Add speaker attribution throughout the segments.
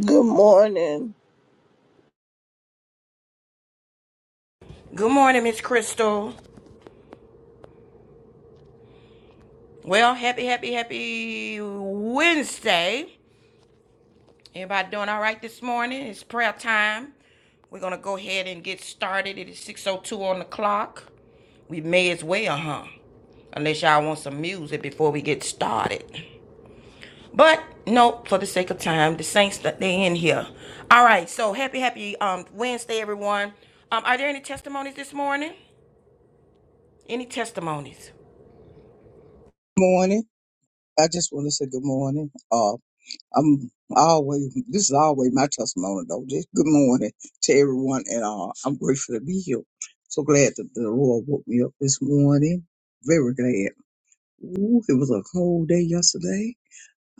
Speaker 1: Good morning.
Speaker 2: Good morning, Miss Crystal. Well, happy, happy, happy Wednesday. Everybody doing all right this morning? It's prayer time. We're gonna go ahead and get started. It is 6:02 on the clock. We may as well, huh? Unless y'all want some music before we get started. But no, for the sake of time, the saints that they in here. All right. So happy, happy um Wednesday, everyone. Um, are there any testimonies this morning? Any testimonies?
Speaker 3: morning. I just want to say good morning. Uh, I'm always this is always my testimony though. Just good morning to everyone, and uh, I'm grateful to be here. So glad that the Lord woke me up this morning. Very glad. Ooh, it was a cold day yesterday.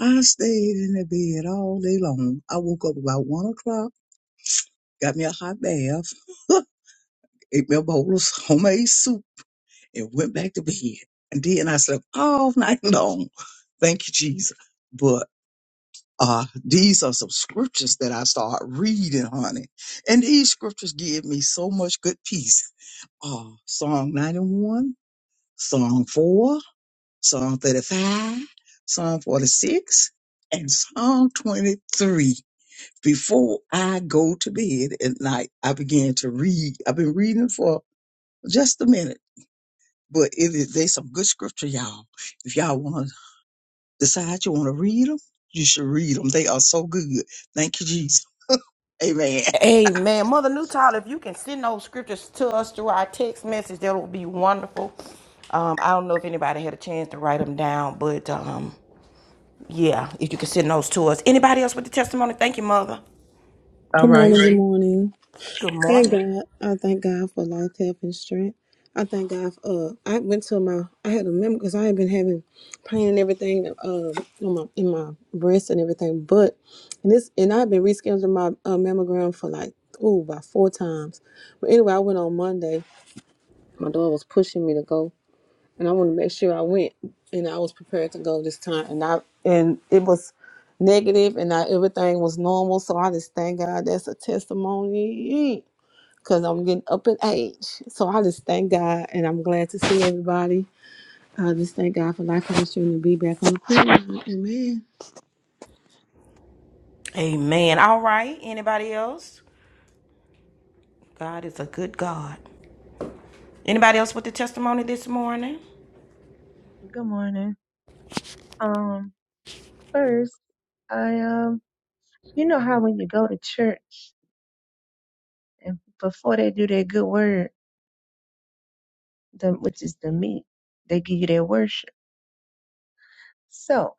Speaker 3: I stayed in the bed all day long. I woke up about one o'clock, got me a hot bath, ate me a bowl of homemade soup, and went back to bed. And then I slept all night long. Thank you, Jesus. But Uh, these are some scriptures that I start reading, honey. And these scriptures give me so much good peace. Uh, Psalm 91, Psalm 4, Psalm 35, Psalm 46, and Psalm 23. Before I go to bed at night, I begin to read. I've been reading for just a minute, but it is, they some good scripture, y'all. If y'all want to decide you want to read them, you should read them. They are so good. Thank you, Jesus. Amen.
Speaker 2: Amen. Mother Newtile, if you can send those scriptures to us through our text message, that will be wonderful. Um, I don't know if anybody had a chance to write them down, but um, yeah, if you can send those to us. Anybody else with the testimony? Thank you, Mother.
Speaker 3: All
Speaker 4: Good morning,
Speaker 3: right.
Speaker 4: good morning.
Speaker 2: Good
Speaker 4: Thank
Speaker 2: morning.
Speaker 4: God. I thank God for life, health, and strength. I thank God for, uh, I went to my, I had a memory because I had been having pain and everything, uh, on my, in my breast and everything, but, and this, and I've been rescheduling my uh, mammogram for like, oh, about four times. But anyway, I went on Monday. My daughter was pushing me to go and I want to make sure I went and I was prepared to go this time and I and it was negative and I, everything was normal so I just thank God that's a testimony because I'm getting up in age so I just thank God and I'm glad to see everybody I just thank God for life ministry and strength to be back on the prayer line. amen
Speaker 2: Amen. All right. Anybody else? God is a good God. Anybody else with the testimony this morning?
Speaker 5: Good morning. Um, first, I um, you know how when you go to church and before they do their good word, the which is the meat, they give you their worship. So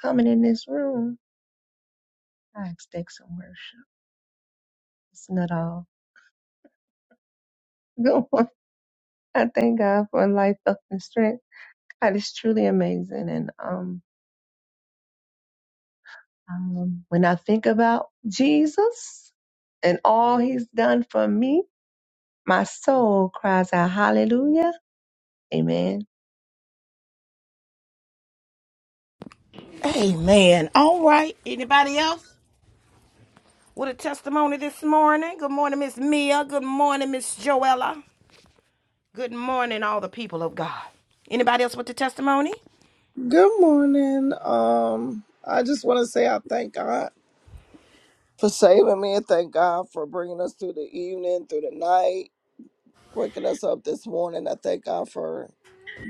Speaker 5: coming in this room, I expect some worship. It's not all good. one. I thank God for life, health, and strength. God is truly amazing. And um, um, when I think about Jesus and all He's done for me, my soul cries out, Hallelujah, Amen.
Speaker 2: Amen. All right. Anybody else with a testimony this morning? Good morning, Miss Mia. Good morning, Miss Joella. Good morning, all the people of God. Anybody else with the testimony?
Speaker 1: Good morning. Um, I just want to say I thank God for saving me and thank God for bringing us through the evening, through the night, waking us up this morning. I thank God for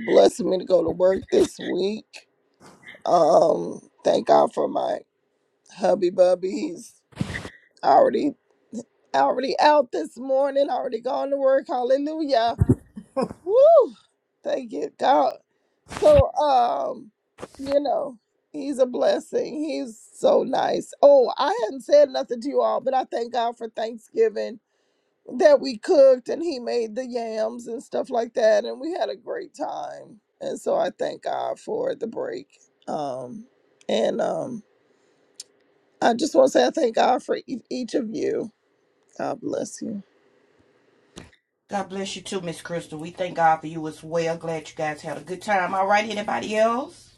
Speaker 1: blessing me to go to work this week. Um, thank God for my hubby bubby. He's already already out this morning, already gone to work. Hallelujah. Woo! Thank you, God. So, um, you know, he's a blessing. He's so nice. Oh, I hadn't said nothing to you all, but I thank God for Thanksgiving that we cooked and he made the yams and stuff like that, and we had a great time. And so I thank God for the break. Um, and um, I just want to say I thank God for e- each of you. God bless you.
Speaker 2: God bless you too, Miss Crystal. We thank God for you as well. Glad you guys had a good time. All right, anybody else?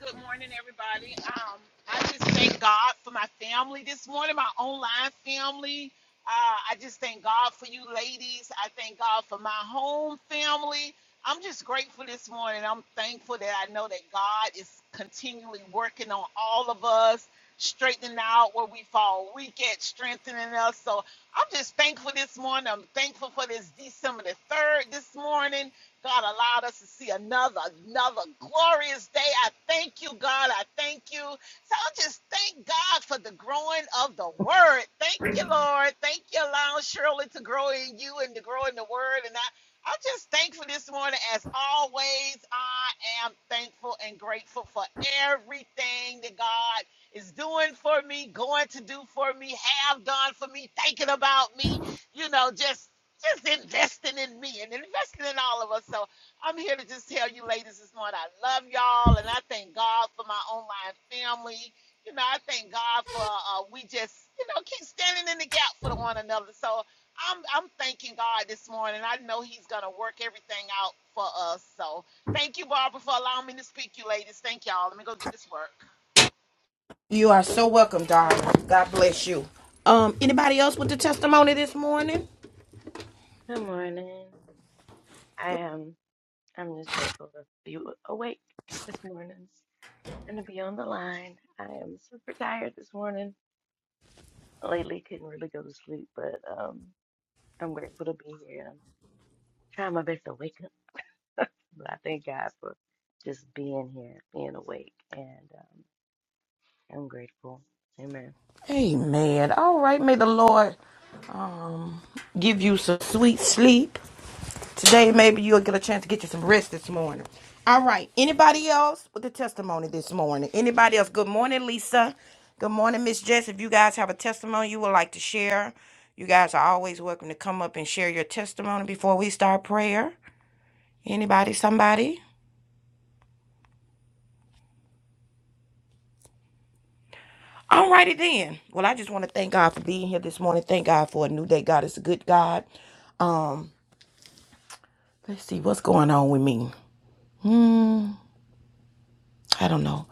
Speaker 6: Good morning, everybody. Um, I just thank God for my family this morning, my online family. Uh, I just thank God for you ladies. I thank God for my home family. I'm just grateful this morning. I'm thankful that I know that God is continually working on all of us, straightening out where we fall weak at, strengthening us. So I'm just thankful this morning. I'm thankful for this December the 3rd this morning. God allowed us to see another, another glorious day. I thank you, God. I thank you. So I just thank God for the growing of the word. Thank you, Lord. Thank you, allowing Shirley to grow in you and to grow in the word. And I, I'm just thankful this morning. As always, I am thankful and grateful for everything that God is doing for me, going to do for me, have done for me, thinking about me, you know, just just investing in me and investing in all of us. So I'm here to just tell you ladies this morning, I love y'all and I thank God for my online family. You know, I thank God for uh, we just, you know, keep standing in the gap for one another. So I'm I'm thanking God this morning. I know He's gonna work everything out for us. So thank you, Barbara, for allowing me to speak, you ladies. Thank y'all. Let me go get this work.
Speaker 2: You are so welcome, darling. God bless you. Um, anybody else with the testimony this morning?
Speaker 7: Good morning. I am I'm just grateful to be awake this morning and to be on the line. I am super tired this morning. Lately couldn't really go to sleep, but um I'm grateful to be here. I'm trying my best to wake up, but I thank God for just being here, being awake, and um I'm grateful. Amen.
Speaker 2: Amen. All right. May the Lord um, give you some sweet sleep today. Maybe you'll get a chance to get you some rest this morning. All right. Anybody else with a testimony this morning? Anybody else? Good morning, Lisa. Good morning, Miss Jess. If you guys have a testimony you would like to share, you guys are always welcome to come up and share your testimony before we start prayer. Anybody? Somebody? Alrighty then. Well, I just want to thank God for being here this morning. Thank God for a new day. God is a good God. Um, Let's see what's going on with me. I don't know.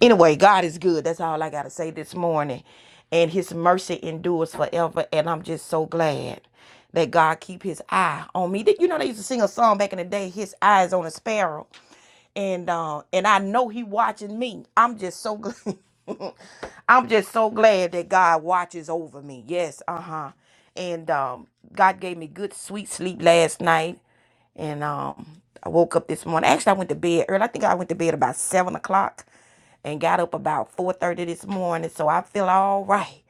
Speaker 2: Anyway, God is good. That's all I got to say this morning. And his mercy endures forever. And I'm just so glad that God keep his eye on me. Did- You know, they used to sing a song back in the day, His Eyes on a Sparrow. And uh, and I know he watching me. I'm just so glad. I'm just so glad that God watches over me. Yes, uh-huh. And um, God gave me good sweet sleep last night. And um, I woke up this morning. Actually, I went to bed early. I think I went to bed about seven o'clock and got up about 4.30 this morning so i feel all right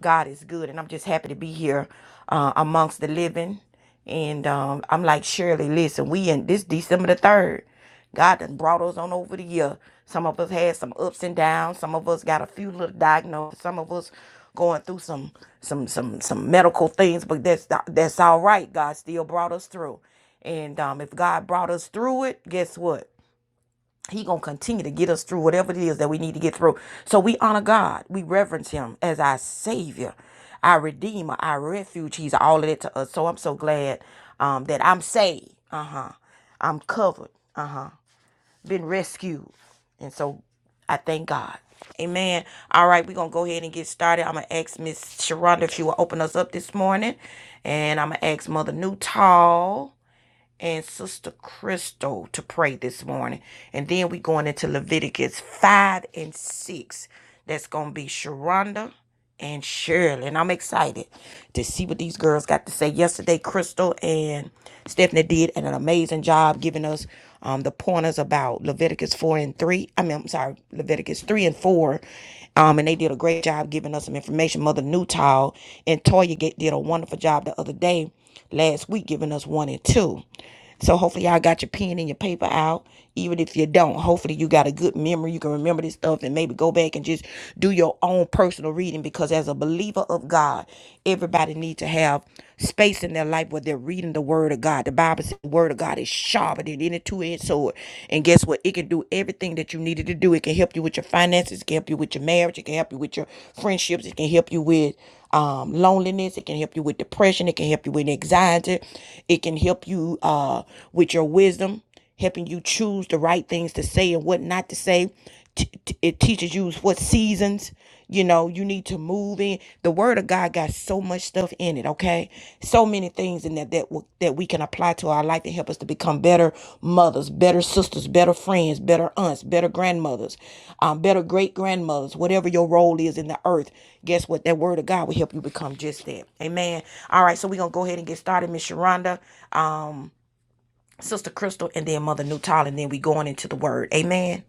Speaker 2: god is good and i'm just happy to be here uh, amongst the living and um, i'm like shirley listen we in this december the 3rd god done brought us on over the year some of us had some ups and downs some of us got a few little diagnoses some of us going through some some some some medical things but that's that's all right god still brought us through and um, if god brought us through it guess what he gonna continue to get us through whatever it is that we need to get through. So we honor God. We reverence him as our savior, our redeemer, our refuge. He's all of that to us. So I'm so glad um, that I'm saved. Uh-huh. I'm covered. Uh-huh. Been rescued. And so I thank God. Amen. All right, we're gonna go ahead and get started. I'm gonna ask Miss Sharonda if she will open us up this morning. And I'm gonna ask Mother Newtall and Sister Crystal to pray this morning. And then we going into Leviticus 5 and 6. That's going to be Sharonda and Shirley. And I'm excited to see what these girls got to say. Yesterday, Crystal and Stephanie did an amazing job giving us um, the pointers about Leviticus 4 and 3. I mean, I'm sorry, Leviticus 3 and 4 um, and they did a great job giving us some information. Mother Newtall and Toya get, did a wonderful job the other day, last week, giving us one and two. So hopefully y'all got your pen and your paper out. Even if you don't, hopefully you got a good memory. You can remember this stuff and maybe go back and just do your own personal reading because as a believer of God, everybody needs to have space in their life where they're reading the word of God. God. The Bible says the word of God is sharper than any two-edged sword. And guess what? It can do everything that you needed to do. It can help you with your finances, it can help you with your marriage, it can help you with your friendships, it can help you with um, loneliness, it can help you with depression, it can help you with anxiety, it can help you uh, with your wisdom helping you choose the right things to say and what not to say. It teaches you what seasons, you know, you need to move in. The word of God got so much stuff in it, okay? So many things in that that will, that we can apply to our life to help us to become better mothers, better sisters, better friends, better aunts, better grandmothers, um, better great grandmothers, whatever your role is in the earth. Guess what? That word of God will help you become just that. Amen. All right, so we're gonna go ahead and get started, Miss Sharonda. um. Sister Crystal, and then Mother Nutall, and then we going into the Word. Amen.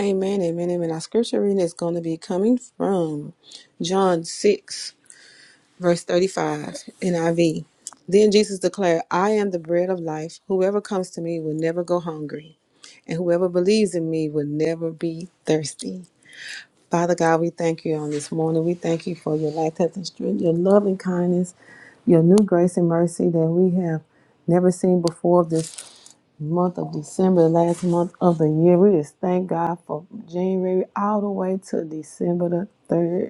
Speaker 4: amen amen amen our scripture reading is going to be coming from John 6 Verse 35 NIV. Then Jesus declared, I am the bread of life. Whoever comes to me will never go hungry, and whoever believes in me will never be thirsty. Father God, we thank you on this morning. We thank you for your life, health, and strength, your love and kindness, your new grace and mercy that we have never seen before of this month of December, the last month of the year. We just thank God for January all the way to December the 3rd.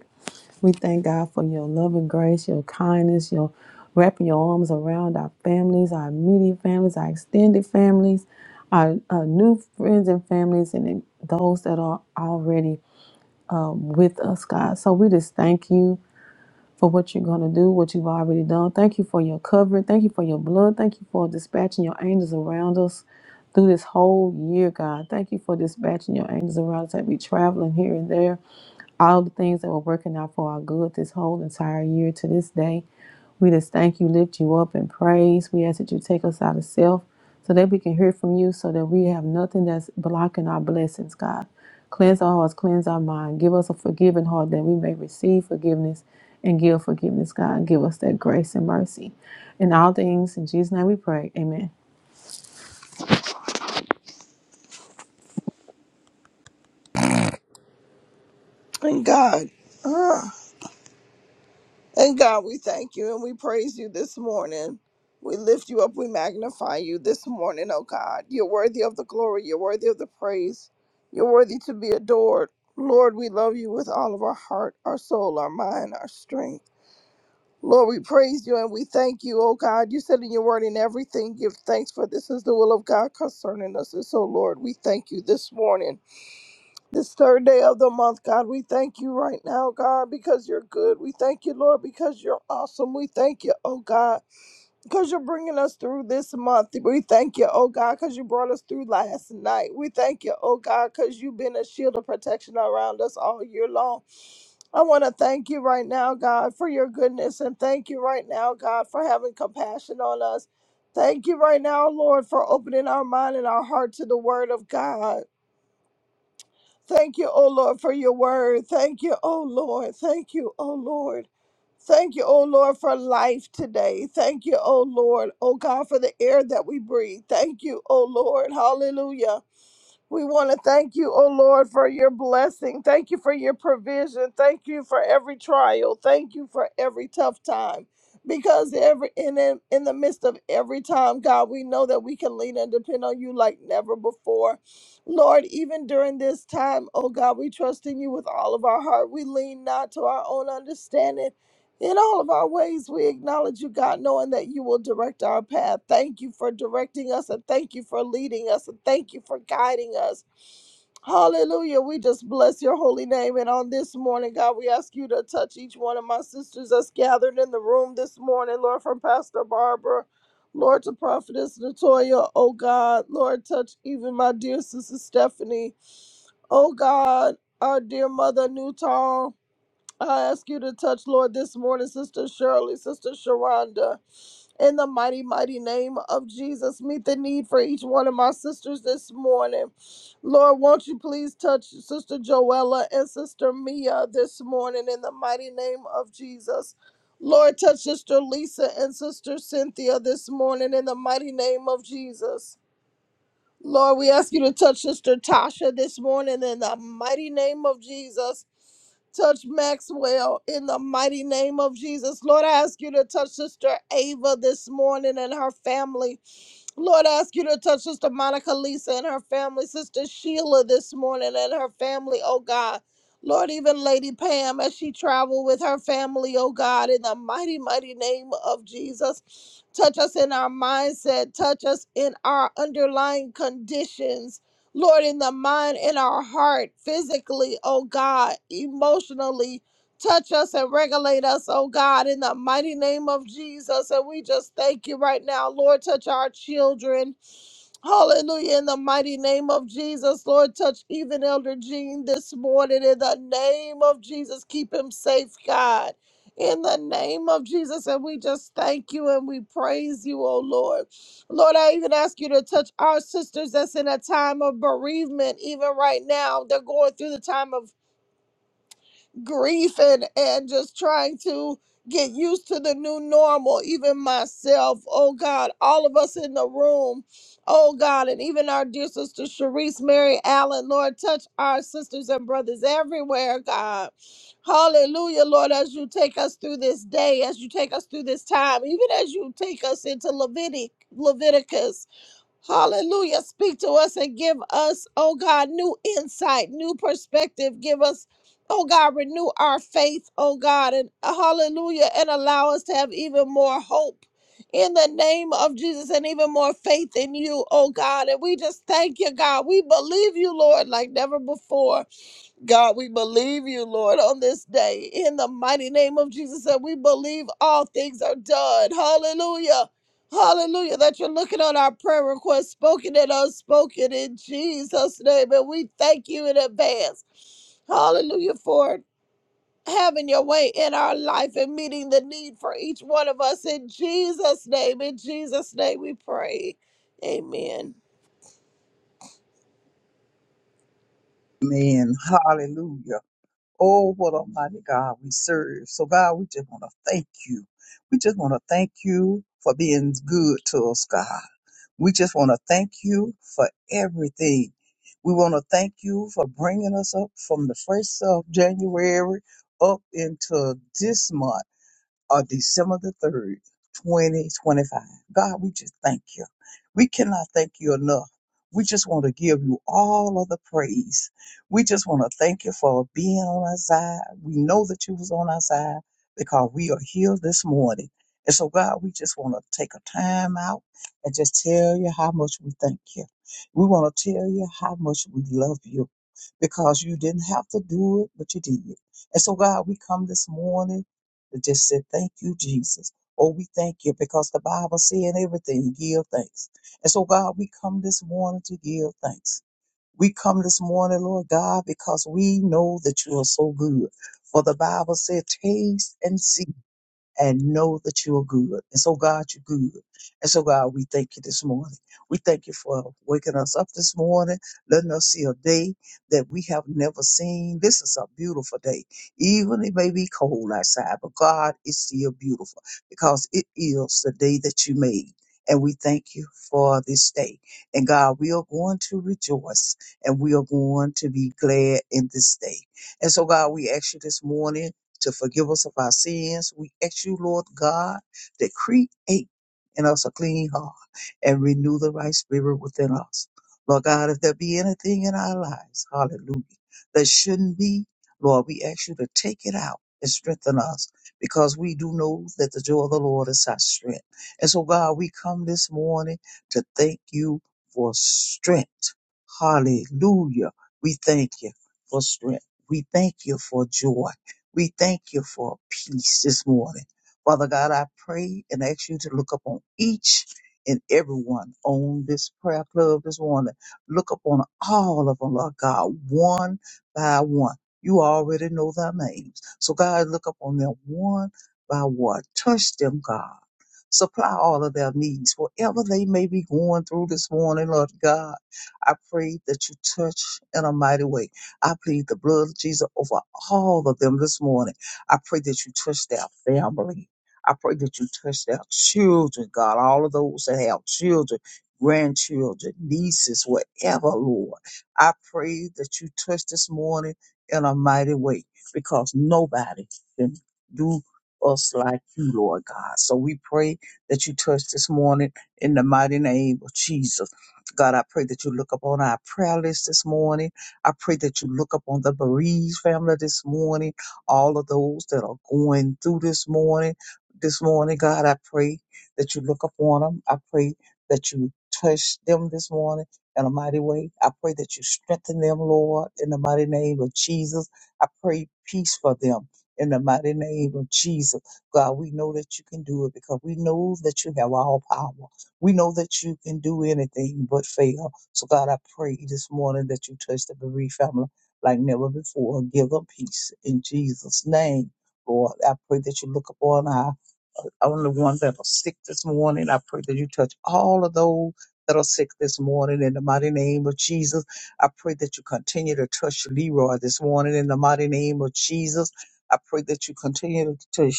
Speaker 4: We thank God for your love and grace, your kindness, your wrapping your arms around our families, our immediate families, our extended families, our, uh new friends and families, and then those that are already um, with us, God. So we just thank you for what you're going to do, what you've already done. Thank you for your covering. Thank you for your blood. Thank you for dispatching your angels around us through this whole year, God. Thank you for dispatching your angels around us that we traveling here and there all the things that were working out for our good this whole entire year to this day. We just thank you, lift you up, and praise. We ask that you take us out of self so that we can hear from you, so that we have nothing that's blocking our blessings, God. Cleanse our hearts, cleanse our mind. Give us a forgiving heart that we may receive forgiveness and give forgiveness, God. Give us that grace and mercy. In all things, in Jesus' name we pray. Amen.
Speaker 1: And God. And God, we thank you and we praise you this morning. We lift you up, we magnify you this morning, oh God. You're worthy of the glory, you're worthy of the praise, you're worthy to be adored. Lord, we love you with all of our heart, our soul, our mind, our strength. Lord, we praise you and we thank you, oh God. You said in your word, in everything, give thanks, for this is the will of God concerning us. And so, Lord, we thank you this morning. This third day of the month, God, we thank you right now, God, because you're good. We thank you, Lord, because you're awesome. We thank you, oh God, because you're bringing us through this month. We thank you, oh God, because you brought us through last night. We thank you, oh God, because you've been a shield of protection around us all year long. I want to thank you right now, God, for your goodness, and thank you right now, God, for having compassion on us. Thank you right now, Lord, for opening our mind and our heart to the word of God. Thank you, O Lord, for your word. Thank you, O Lord. Thank you, O Lord. Thank you, O Lord, for life today. Thank you, O Lord, O God, for the air that we breathe. Thank you, O Lord. Hallelujah. We want to thank you, O Lord, for your blessing. Thank you for your provision. Thank you for every trial. Thank you for every tough time. Because every in in in the midst of every time, God, we know that we can lean and depend on you like never before. Lord, even during this time, oh God, we trust in you with all of our heart. We lean not to our own understanding in all of our ways, we acknowledge you, God, knowing that you will direct our path. Thank you for directing us, and thank you for leading us, and thank you for guiding us. Hallelujah. We just bless your holy name. And on this morning, God, we ask you to touch each one of my sisters that's gathered in the room this morning, Lord, from Pastor Barbara, Lord, to Prophetess Natoya. Oh, God, Lord, touch even my dear sister Stephanie. Oh, God, our dear mother Newton. I ask you to touch, Lord, this morning, Sister Shirley, Sister Sharonda, in the mighty, mighty name of Jesus. Meet the need for each one of my sisters this morning. Lord, won't you please touch Sister Joella and Sister Mia this morning in the mighty name of Jesus. Lord, touch Sister Lisa and Sister Cynthia this morning in the mighty name of Jesus. Lord, we ask you to touch Sister Tasha this morning in the mighty name of Jesus. Touch Maxwell in the mighty name of Jesus. Lord, I ask you to touch Sister Ava this morning and her family. Lord, I ask you to touch Sister Monica, Lisa, and her family, Sister Sheila this morning and her family, oh God. Lord, even Lady Pam as she traveled with her family, oh God, in the mighty, mighty name of Jesus. Touch us in our mindset, touch us in our underlying conditions. Lord, in the mind, in our heart, physically, oh God, emotionally, Touch us and regulate us, oh God, in the mighty name of Jesus. And we just thank you right now, Lord. Touch our children. Hallelujah. In the mighty name of Jesus, Lord, touch even Elder Jean this morning. In the name of Jesus, keep him safe, God. In the name of Jesus, and we just thank you and we praise you, oh Lord. Lord, I even ask you to touch our sisters that's in a time of bereavement, even right now. They're going through the time of grief and and just trying to get used to the new normal even myself oh god all of us in the room oh god and even our dear sister Sharice Mary Allen Lord touch our sisters and brothers everywhere God hallelujah Lord as you take us through this day as you take us through this time even as you take us into Levitic Leviticus Hallelujah. Speak to us and give us, oh God, new insight, new perspective. Give us, oh God, renew our faith, oh God, and hallelujah, and allow us to have even more hope in the name of Jesus and even more faith in you, oh God. And we just thank you, God. We believe you, Lord, like never before. God, we believe you, Lord, on this day. In the mighty name of Jesus, that we believe all things are done. Hallelujah. Hallelujah. That you're looking on our prayer request, spoken and unspoken in Jesus' name. And we thank you in advance. Hallelujah for having your way in our life and meeting the need for each one of us. In Jesus' name, in Jesus' name we pray. Amen.
Speaker 3: Amen. Hallelujah. Oh, what a mighty God we serve. So, God, we just want to thank you. We just want to thank you for being good to us, God. We just want to thank you for everything. We want to thank you for bringing us up from the 1st of January up into this month. or December the 3rd, 2025. God, we just thank you. We cannot thank you enough. We just want to give you all of the praise. We just want to thank you for being on our side. We know that you was on our side because we are here this morning. And so, God, we just want to take a time out and just tell you how much we thank you. We want to tell you how much we love you because you didn't have to do it, but you did. And so, God, we come this morning. They just said, Thank you, Jesus. Oh, we thank you because the Bible said in everything, give thanks. And so, God, we come this morning to give thanks. We come this morning, Lord God, because we know that you are so good. For the Bible said, Taste and see and know that you are good. And so, God, you're good. And so, God, we thank you this morning. We thank you for waking us up this morning, letting us see a day that we have never seen. This is a beautiful day. Even it may be cold outside, but God it's still beautiful because it is the day that you made. And we thank you for this day. And God, we are going to rejoice and we are going to be glad in this day. And so, God, we ask you this morning to forgive us of our sins. We ask you, Lord God, to create in us a clean heart and renew the right spirit within us. Lord God, if there be anything in our lives, hallelujah, that shouldn't be, Lord, we ask you to take it out and strengthen us because we do know that the joy of the Lord is our strength. And so, God, we come this morning to thank you for strength. Hallelujah. We thank you for strength. We thank you for joy. We thank you for peace this morning. Father God, I pray and ask you to look upon each and everyone on this prayer club this morning. Look upon all of them, Lord God, one by one. You already know their names. So God, look upon them one by one. Touch them, God. Supply all of their needs, whatever they may be going through this morning, Lord God. I pray that you touch in a mighty way. I plead the blood of Jesus over all of them this morning. I pray that you touch their family. I pray that you touch their children, God, all of those that have children, grandchildren, nieces, whatever, Lord. I pray that you touch this morning in a mighty way because nobody can do us like you, Lord God. So we pray that you touched this morning in the mighty name of Jesus. God, I pray that you look upon our prayer list this morning. I pray that you look upon the bereaved family this morning, all of those that are going through this morning. This morning, God, I pray that you look upon them. I pray that you touch them this morning in a mighty way. I pray that you strengthen them, Lord, in the mighty name of Jesus. I pray peace for them in the mighty name of Jesus. God, we know that you can do it because we know that you have all power. We know that you can do anything but fail. So, God, I pray this morning that you touch the bereaved family like never before. Give them peace in Jesus' name, Lord. I pray that you look upon our uh, only ones that are sick this morning. I pray that you touch all of those that are sick this morning in the mighty name of Jesus. I pray that you continue to touch Leroy this morning in the mighty name of Jesus. I pray that you continue to touch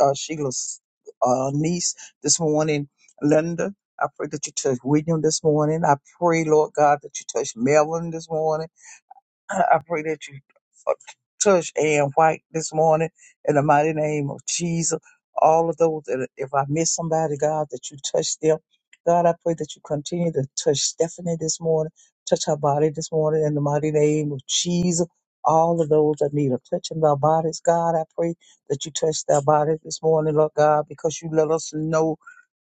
Speaker 3: uh, Sheila's uh, niece this morning, Linda. I pray that you touch William this morning. I pray, Lord God, that you touch Melvin this morning. I pray that you uh, touch Ann White this morning in the mighty name of Jesus. All of those, that if I miss somebody, God, that you touch them. God, I pray that you continue to touch Stephanie this morning, touch her body this morning in the mighty name of Jesus. All of those that need a touch in their bodies, God, I pray that you touch their bodies this morning, Lord God, because you let us know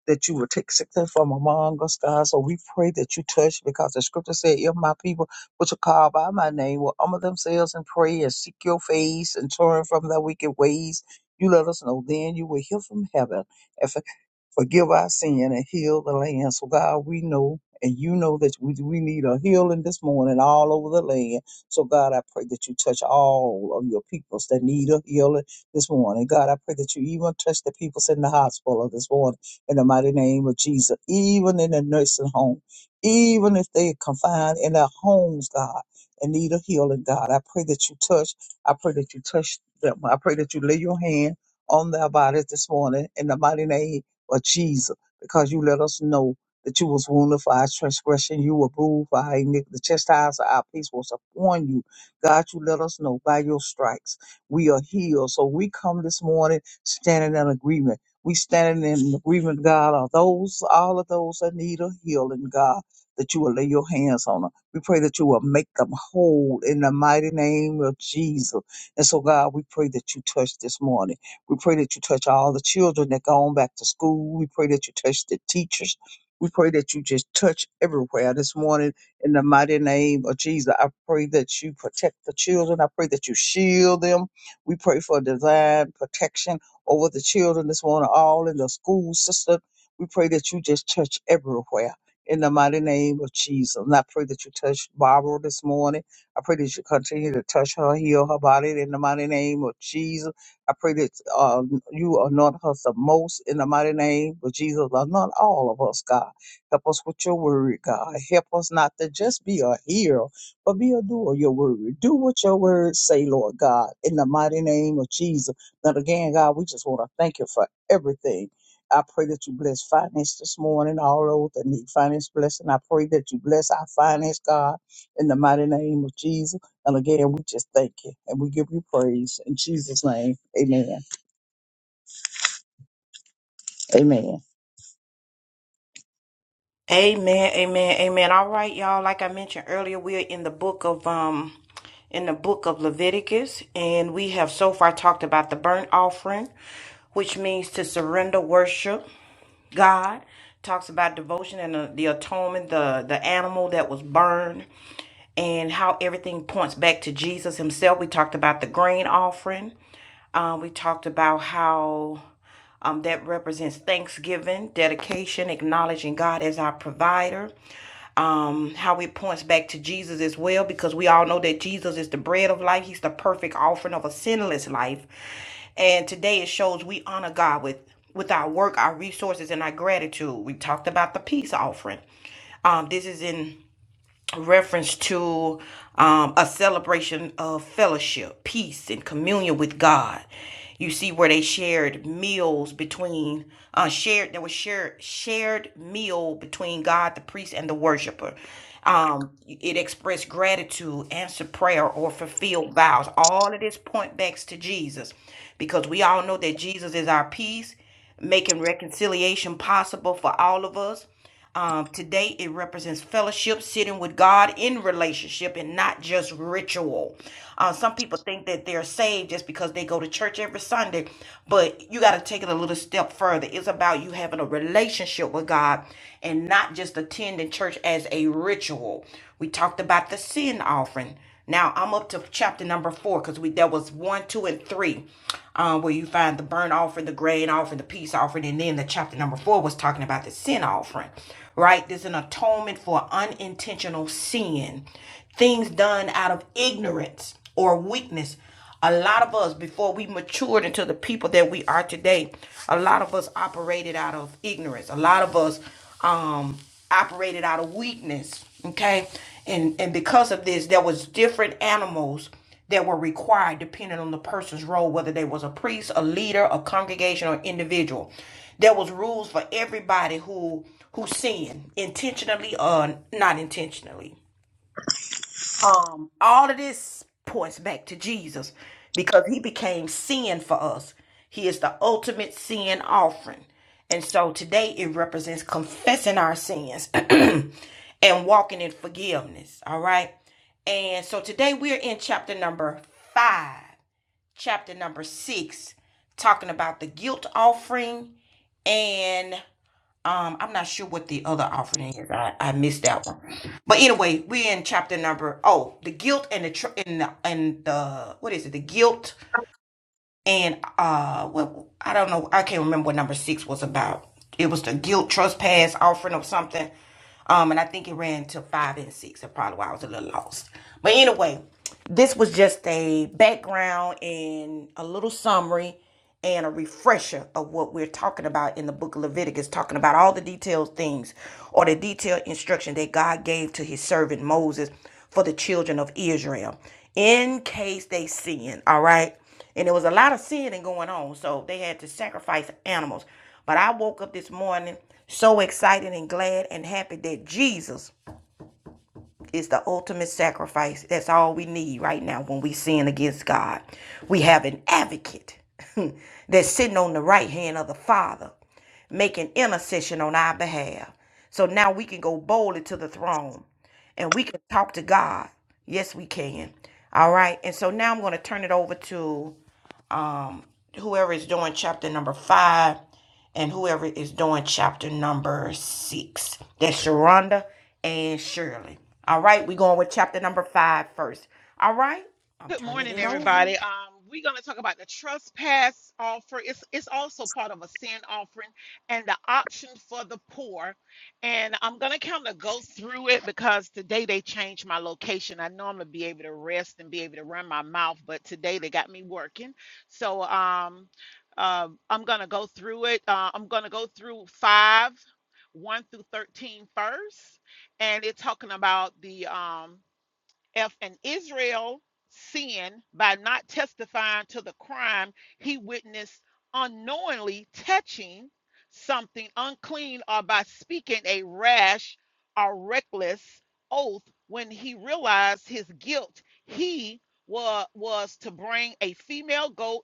Speaker 3: that you will take sickness from among us, God. So we pray that you touch because the scripture said, if my people which are called by my name, will humble themselves and pray and seek your face and turn from their wicked ways, you let us know. Then you will hear from heaven Forgive our sin and heal the land. So God, we know and you know that we, we need a healing this morning all over the land. So God, I pray that you touch all of your peoples that need a healing this morning. God, I pray that you even touch the peoples in the hospital this morning in the mighty name of Jesus, even in the nursing home, even if they confined in their homes, God, and need a healing, God. I pray that you touch. I pray that you touch them. I pray that you lay your hand on their bodies this morning in the mighty name or Jesus, because you let us know that you was wounded for our transgression, you were bruised for our iniquity. The chastisement of our peace was upon you. God, you let us know by your stripes we are healed. So we come this morning standing in agreement. We standing in agreement, God, of those all of those that need a healing, God, that you will lay your hands on them. We pray that you will make them whole in the mighty name of Jesus. And so, God, we pray that you touch this morning. We pray that you touch all the children that gone back to school. We pray that you touch the teachers. We pray that you just touch everywhere this morning in the mighty name of Jesus. I pray that you protect the children. I pray that you shield them. We pray for divine protection over the children this morning, all in the school system. We pray that you just touch everywhere in the mighty name of Jesus. And I pray that you touch Barbara this morning. I pray that you continue to touch her, heal her body in the mighty name of Jesus. I pray that uh, you anoint us the most in the mighty name of Jesus. Anoint all of us, God. Help us with your word, God. Help us not to just be a hearer, but be a doer of your word. Do what your word say, Lord God, in the mighty name of Jesus. And again, God, we just want to thank you for everything. I pray that you bless finance this morning, all those that need finance blessing. I pray that you bless our finance, God, in the mighty name of Jesus. And again, we just thank you and we give you praise in Jesus' name. Amen. Amen.
Speaker 2: Amen, amen, amen. All right, y'all. Like I mentioned earlier, we are in the book of um in the book of Leviticus, and we have so far talked about the burnt offering, which means to surrender worship. God talks about devotion and the, the atonement, the the animal that was burned, and how everything points back to Jesus Himself. We talked about the grain offering. Um, we talked about how um, that represents thanksgiving, dedication, acknowledging God as our provider um, how it points back to Jesus as well, because we all know that Jesus is the bread of life. He's the perfect offering of a sinless life. And today it shows we honor God with with our work, our resources, and our gratitude. We talked about the peace offering. Um, this is in reference to um, a celebration of fellowship, peace, and communion with God. You see where they shared meals between uh, shared there was shared shared meal between God, the priest, and the worshiper. Um, it expressed gratitude, answered prayer, or fulfilled vows. All of this point backs to Jesus, because we all know that Jesus is our peace, making reconciliation possible for all of us. Um, today, it represents fellowship, sitting with God in relationship, and not just ritual. Uh, some people think that they're saved just because they go to church every Sunday, but you got to take it a little step further. It's about you having a relationship with God and not just attending church as a ritual. We talked about the sin offering. Now I'm up to chapter number four because we there was one, two, and three, um, where you find the burnt offering, the grain offering, the peace offering, and then the chapter number four was talking about the sin offering. Right? There's an atonement for unintentional sin, things done out of ignorance or weakness a lot of us, before we matured into the people that we are today, a lot of us operated out of ignorance. A lot of us um, operated out of weakness. Okay, and and because of this, there was different animals that were required depending on the person's role, whether they was a priest, a leader, a congregation, or individual. There was rules for everybody who who sinned intentionally or not intentionally. Um, all of this points back to Jesus because he became sin for us. He is the ultimate sin offering. And so today it represents confessing our sins and walking in forgiveness. All right. And so today we're in chapter number five, chapter number six, talking about the guilt offering. and um, I'm not sure what the other offering is. I, I missed that one. But anyway, we're in chapter number oh, the guilt and the tr- and the, and the what is it? The guilt and uh, what I don't know. I can't remember what number six was about. It was the guilt trespass offering or something. Um, and I think it ran to five and six. That's probably why I was a little lost. But anyway, this was just a background and a little summary and a refresher of what we're talking about in the book of Leviticus, talking about all the detailed things or the detailed instruction that God gave to his servant Moses for the children of Israel in case they sin, all right? And there was a lot of sinning going on, so they had to sacrifice animals. But I woke up this morning so excited and glad and happy that Jesus is the ultimate sacrifice. That's all we need right now when we sin against God. We have an advocate that's sitting on the right hand of the Father, making intercession on our behalf. So now we can go boldly to the throne and we can talk to God. Yes, we can. All right. And so now I'm going to turn it over to um, whoever is doing chapter number five and whoever is doing chapter number six. That's Sharonda and Shirley. All right, we're going with chapter number five first. All right, I'm
Speaker 6: Good
Speaker 2: turning
Speaker 6: morning,
Speaker 2: it over.
Speaker 6: everybody. Um, we're going to talk about the trespass offer. It's it's also part of a sin offering and the option for the poor. And I'm going to kind of go through it because today they changed my location. I normally be able to rest and be able to run my mouth, but today they got me working. So um, uh, I'm going to go through it. Uh, I'm going to go through five, one through 13 first, And it's talking about the um, if an Israel sin by not testifying to the crime he witnessed unknowingly touching something unclean or by speaking a rash or reckless oath when he realized his guilt, he was, was to bring a female goat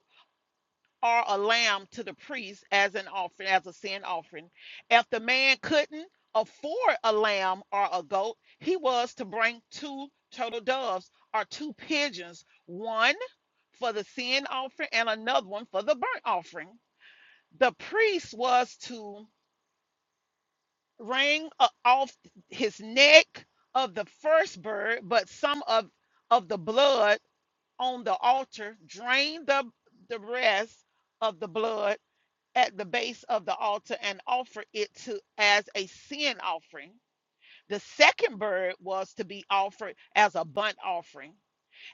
Speaker 6: or a lamb to the priest as an offering, as a sin offering. If the man couldn't afford a lamb or a goat, he was to bring two turtle doves or two pigeons, one for the sin offering and another one for the burnt offering. The priest was to wring off his neck of the first bird, but some of, of the blood on the altar, drain the, the rest of the blood at the base of the altar and offer it to as a sin offering. The second bird was to be offered as a burnt offering.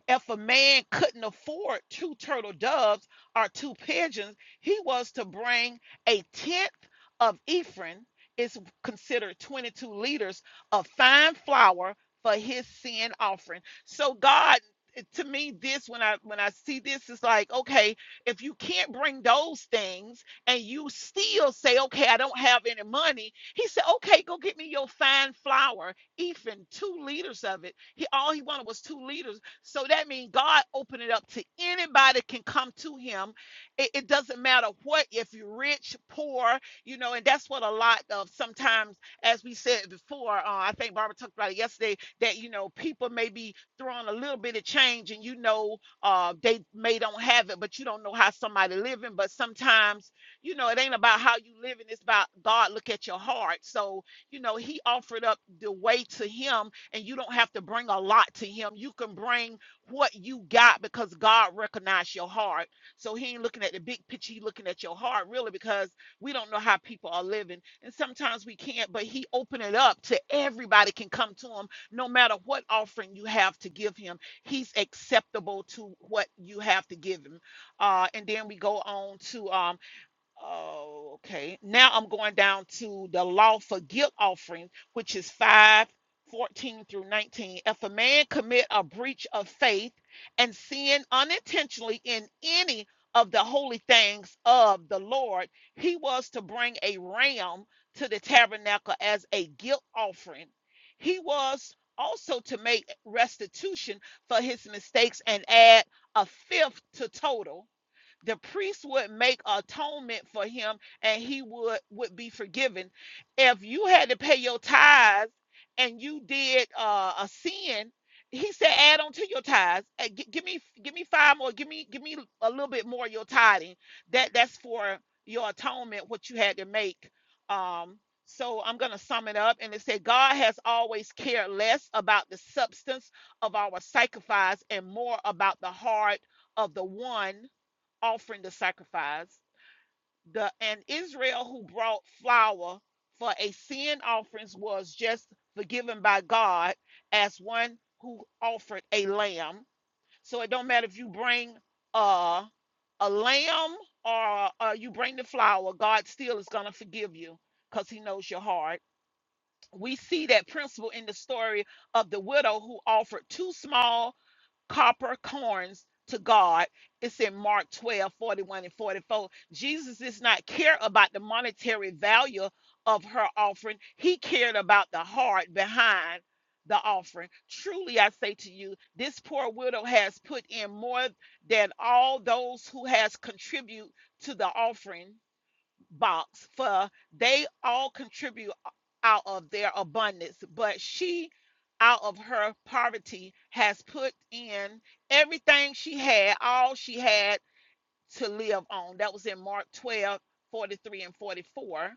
Speaker 6: If a man couldn't afford two turtle doves or two pigeons, he was to bring a tenth of Ephron, is considered 22 liters of fine flour for his sin offering. So God to me this when I when I see this is like okay if you can't bring those things and you still say okay I don't have any money he said okay go get me your fine flour Ethan two liters of it he all he wanted was two liters so that means God opened it up to anybody can come to him. It, it doesn't matter what, if you're rich, poor, you know, and that's what a lot of sometimes, as we said before, uh, I think Barbara talked about it yesterday, that, you know, people may be throwing a little bit of change and, you know, uh, they may don't have it, but you don't know how somebody living. But sometimes, you know, it ain't about how you living. It's about God look at your heart. So, you know, he offered up the way to him and you don't have to bring a lot to him. You can bring what you got because God recognized your heart. So he ain't looking at the big picture, he looking at your heart really because we don't know how people are living. And sometimes we can't, but he opened it up to everybody can come to him no matter what offering you have to give him. He's acceptable to what you have to give him. Uh, and then we go on to um, Oh, okay. Now I'm going down to the law for guilt offering, which is 5:14 through 19. If a man commit a breach of faith and sin unintentionally in any of the holy things of the Lord, he was to bring a ram to the tabernacle as a guilt offering. He was also to make restitution for his mistakes and add a fifth to total the priest would make atonement for him and he would would be forgiven if you had to pay your tithes and you did uh, a sin he said add on to your tithes Uh, gi- give me give me five more give me give me a little bit more of your tithing that that's for your atonement what you had to make um so I'm going to sum it up. And it said, God has always cared less about the substance of our sacrifice and more about the heart of the one offering the sacrifice. The and Israel who brought flour for a sin offering was just forgiven by God as one who offered a lamb. So it don't matter if you bring uh, a lamb or uh, you bring the flour, God still is gonna forgive you because He knows your heart. We see that principle in the story of the widow who offered two small copper coins to God. It's in Mark 12:41 and 44. Jesus does not care about the monetary value of her offering. He cared about the heart behind the offering. Truly, I say to you, this poor widow has put in more than all those who has contributed to the offering box for they all contribute out of their abundance but she out of her poverty has put in everything she had all she had to live on that was in mark 12 43 and 44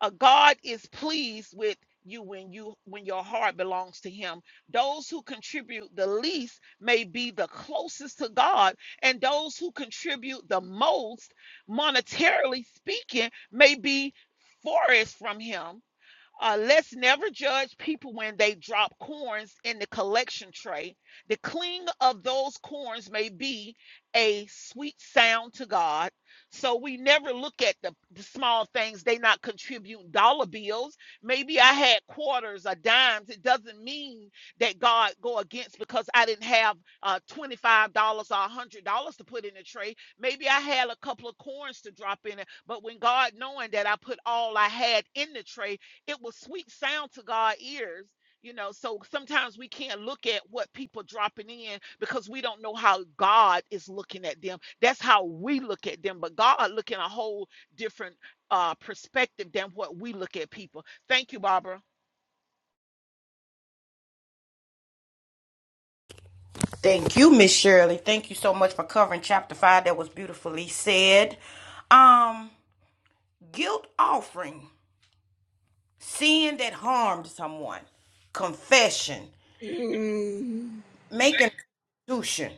Speaker 6: uh, God is pleased with you when you when your heart belongs to him those who contribute the least may be the closest to god and those who contribute the most monetarily speaking may be forest from him uh, let's never judge people when they drop corns in the collection tray. The cling of those corns may be a sweet sound to God. So we never look at the, the small things. They not contribute dollar bills. Maybe I had quarters or dimes. It doesn't mean that God go against because I didn't have uh, $25 or $100 to put in the tray. Maybe I had a couple of corns to drop in it. But when God knowing that I put all I had in the tray, it was sweet sound to God's ears. You know, so sometimes we can't look at what people dropping in because we don't know how God is looking at them. That's how we look at them, but God look in a whole different uh, perspective than what we look at people. Thank you, Barbara.
Speaker 2: Thank you, Miss Shirley. Thank you so much for covering chapter five. That was beautifully said. Um, guilt offering, sin that harmed someone, confession,
Speaker 1: Mm.
Speaker 2: making restitution,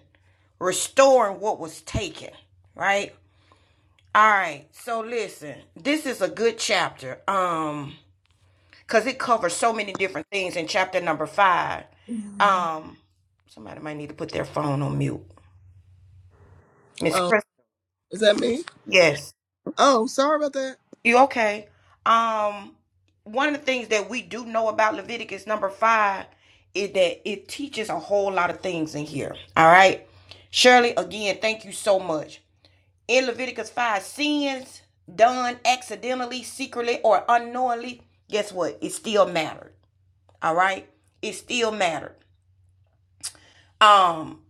Speaker 2: restoring what was taken, right? All right. So listen, this is a good chapter. Um, because it covers so many different things in chapter number five. Um, somebody might need to put their phone on mute. Miss
Speaker 1: Oh,
Speaker 2: Chris.
Speaker 1: is that me?
Speaker 2: Yes.
Speaker 1: Oh, sorry about that.
Speaker 2: You okay? Um, one of the things that we do know about Leviticus number five is that it teaches a whole lot of things in here. All right. Shirley, again, thank you so much. in Leviticus 5, sins done accidentally, secretly, or unknowingly, guess what? It still mattered. All right? It still mattered. Um,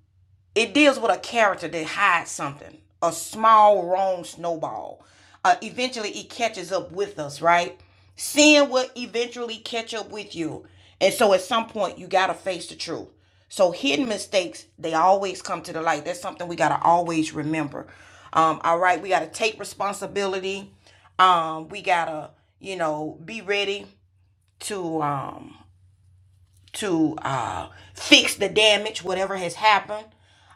Speaker 2: it deals with a character that hides something, a small wrong snowball. Uh, eventually, it catches up with us, right? Sin will eventually catch up with you. And so at some point, you got to face the truth. So hidden mistakes, they always come to the light. That's something we got to always remember. Um, all right, we got to take responsibility. Um, we got to, you know, be ready to. Um, to uh, fix the damage, whatever has happened.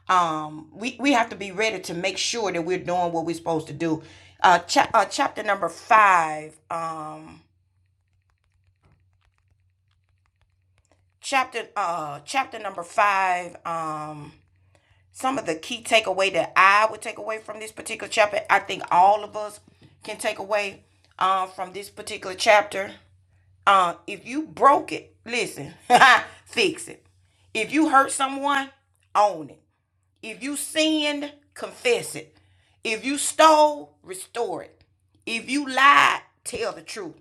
Speaker 2: Um, we, we have to be ready to make sure that we're doing what we're supposed to do. Uh, chap uh, chapter number five. Um, chapter uh, chapter number five. Um, some of the key takeaway that I would take away from this particular chapter. I think all of us can take away uh, from this particular chapter. Uh, if you broke it, listen, fix it. If you hurt someone, own it. If you sinned, confess it. If you stole, restore it. If you lied, tell the truth.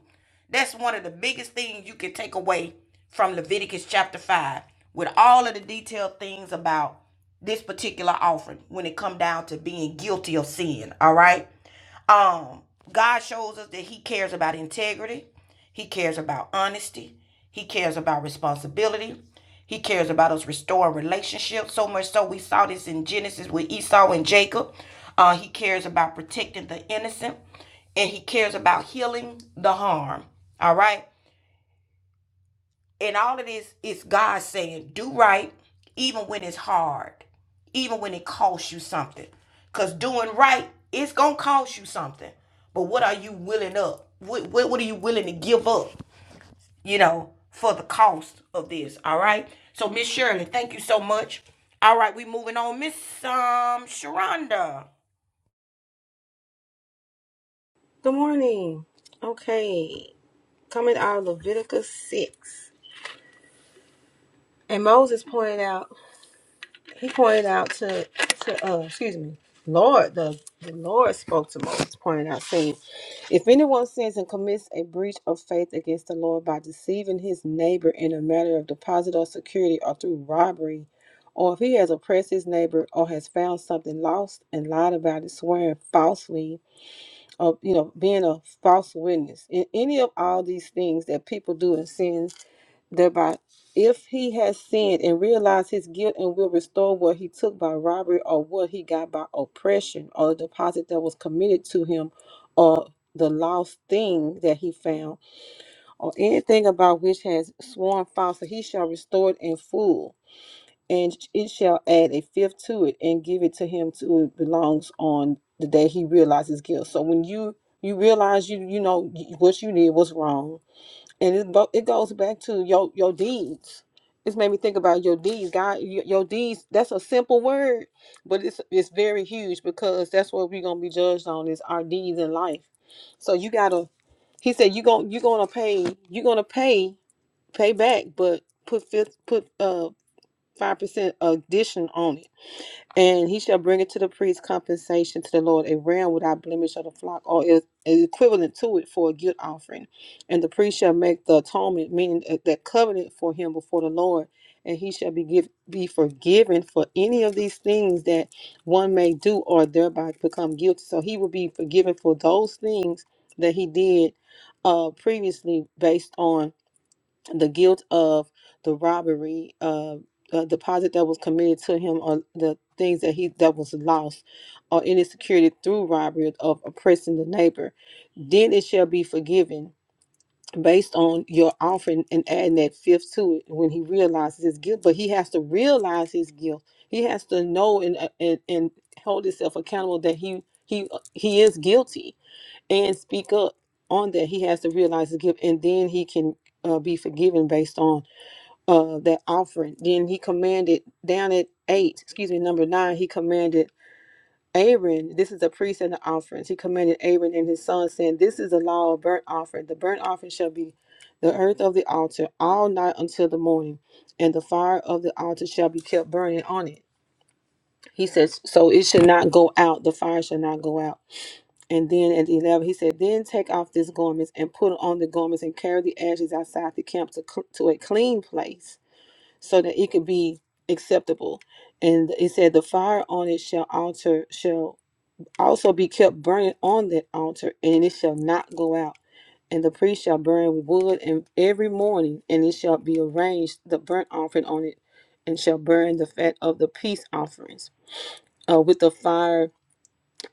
Speaker 2: That's one of the biggest things you can take away from Leviticus chapter 5 with all of the detailed things about this particular offering when it come down to being guilty of sin, all right? Um, God shows us that He cares about integrity, He cares about honesty, He cares about responsibility, He cares about us restoring relationships. So much so, we saw this in Genesis with Esau and Jacob. Uh, he cares about protecting the innocent, and He cares about healing the harm. All right. And all of this is God saying, do right, even when it's hard, even when it costs you something. Because doing right, it's going to cost you something. But what are you willing up? What, what, what are you willing to give up, you know, for the cost of this? All right. So, Miss Shirley, thank you so much. All right, we moving on. Miss um, Sharonda.
Speaker 4: Good morning. Okay, coming out of Leviticus 6. And Moses pointed out. He pointed out to to uh, excuse me, Lord the the Lord spoke to Moses, pointing out saying, "If anyone sins and commits a breach of faith against the Lord by deceiving his neighbor in a matter of deposit or security or through robbery." Or if he has oppressed his neighbor or has found something lost and lied about it, swearing falsely, or you know, being a false witness. In any of all these things that people do and sins thereby if he has sinned and realized his guilt and will restore what he took by robbery or what he got by oppression or the deposit that was committed to him or the lost thing that he found or anything about which has sworn falsely he shall restore it in full and it shall add a fifth to it and give it to him to it belongs on the day he realizes guilt so when you you realize you you know what you did was wrong and it go, it goes back to your your deeds. It's made me think about your deeds, God. Your, your deeds. That's a simple word, but it's it's very huge because that's what we're gonna be judged on is our deeds in life. So you gotta. He said you gon' you gonna pay you gonna pay pay back, but put fifth put uh five percent addition on it. And he shall bring it to the priest compensation to the Lord, a ram without blemish of the flock, or is is equivalent to it for a guilt offering. And the priest shall make the atonement, meaning that that covenant for him before the Lord, and he shall be give, be forgiven for any of these things that one may do or thereby become guilty. So he will be forgiven for those things that he did uh, previously based on the guilt of the robbery, uh, uh, deposit that was committed to him, or the things that he that was lost, or any security through robbery of oppressing the neighbor, then it shall be forgiven based on your offering and adding that fifth to it when he realizes his guilt. But he has to realize his guilt. He has to know and uh, and, and hold himself accountable that he he uh, he is guilty and speak up on that. He has to realize his guilt, and then he can uh, be forgiven based on uh that offering. Then he commanded down at eight, excuse me, number nine, he commanded Aaron, this is a priest and the offerings. He commanded Aaron and his sons, saying, This is the law of burnt offering. The burnt offering shall be the earth of the altar all night until the morning, and the fire of the altar shall be kept burning on it. He says, So it should not go out, the fire shall not go out. And then at the 11, he said, Then take off these garments and put on the garments and carry the ashes outside the camp to, cl- to a clean place so that it could be acceptable. And it said, The fire on it shall alter, shall also be kept burning on that altar, and it shall not go out. And the priest shall burn with wood and every morning, and it shall be arranged the burnt offering on it, and shall burn the fat of the peace offerings uh, with the fire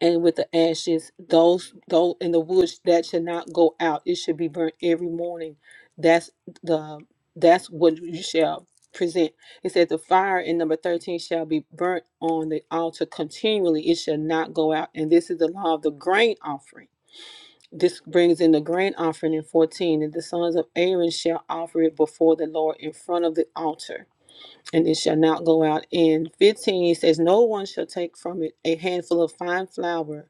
Speaker 4: and with the ashes those those in the woods that should not go out it should be burnt every morning that's the that's what you shall present it says the fire in number 13 shall be burnt on the altar continually it shall not go out and this is the law of the grain offering this brings in the grain offering in 14 and the sons of aaron shall offer it before the lord in front of the altar and it shall not go out in 15 it says no one shall take from it a handful of fine flour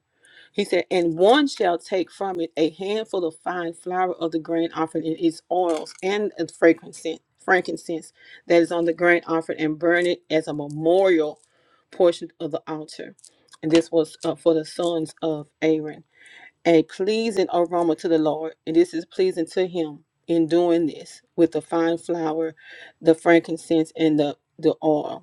Speaker 4: he said, and one shall take from it a handful of fine flour of the grain offering in its oils and the frankincense, frankincense that is on the grain offering, and burn it as a memorial portion of the altar. And this was uh, for the sons of Aaron, a pleasing aroma to the Lord. And this is pleasing to him in doing this with the fine flour, the frankincense, and the, the oil.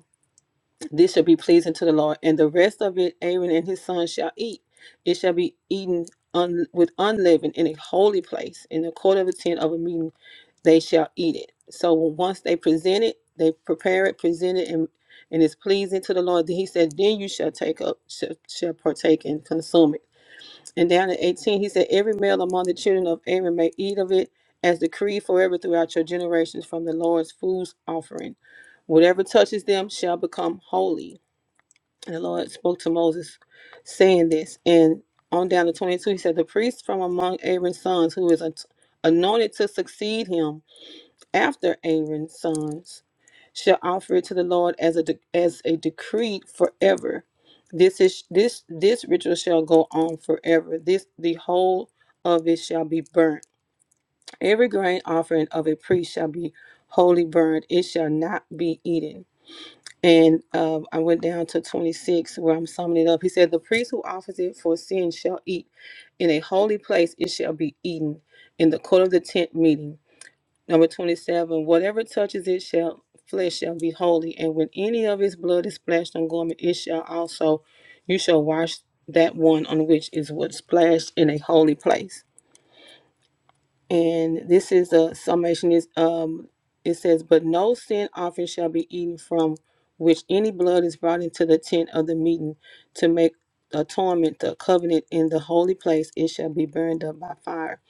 Speaker 4: This shall be pleasing to the Lord, and the rest of it Aaron and his sons shall eat. It shall be eaten un- with unleavened in a holy place, in the court of the tent of a meeting. They shall eat it. So once they present it, they prepare it, present it, and and it's pleasing to the Lord. Then he said, "Then you shall take up, shall, shall partake and consume it." And down in eighteen, he said, "Every male among the children of Aaron may eat of it, as decreed forever throughout your generations, from the Lord's food's offering." Whatever touches them shall become holy. And the Lord spoke to Moses, saying this. And on down to 22, he said, The priest from among Aaron's sons, who is ant- anointed to succeed him after Aaron's sons, shall offer it to the Lord as a de- as a decree forever. This is this this ritual shall go on forever. This the whole of it shall be burnt. Every grain offering of a priest shall be wholly burned. It shall not be eaten. And um, I went down to 26 where I'm summing it up. He said, The priest who offers it for sin shall eat. In a holy place it shall be eaten in the court of the tent meeting. Number 27, whatever touches it shall flesh shall be holy. And when any of his blood is splashed on garment, it shall also, you shall wash that one on which is what splashed in a holy place. And this is a summation is um it says, But no sin offering shall be eaten from which any blood is brought into the tent of the meeting to make atonement, the covenant in the holy place, it shall be burned up by fire.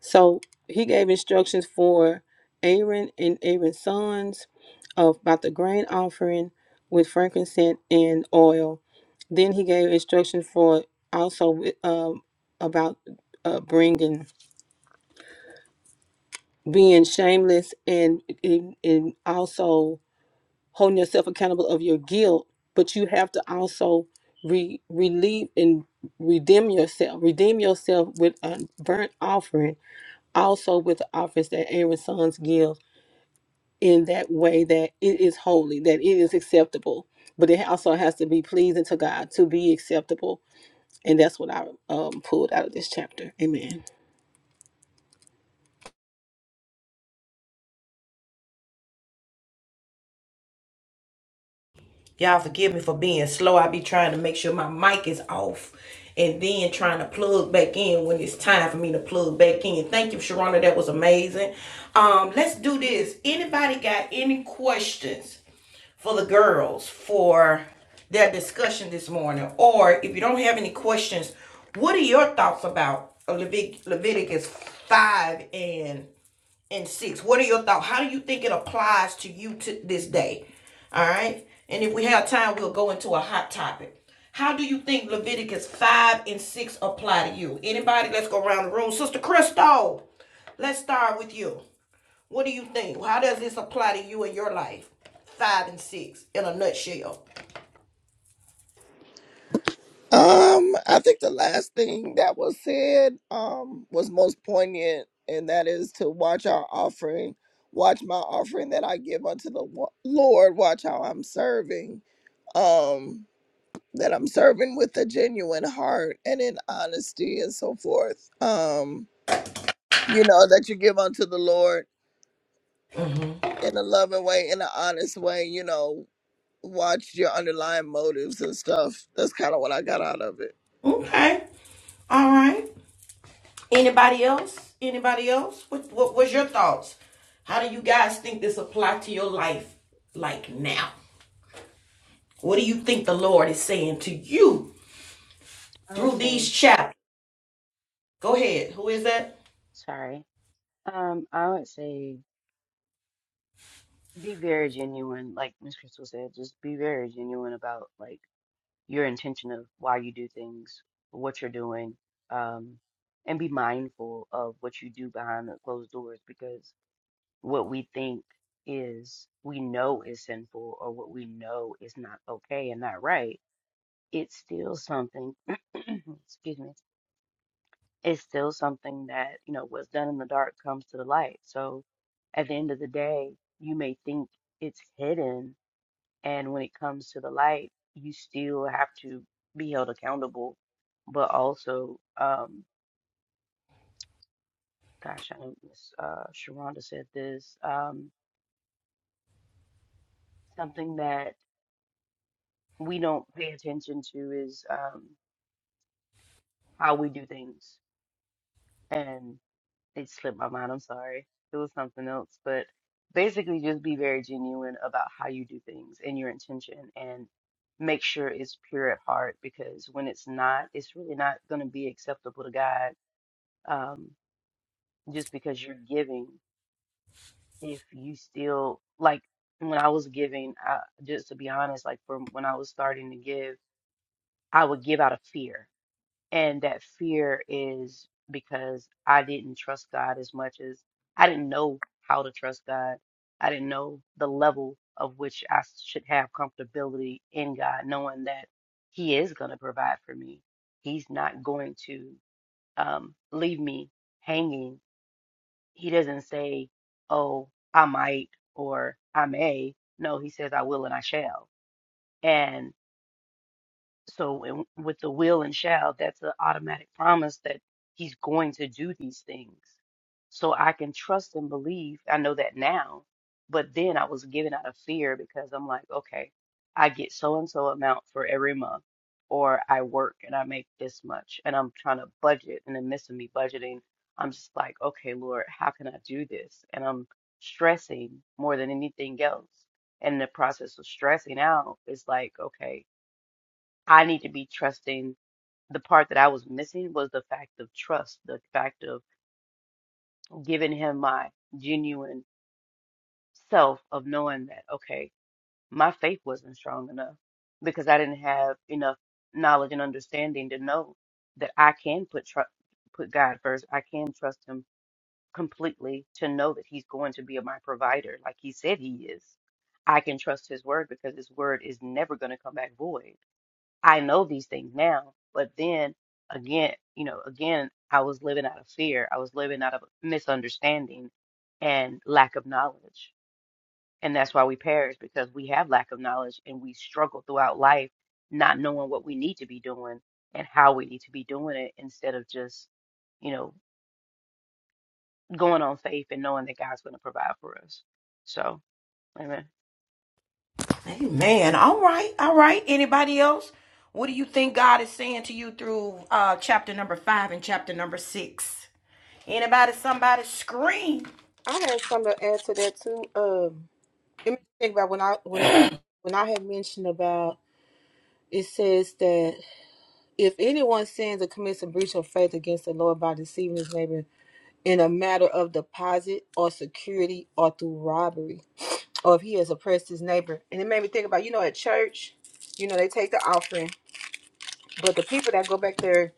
Speaker 4: So he gave instructions for Aaron and Aaron's sons of about the grain offering with frankincense and oil. Then he gave instructions for also um, about uh, bringing being shameless and, and and also holding yourself accountable of your guilt but you have to also re- relieve and redeem yourself redeem yourself with a burnt offering also with the offerings that aaron's sons give in that way that it is holy that it is acceptable but it also has to be pleasing to god to be acceptable and that's what i um, pulled out of this chapter amen
Speaker 2: Y'all forgive me for being slow. I be trying to make sure my mic is off and then trying to plug back in when it's time for me to plug back in. Thank you, Sharona. That was amazing. Um, let's do this. Anybody got any questions? for the girls for their discussion this morning. Or if you don't have any questions, what are your thoughts about Levit- Leviticus 5 and and 6? What are your thoughts? How do you think it applies to you to this day? All right. And if we have time, we'll go into a hot topic. How do you think Leviticus 5 and 6 apply to you? Anybody? Let's go around the room. Sister Crystal, let's start with you. What do you think? How does this apply to you in your life? Five and six in a nutshell.
Speaker 1: Um, I think the last thing that was said um was most poignant, and that is to watch our offering, watch my offering that I give unto the wa- Lord, watch how I'm serving. Um, that I'm serving with a genuine heart and in honesty and so forth. Um, you know, that you give unto the Lord in a loving way, in an honest way, you know, watch your underlying motives and stuff. That's kind of what I got out of it.
Speaker 2: Okay. All right. Anybody else? Anybody else? What what was your thoughts? How do you guys think this apply to your life like now? What do you think the Lord is saying to you
Speaker 7: I would
Speaker 2: through these
Speaker 7: say,
Speaker 2: chapters? Go ahead. Who is that?
Speaker 7: sorry. Um, I would say be very genuine, like Miss Crystal said, just be very genuine about like your intention of why you do things, what you're doing, um, and be mindful of what you do behind the closed doors because what we think is we know is sinful or what we know is not okay and not right, it's still something, excuse me, it's still something that, you know, what's done in the dark comes to the light. So at the end of the day, you may think it's hidden and when it comes to the light, you still have to be held accountable. But also, um, gosh, I know Miss uh, Sharonda said this. Um, something that we don't pay attention to is um, how we do things. And it slipped my mind. I'm sorry. It was something else. But basically, just be very genuine about how you do things and your intention and make sure it's pure at heart because when it's not, it's really not going to be acceptable to God Um, just because you're giving if you still like when I was giving I, just to be honest like from when I was starting to give I would give out of fear and that fear is because I didn't trust God as much as I didn't know how to trust God I didn't know the level of which I should have comfortability in God knowing that he is going to provide for me he's not going to um leave me hanging He doesn't say, "Oh, I might" or "I may." No, he says, "I will and I shall." And so in, with the will and shall, that's an automatic promise that he's going to do these things. So I can trust and believe. I know that now, but then I was given out of fear because I'm like, okay, I get so and so amount for every month, or I work and I make this much, and I'm trying to budget, and in the midst of me budgeting, I'm just like, okay, Lord, how can I do this? And I'm stressing more than anything else. And the process of stressing out is like, okay, I need to be trusting. The part that I was missing was the fact of trust, the fact of giving him my genuine self, of knowing that, okay, my faith wasn't strong enough because I didn't have enough knowledge and understanding to know that I can put tr- put God first. I can trust him completely to know that he's going to be my provider like he said he is. I can trust his word because his word is never going to come back void. I know these things now, but then again, you know, again, I was living out of fear. I was living out of misunderstanding and lack of knowledge. And that's why we perish because we have lack of knowledge and we struggle throughout life not knowing what we need to be doing and how we need to be doing it instead of just, you know, going on faith and knowing that God's going to provide for us. So, amen.
Speaker 2: Amen. All right. All right. Anybody else? What do you think God is saying to you through uh chapter number five and chapter number six? Anybody, somebody scream.
Speaker 4: I had something to add to that too. Um, it made me think about when I when I. when I had mentioned about it says that if anyone sins or commits a breach of faith against the Lord by deceiving his neighbor in a matter of deposit or security or through robbery, or if he has oppressed his neighbor, and it made me think about you know at church, you know they take the offering, but the people that go back there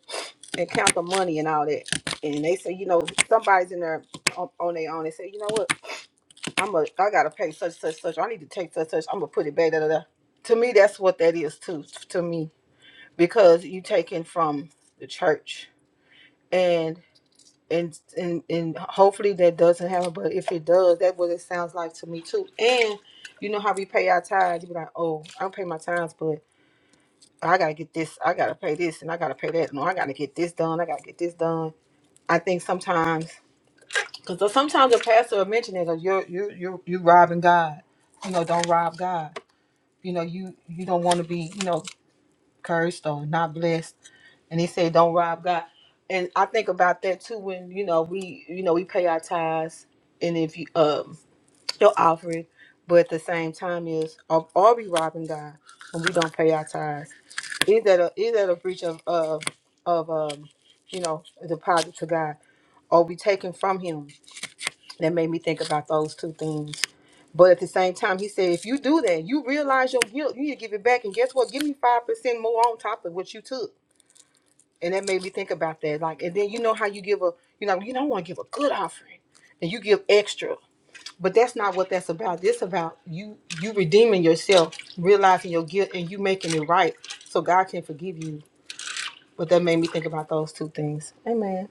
Speaker 4: and count the money and all that, and they say you know somebody's in there on, on their own, they say you know what I'm a I gotta pay such such such I need to take such such I'm gonna put it back da da da. To me that's what that is too to me because you taken from the church and and and and hopefully that doesn't happen but if it does that's what it sounds like to me too and you know how we pay our tithes you be like oh i don't pay my tithes but i gotta get this i gotta pay this and i gotta pay that no i gotta get this done i gotta get this done i think sometimes because sometimes the pastor will mention it like you're you you you robbing god you know don't rob god you know you you don't want to be you know cursed or not blessed and he said don't rob god and i think about that too when you know we you know we pay our tithes and if you um your offering but at the same time is are, are we robbing god when we don't pay our tithes is that a is that a breach of of of um you know a deposit to god are we taking from him that made me think about those two things but at the same time he said if you do that you realize your guilt you need to give it back and guess what give me five percent more on top of what you took and that made me think about that. Like, and then you know how you give a, you know, you don't want to give a good offering, and you give extra, but that's not what that's about. This about you, you redeeming yourself, realizing your guilt, and you making it right, so God can forgive you. But that made me think about those two things. Amen.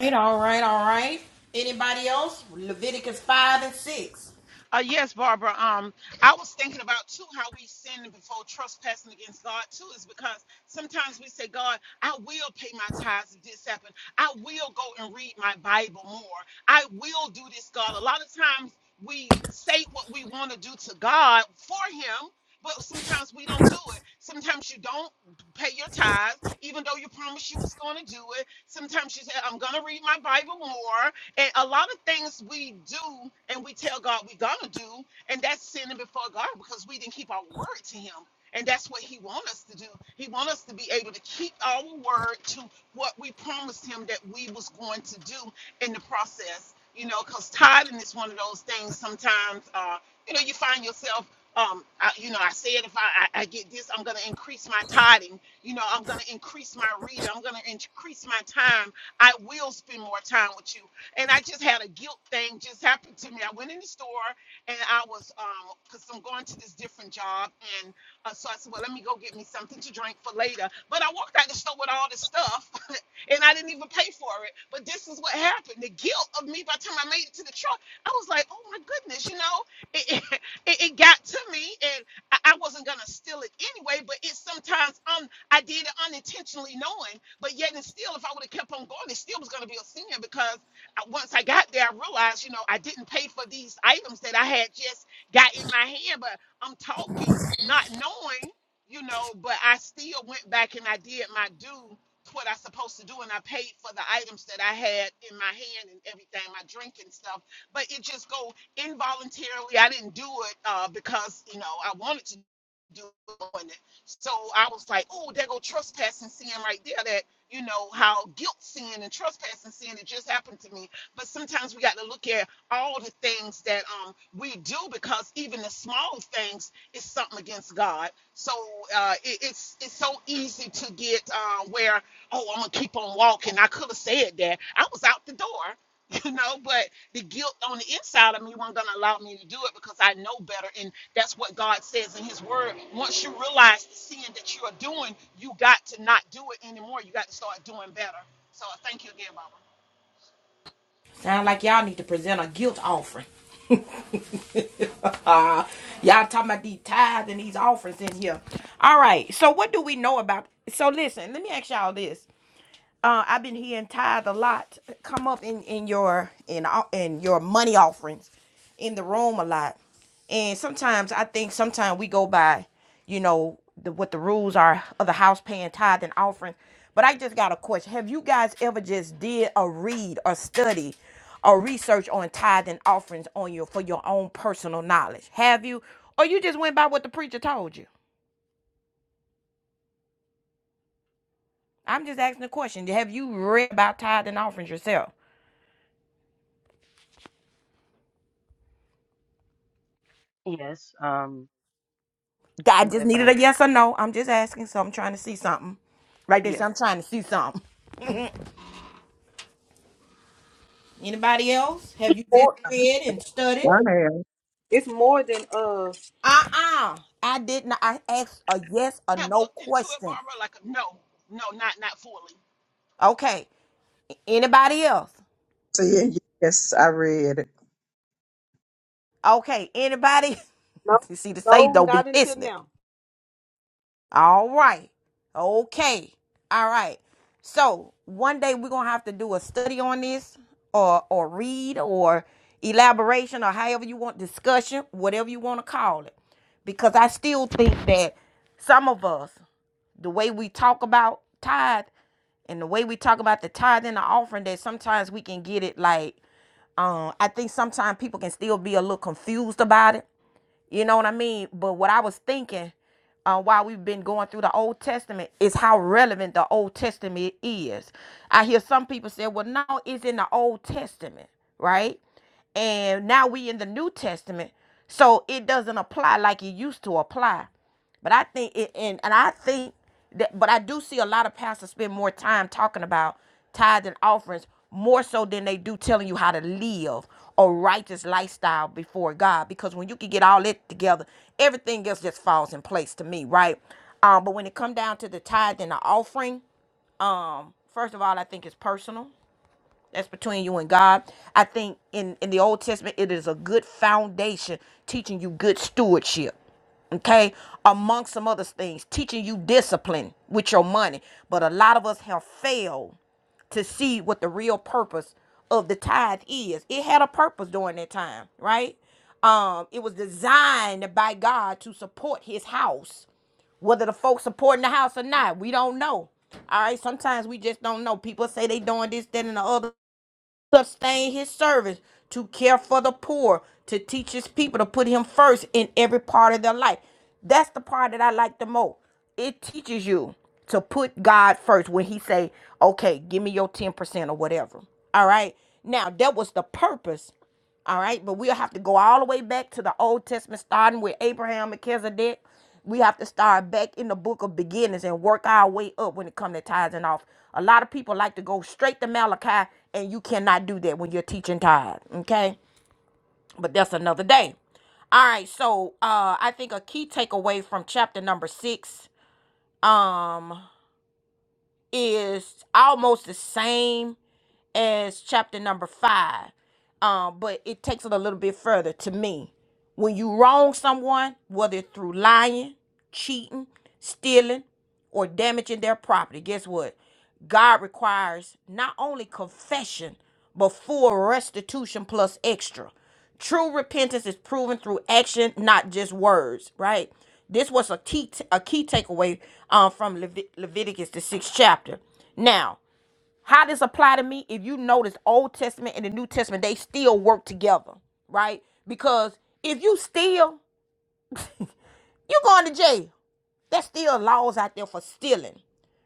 Speaker 2: right, all right, all right. Anybody else? Leviticus 5 and 6.
Speaker 6: Uh, yes, Barbara. Um, I was thinking about too how we sin before trespassing against God too is because sometimes we say, God, I will pay my tithes if this happened. I will go and read my Bible more. I will do this, God. A lot of times we say what we want to do to God for Him. But sometimes we don't do it. Sometimes you don't pay your tithes, even though you promised you was going to do it. Sometimes you say, I'm going to read my Bible more. And a lot of things we do and we tell God we're gonna do, and that's sinning before God because we didn't keep our word to Him. And that's what He wants us to do. He wants us to be able to keep our word to what we promised Him that we was going to do in the process. You know, because tithing is one of those things. Sometimes, uh, you know, you find yourself. Um, I, you know, I said if I, I, I get this, I'm going to increase my tithing. You know, I'm going to increase my reading. I'm going to increase my time. I will spend more time with you and I just had a guilt thing just happen to me. I went in the store and I was um because I'm going to this different job and uh, so I said, well, let me go get me something to drink for later. But I walked out the store with all this stuff and I didn't even pay for it. But this is what happened: the guilt of me by the time I made it to the truck, I was like, oh my goodness, you know, it it, it, got to me and I, I wasn't gonna steal it anyway. But it's sometimes um I did it unintentionally knowing, but yet and still, if I would have kept on going, it still was gonna be a sin because once I got there, I realized, you know, I didn't pay for these items that I had just got in my hand, but I'm talking, not knowing, you know, but I still went back and I did my due to what I supposed to do and I paid for the items that I had in my hand and everything, my drink and stuff. But it just go involuntarily. I didn't do it uh, because, you know, I wanted to do it. So I was like, oh, there go trespassing seeing right there that you know, how guilt sin and trespassing sin, it just happened to me. But sometimes we got to look at all the things that um, we do because even the small things is something against God. So uh, it, it's it's so easy to get uh, where, oh, I'm going to keep on walking. I could have said that. I was out the door. you know but the guilt on the inside of me wasn't going to allow me to do it because i know better and that's what god says in his word once you realize the sin that you are doing you got to not do it anymore you got to start doing better so i thank you again barbara
Speaker 2: Sound like y'all need to present a guilt offering. Y'all talking about these tithes and these offerings in here. All right, so what do we know about? So listen, let me ask y'all this. uh, I've been hearing tithe a lot come up in in your in in your money offerings in the room a lot, and sometimes I think sometimes we go by, you know, the, what the rules are of the house paying tithe and offerings. But I just got a question: Have you guys ever just did a read or study? or research on tithe and offerings on your for your own personal knowledge? Have you, or you just went by what the preacher told you? I'm just asking a question. Have you read about tithe and offerings yourself?
Speaker 7: Yes. Um,
Speaker 2: I
Speaker 7: but
Speaker 2: just
Speaker 7: if
Speaker 2: needed a
Speaker 7: I'm,
Speaker 2: yes or no. I'm just asking, so I'm trying to see something. Right there, so
Speaker 7: yes,
Speaker 2: I'm trying to see something. Anybody else? Have you just
Speaker 4: Or
Speaker 2: read and studied?
Speaker 3: Amen.
Speaker 4: it's more than uh,
Speaker 2: Uh-uh. I did not. I asked a yes or
Speaker 6: I have
Speaker 2: no
Speaker 6: looked into it
Speaker 2: question.
Speaker 6: barbara like no no not not fully
Speaker 2: Okay. Anybody else?
Speaker 3: So yeah, yes, I read it.
Speaker 2: Okay. Anybody?
Speaker 4: no,
Speaker 2: you see, the say
Speaker 4: no,
Speaker 2: don't be
Speaker 4: not until
Speaker 2: listening.
Speaker 4: now.
Speaker 2: All right. Okay. All right. So one day we're gonna have to do a study on this or or read or elaboration or however you want discussion, whatever you want to call it. Because I still think that some of us, the way we talk about tithe and the way we talk about the tithe and the offering, that sometimes we can get it like um I think sometimes people can still be a little confused about it you know what I mean? But what I was thinking uh, while we've been going through the Old Testament is how relevant the Old Testament is. I hear some people say, well, no, it's in the Old Testament, right? And now we in the New Testament. So it doesn't apply like it used to apply. But I think it and, and I think that, but I do see a lot of pastors spend more time talking about tithes and offerings more so than they do telling you how to live a righteous lifestyle before God. Because when you can get all that together, everything else just falls in place to me, right? Um, but when it come down to the tithe and the offering, um, first of all, I think it's personal that's between you and God. I think in, in the Old Testament, it is a good foundation teaching you good stewardship. Okay. Among some other things, teaching you discipline with your money. But a lot of us have failed to see what the real purpose of the tithe is. It had a purpose during that time, right? Um, it was designed by God to support his house. Whether the folks supporting the house or not, we don't know. All right, sometimes we just don't know. People say they doing this, that, and the other sustain his service, to care for the poor, to teach his people to put him first in every part of their life. That's the part that I like the most. It teaches you to put God first when he say, "Okay, give me your 10% or whatever." All right? Now, that was the purpose all right, but we'll have to go all the way back to the Old Testament, starting with Abraham, Melchizedek. We have to start back in the book of beginnings and work our way up when it comes to tithes and off. A lot of people like to go straight to Malachi, and you cannot do that when you're teaching tithe. Okay, but that's another day. All right, so uh, I think a key takeaway from chapter number six. Um, is almost the same as chapter number five. Um, but it takes it a little bit further to me. When you wrong someone, whether it's through lying, cheating, stealing, or damaging their property, guess what? God requires not only confession, but full restitution plus extra. True repentance is proven through action, not just words, right? This was a key, a key takeaway um, from Levit- Leviticus, the sixth chapter. Now, how this apply to me? If you notice, Old Testament and the New Testament, they still work together, right? Because if you steal you going to jail. There's still laws out there for stealing,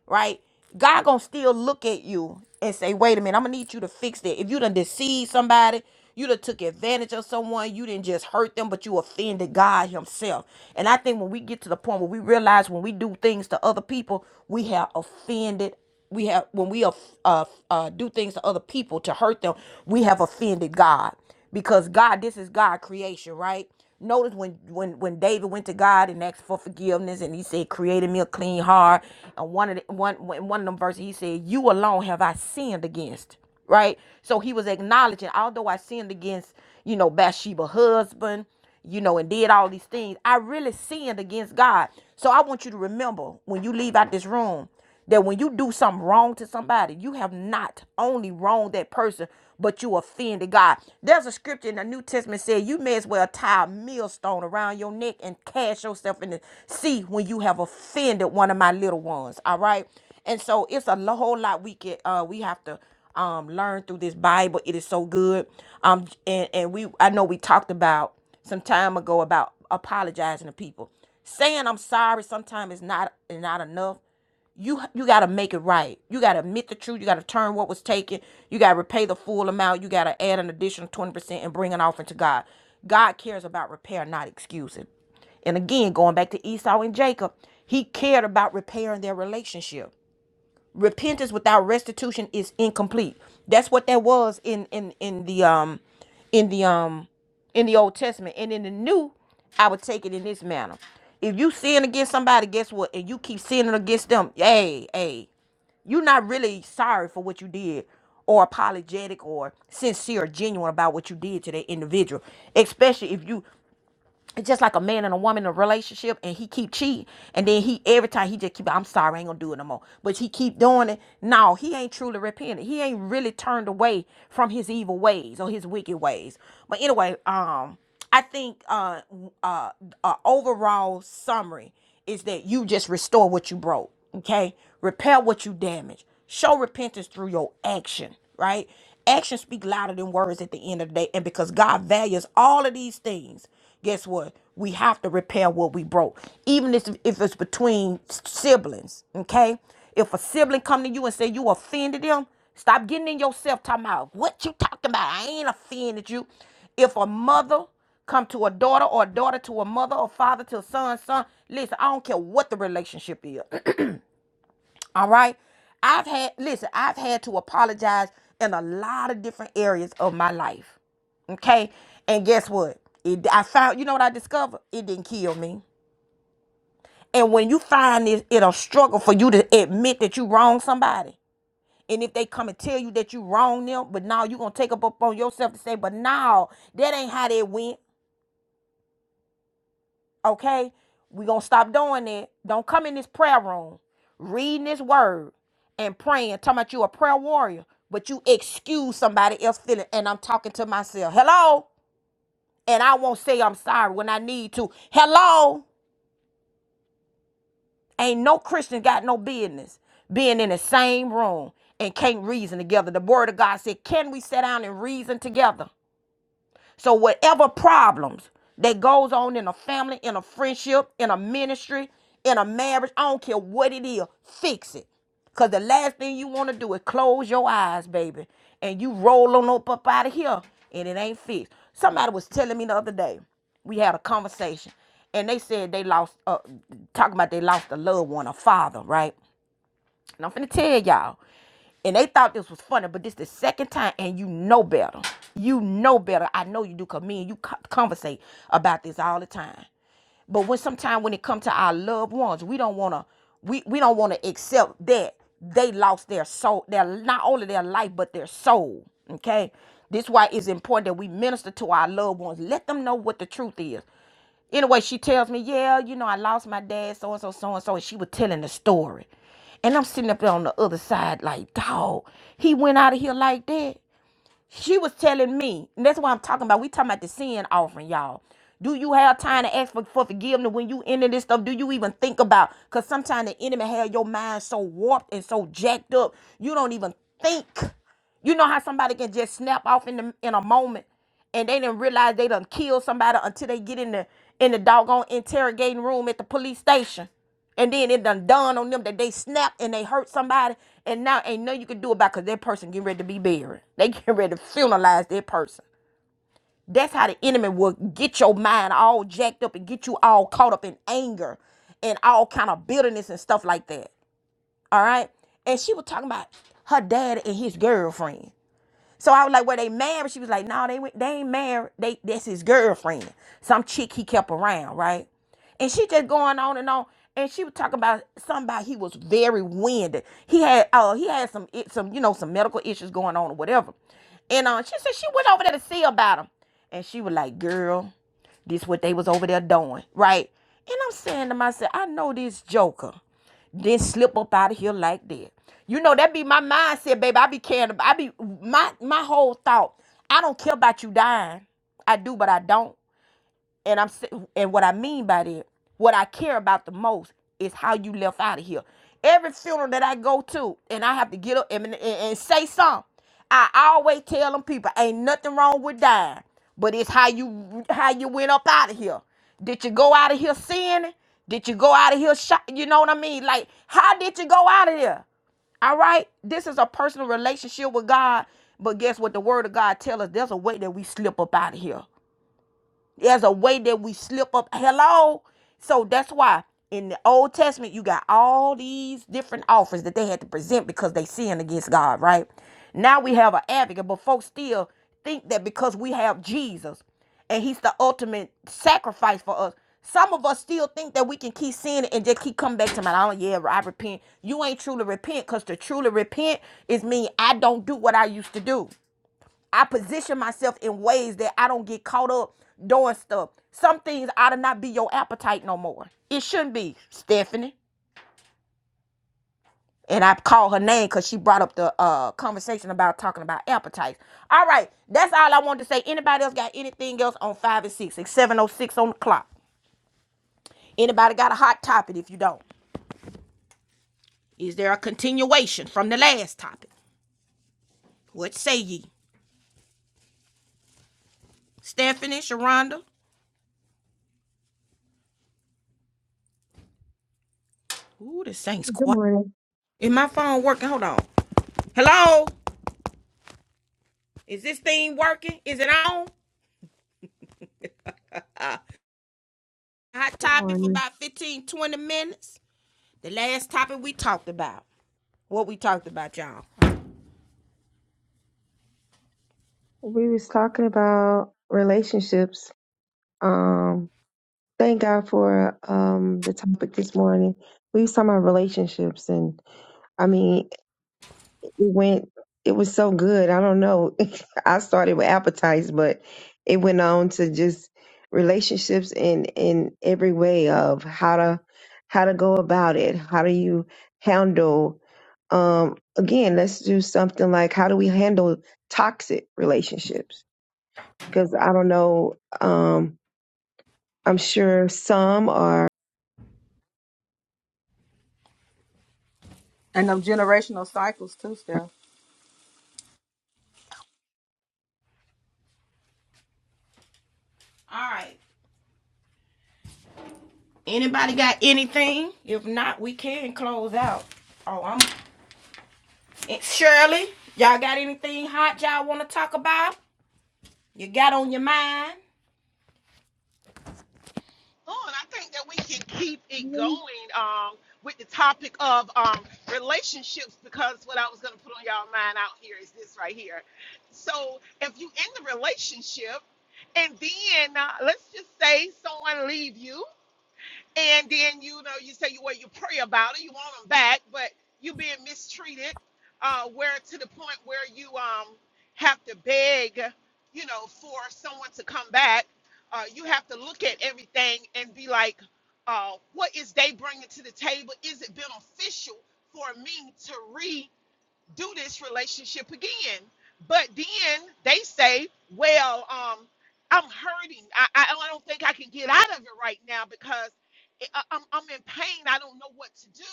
Speaker 2: right? God gonna still look at you and say, wait a minute, I'm gonna need you to fix that. If you done deceived somebody, you done took advantage of someone, you didn't just hurt them, but you offended God Himself. And I think when we get to the point where we realize when we do things to other people, we have offended we have when we off- uh, uh, do things to other people to hurt them we have offended god because god this is god creation right Notice when when when David went to God and asked for forgiveness, and he said, "Created me a clean heart." And one of the, one one of them verses, he said, "You alone have I sinned against." Right. So he was acknowledging, although I sinned against you know Bathsheba husband, you know, and did all these things, I really sinned against God. So I want you to remember when you leave out this room that when you do something wrong to somebody, you have not only wronged that person, but you offended God. There's a scripture in the New Testament said you may as well tie a millstone around your neck and cast yourself in the sea when you have offended one of my little ones. All right. And so it's a whole lot we can uh we have to um learn through this Bible. It is so good. Um and, and we I know we talked about some time ago about apologizing to people. Saying I'm sorry sometimes is not is not enough you you got to make it right. You got to admit the truth. You got to turn what was taken. You got to repay the full amount. You got to add an additional 20% and bring an offering to God. God cares about repair, not excusing. And again, going back to Esau and Jacob, he cared about repairing their relationship repentance without restitution is incomplete that's what that was in in in the um in the um in the old testament and in the new i would take it in this manner if you sin against somebody guess what and you keep sinning against them hey hey you're not really sorry for what you did or apologetic or sincere genuine about what you did to that individual especially if you it's just like a man and a woman in a relationship and he keep cheating and then he every time he just keep i'm sorry i ain't gonna do it no more but he keep doing it no he ain't truly repented he ain't really turned away from his evil ways or his wicked ways but anyway um i think uh uh, uh overall summary is that you just restore what you broke okay repair what you damaged show repentance through your action right actions speak louder than words at the end of the day and because god values all of these things Guess what? We have to repair what we broke, even if, if it's between siblings. Okay, if a sibling come to you and say you offended them, stop getting in yourself talking about what you talking about. I ain't offended you. If a mother come to a daughter or a daughter to a mother or father to a son, son. Listen, I don't care what the relationship is. All right. I've had, listen, I've had to apologize in a lot of different areas of my life. Okay. And guess what? It, I found, you know what I discovered? It didn't kill me. And when you find it, it'll struggle for you to admit that you wronged somebody. And if they come and tell you that you wronged them, but now you're going to take up upon yourself to say, but now that ain't how they went. Okay? we going to stop doing that. Don't come in this prayer room reading this word and praying, talking about you a prayer warrior, but you excuse somebody else feeling. And I'm talking to myself. Hello? And I won't say I'm sorry when I need to. Hello? Ain't no Christian got no business being in the same room and can't reason together. The word of God said, Can we sit down and reason together? So whatever problems that goes on in a family, in a friendship, in a ministry, in a marriage, I don't care what it is, fix it. Cause the last thing you want to do is close your eyes, baby, and you roll on up up out of here, and it ain't fixed. Somebody was telling me the other day, we had a conversation, and they said they lost, uh, talking about they lost a loved one, a father, right? And I'm finna tell y'all. And they thought this was funny, but this the second time, and you know better. You know better. I know you do, cause me and you co- conversate about this all the time. But when sometimes when it comes to our loved ones, we don't wanna we, we don't wanna accept that they lost their soul, their not only their life, but their soul. Okay. This is why it's important that we minister to our loved ones. Let them know what the truth is. Anyway, she tells me, yeah, you know, I lost my dad, so and so, so and so. And she was telling the story. And I'm sitting up there on the other side, like, dog, he went out of here like that. She was telling me, and that's what I'm talking about. We talking about the sin offering, y'all. Do you have time to ask for, for forgiveness when you into this stuff? Do you even think about? Cause sometimes the enemy have your mind so warped and so jacked up, you don't even think. You know how somebody can just snap off in the, in a moment, and they didn't realize they done killed somebody until they get in the in the doggone interrogating room at the police station. And then it done dawned on them that they snapped and they hurt somebody, and now ain't nothing you can do about it because that person getting ready to be buried. They getting ready to funeralize that person. That's how the enemy will get your mind all jacked up and get you all caught up in anger and all kind of bitterness and stuff like that. All right. And she was talking about her dad and his girlfriend. So I was like, "Were they married?" She was like, "No, they went- they ain't married. They that's his girlfriend, some chick he kept around, right?" And she just going on and on, and she was talking about somebody he was very winded. He had uh he had some it- some you know some medical issues going on or whatever, and uh she said she went over there to see about him, and she was like, "Girl, this what they was over there doing, right?" And I'm saying to myself, "I know this joker." then slip up out of here like that. You know, that be my mindset, baby. I be caring. I be my my whole thought. I don't care about you dying. I do, but I don't and I'm si-, and what I mean by that, what I care about the most is how you left out of here. Every funeral that I go to, and I have to get up and, and, and say something, I always tell them people, ain't nothing wrong with dying, but it's how you how you went up out of here. Did you go out of here sinning? Did you go out of here? Shot? You know what I mean? Like, how did you go out of there? All right, this is a personal relationship with God, but guess what? The Word of God tells us there's a way that we slip up out of here. There's a way that we slip up. Hello. So that's why in the Old Testament you got all these different offers that they had to present because they sinned against God, right? Now we have an advocate, but folks still think that because we have Jesus and he's the ultimate sacrifice for us. Some of us still think that we can keep sinning and just keep coming back to my, oh yeah, I repent. You ain't truly repent because to truly repent is mean I don't do what I used to do. I position myself in ways that I don't get caught up doing stuff. Some things ought to not be your appetite no more. It shouldn't be, Stephanie. And I call her name because she brought up the uh, conversation about talking about appetites. All right, that's all I wanted to say. Anybody else got anything else on five and six? It's seven oh six on the clock. Anybody got a hot topic? If you don't, is there a continuation from the last topic? What say ye, Stephanie, Sharonda? Ooh, this thing's
Speaker 5: Good
Speaker 2: quiet.
Speaker 5: morning.
Speaker 2: Is my phone working? Hold on. Hello. Is this thing working? Is it on? Hot
Speaker 5: Good
Speaker 2: topic for
Speaker 5: morning.
Speaker 2: about 15, 20 minutes. The last topic we talked about. What we talked about, y'all.
Speaker 5: We was talking about relationships. Um, thank God for um the topic this morning. We was talking about relationships, and I mean, it went. It was so good. I don't know. I started with appetites, but it went on to just relationships in in every way of how to how to go about it. How do you handle? Um, again, let's do something like how do we handle toxic relationships? because I don't know. Um, I'm sure some are.
Speaker 4: And them generational cycles too, Steph.
Speaker 2: All right. Anybody got anything? If not, we can close out. Oh, I'm and Shirley. Y'all got anything hot y'all want to talk about? You got on your mind?
Speaker 6: Oh, and I think that we can keep it going
Speaker 5: I
Speaker 6: um, with the topic of um, relationships because what I was going to put on y'all mind out here is this right here. So if you in the relationship and then uh, let's just say someone leave you and then you know you say you well you pray about it, you want them back, but you being mistreated, uh, where to the point where you um have to beg, you know, for someone to come back. Uh, you have to look at everything and be like, uh, what is they bringing to the table? Is it beneficial for me to read? do this relationship again. But then they say, well, um, I'm hurting. I, I, I don't think I can get out of it right now because I, I'm, I'm in pain. I don't know what to do.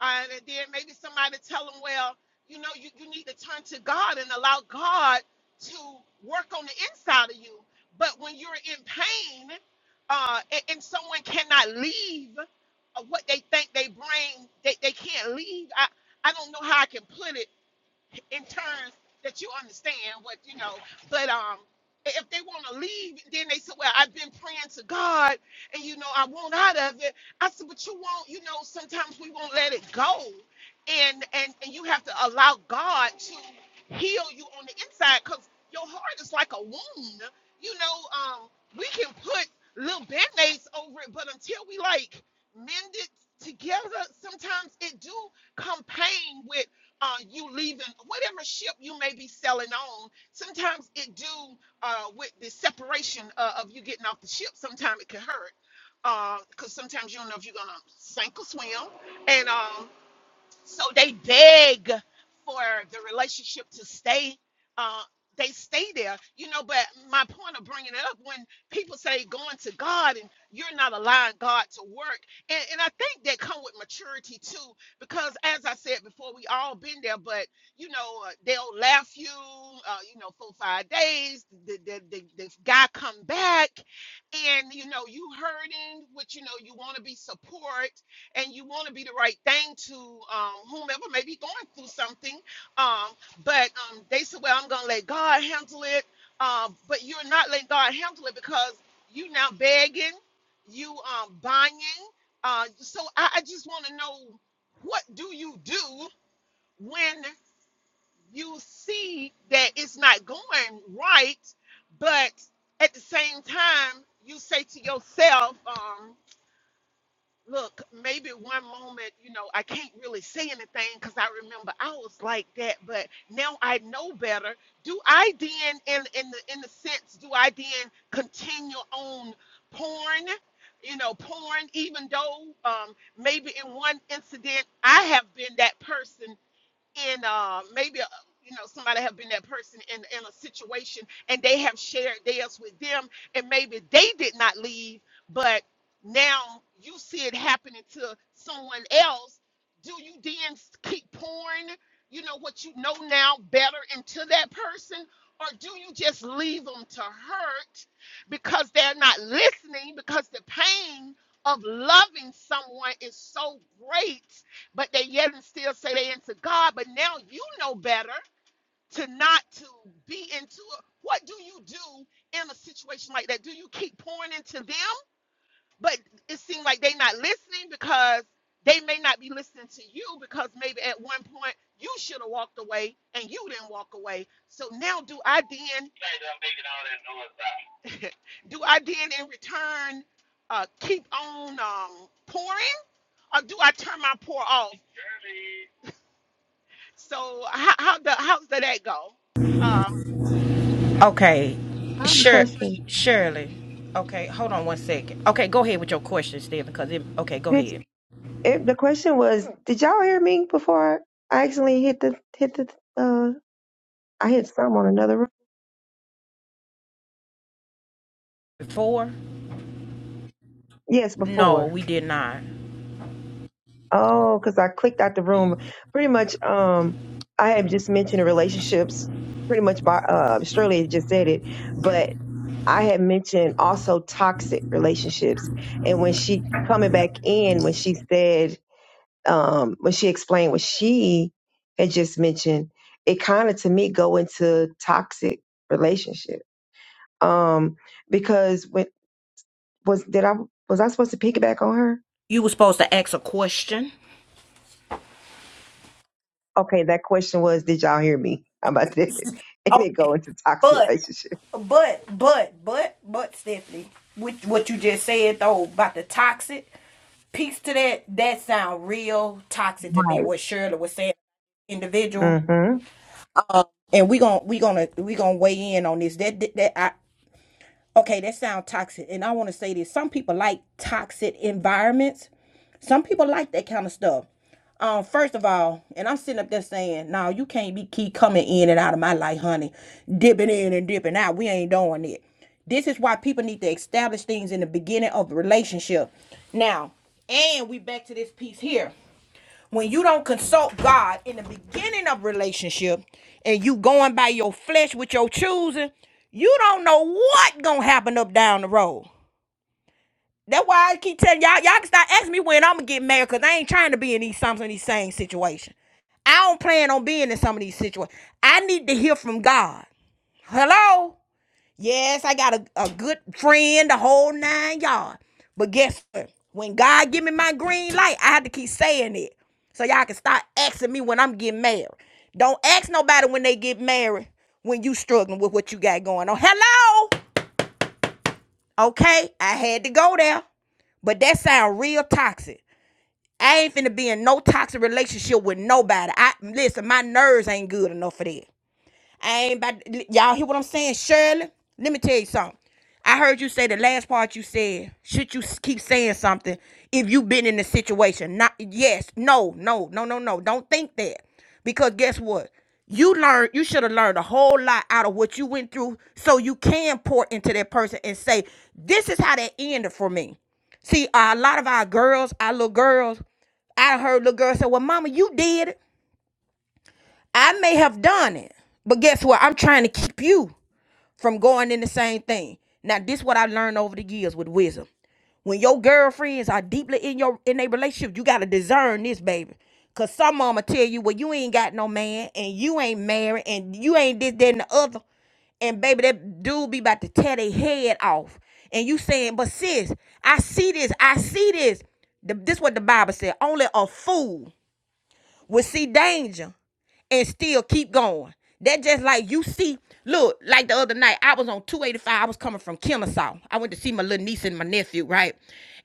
Speaker 6: Uh, and then maybe somebody tell them, well, you know, you, you need to turn to God and allow God to work on the inside of you. But when you're in pain uh, and, and someone cannot leave uh, what they think they bring, they, they can't leave. I, I don't know how I can put it in terms that you understand what you know. But um, if they want to leave, then they say, "Well, I've been praying to God, and you know, I want out of it." I said, "But you won't. You know, sometimes we won't let it go, and and and you have to allow God to heal you on the inside, because your heart is like a wound. You know, um, we can put little band-aids over it, but until we like mend it together, sometimes it do come pain with." uh, you leaving whatever ship you may be sailing on. Sometimes it do uh, with the separation uh, of you getting off the ship. Sometimes it can hurt because sometimes you don't know if you're gonna sink or swim. And um, so they beg for the relationship to stay. Uh, they stay there, you know. But my point of bringing it up when people say going to God and you're not allowing God to work, and, and I think that come with maturity too, because as I said before, we all been there. But you know, uh, they'll laugh you, uh, you know, four five days. The, the, the, the guy come back, and you know you hurting, which you know you want to be support and you want to be the right thing to um, whomever may be going through something. Um, but um, they said, well, I'm going to let God handle it. Um, but you're not letting God handle it because you now begging, you um, buying. Uh, so I, I just want to know what do you do when you see that it's not going right, but at the same time, you say to yourself, um, look, maybe one moment, you know, I can't really say anything because I remember I was like that, but now I know better. Do I then, in in the in the sense, do I then continue on porn? You know, porn, even though um, maybe in one incident I have been that person and uh, maybe uh, you know somebody have been that person in, in a situation and they have shared theirs with them and maybe they did not leave but now you see it happening to someone else do you then s- keep pouring you know what you know now better into that person or do you just leave them to hurt because they're not listening because the pain of loving someone is so great but they yet and still say they into God. But now you know better to not to be into it. What do you do in a situation like that? Do you keep pouring into them, but it seems like they not listening because they may not be listening to you because maybe at one point you should have walked away and you didn't walk away. So now do I then do I then in return uh, keep on um, pouring or do I turn my pour off? So how how the how's did that go? Uh,
Speaker 2: Okay.
Speaker 5: have a
Speaker 2: Sure,
Speaker 5: question.
Speaker 2: Shirley. Okay, hold on one second. Okay, go ahead with your question, Stephen. Because it. Okay, go
Speaker 5: Did
Speaker 2: ahead.
Speaker 5: it, the question was? Did y'all hear me before I actually hit the hit the? Uh, I hit some on another room.
Speaker 2: Before?
Speaker 5: Yes,
Speaker 2: No,
Speaker 5: before.
Speaker 2: we did not.
Speaker 5: Oh, because I clicked out the room. Pretty much. Um, I had just mentioned relationships. Pretty much by uh, Shirley had just said it, but I had mentioned also toxic relationships. And when she coming back in, when she said um, when she explained what she had just mentioned, it kind of to me go into toxic relationship. Um, because when was did I was I supposed to piggyback on her?
Speaker 2: You were supposed to ask a question.
Speaker 5: Okay, that question was, did y'all hear me? How about that? And it go
Speaker 2: Okay,
Speaker 5: into toxic
Speaker 2: but
Speaker 5: relationship.
Speaker 2: but but but but Stephanie, with what you just said though about the toxic piece to that, that sound real toxic to me.
Speaker 5: Right.
Speaker 2: What Shirley was saying, individual,
Speaker 5: Mm-hmm.
Speaker 2: and we gon' we gonna we gonna weigh in on this. That that, that I okay, that sound toxic, and I want to say this. Some people like toxic environments. Some people like that kind of stuff. um, first of all, and I'm sitting up there saying, no, you can't be keep coming in and out of my life, honey, dipping in and dipping out. We ain't doing it. This is why people need to establish things in the beginning of a relationship. Now, and we back to this piece here. When you don't consult God in the beginning of relationship, and you going by your flesh with your choosing, you don't know what gonna happen up down the road. That's why I keep telling y'all, y'all can start asking me when I'm gonna get married, cause I ain't trying to be in these some of these same situations. I don't plan on being in some of these situations. I need to hear from God. Hello? Yes, I got a, a good friend, the whole nine yards. But guess what? When God give me my green light, I have to keep saying it. So y'all can start asking me when I'm getting married. Don't ask nobody when they get married when you struggling with what you got going on. Hello? Okay, I had to go there. But that sound real toxic. I ain't finna be in no toxic relationship with nobody. I listen, my nerves ain't good enough for that. I ain't about to- y'all hear what I'm saying, Shirley? Let me tell you something. I heard you say the last part you said. Should you s- keep saying something if you've been in the situation? Not yes, no, no, no, no, no. Don't think that. Because guess what? You learned you should have learned a whole lot out of what you went through so you can pour into that person and say, This is how that ended for me. See, uh, a lot of our girls, our little girls, I heard little girls say, Well, mama, you did it. I may have done it, but guess what? I'm trying to keep you from going in the same thing. Now, this is what I learned over the years with wisdom. When your girlfriends are deeply in your in a relationship, you gotta discern this, baby. Cause some mama tell you, well, you ain't got no man, and you ain't married, and you ain't this, that, and the other. And baby, that dude be about to tear their head off. And you saying, but sis, I see this, I see this. The, this what the Bible said. Only a fool will see danger and still keep going. That just like you see, look, like the other night, I was on 285. I was coming from Kennesaw. I went to see my little niece and my nephew, right?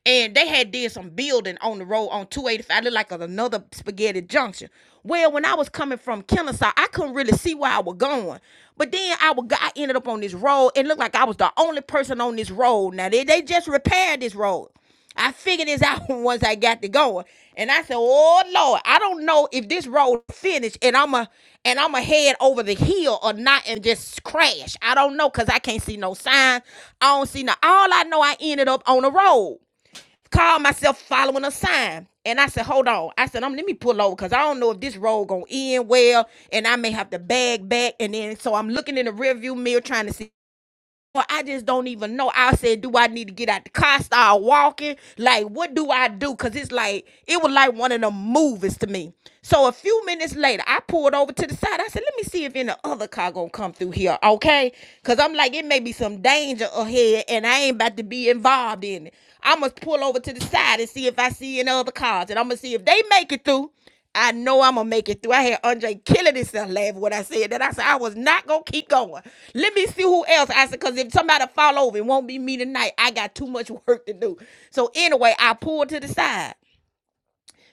Speaker 2: And they had did some building on the road on 285. Looked like another spaghetti junction. Well, when I was coming from Kennesaw, I couldn't really see where I was going. But then I would, I ended up on this road. It looked like I was the only person on this road. Now they, they just repaired this road. I figured this out once I got to going. And I said, Oh Lord, I don't know if this road finished and I'ma and I'ma head over the hill or not and just crash. I don't know because I can't see no sign. I don't see no all I know I ended up on the road. Called myself following a sign. And I said, hold on. I said, um, let me pull over because I don't know if this road gonna end well and I may have to bag back. And then so I'm looking in the rearview mirror trying to see or I just don't even know. I said, do I need to get out the car, start walking? Like, what do I do? Cause it's like it was like one of them movies to me. So a few minutes later, I pulled over to the side. I said, let me see if any other car gonna come through here, okay? Cause I'm like, it may be some danger ahead, and I ain't about to be involved in it. I must pull over to the side and see if I see any other cars, and I'm gonna see if they make it through. I know I'm gonna make it through. I had Andre killing himself laughing when I said that. I said I was not gonna keep going. Let me see who else. I said because if somebody fall over, it won't be me tonight. I got too much work to do. So anyway, I pulled to the side.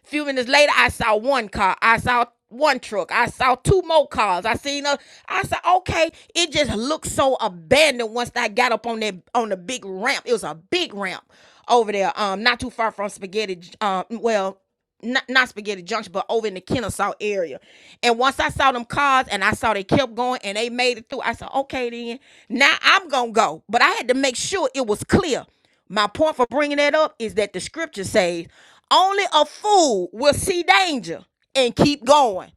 Speaker 2: A Few minutes later, I saw one car. I saw one truck. I saw two more cars. I seen a. I said, okay, it just looked so abandoned once I got up on that on the big ramp. It was a big ramp over there, um, not too far from Spaghetti. Um, well, not, not Spaghetti Junction, but over in the Kennesaw area. And once I saw them cars and I saw they kept going and they made it through, I said, okay, then now I'm gonna go. But I had to make sure it was clear. My point for bringing that up is that the scripture says only a fool will see danger and keep going.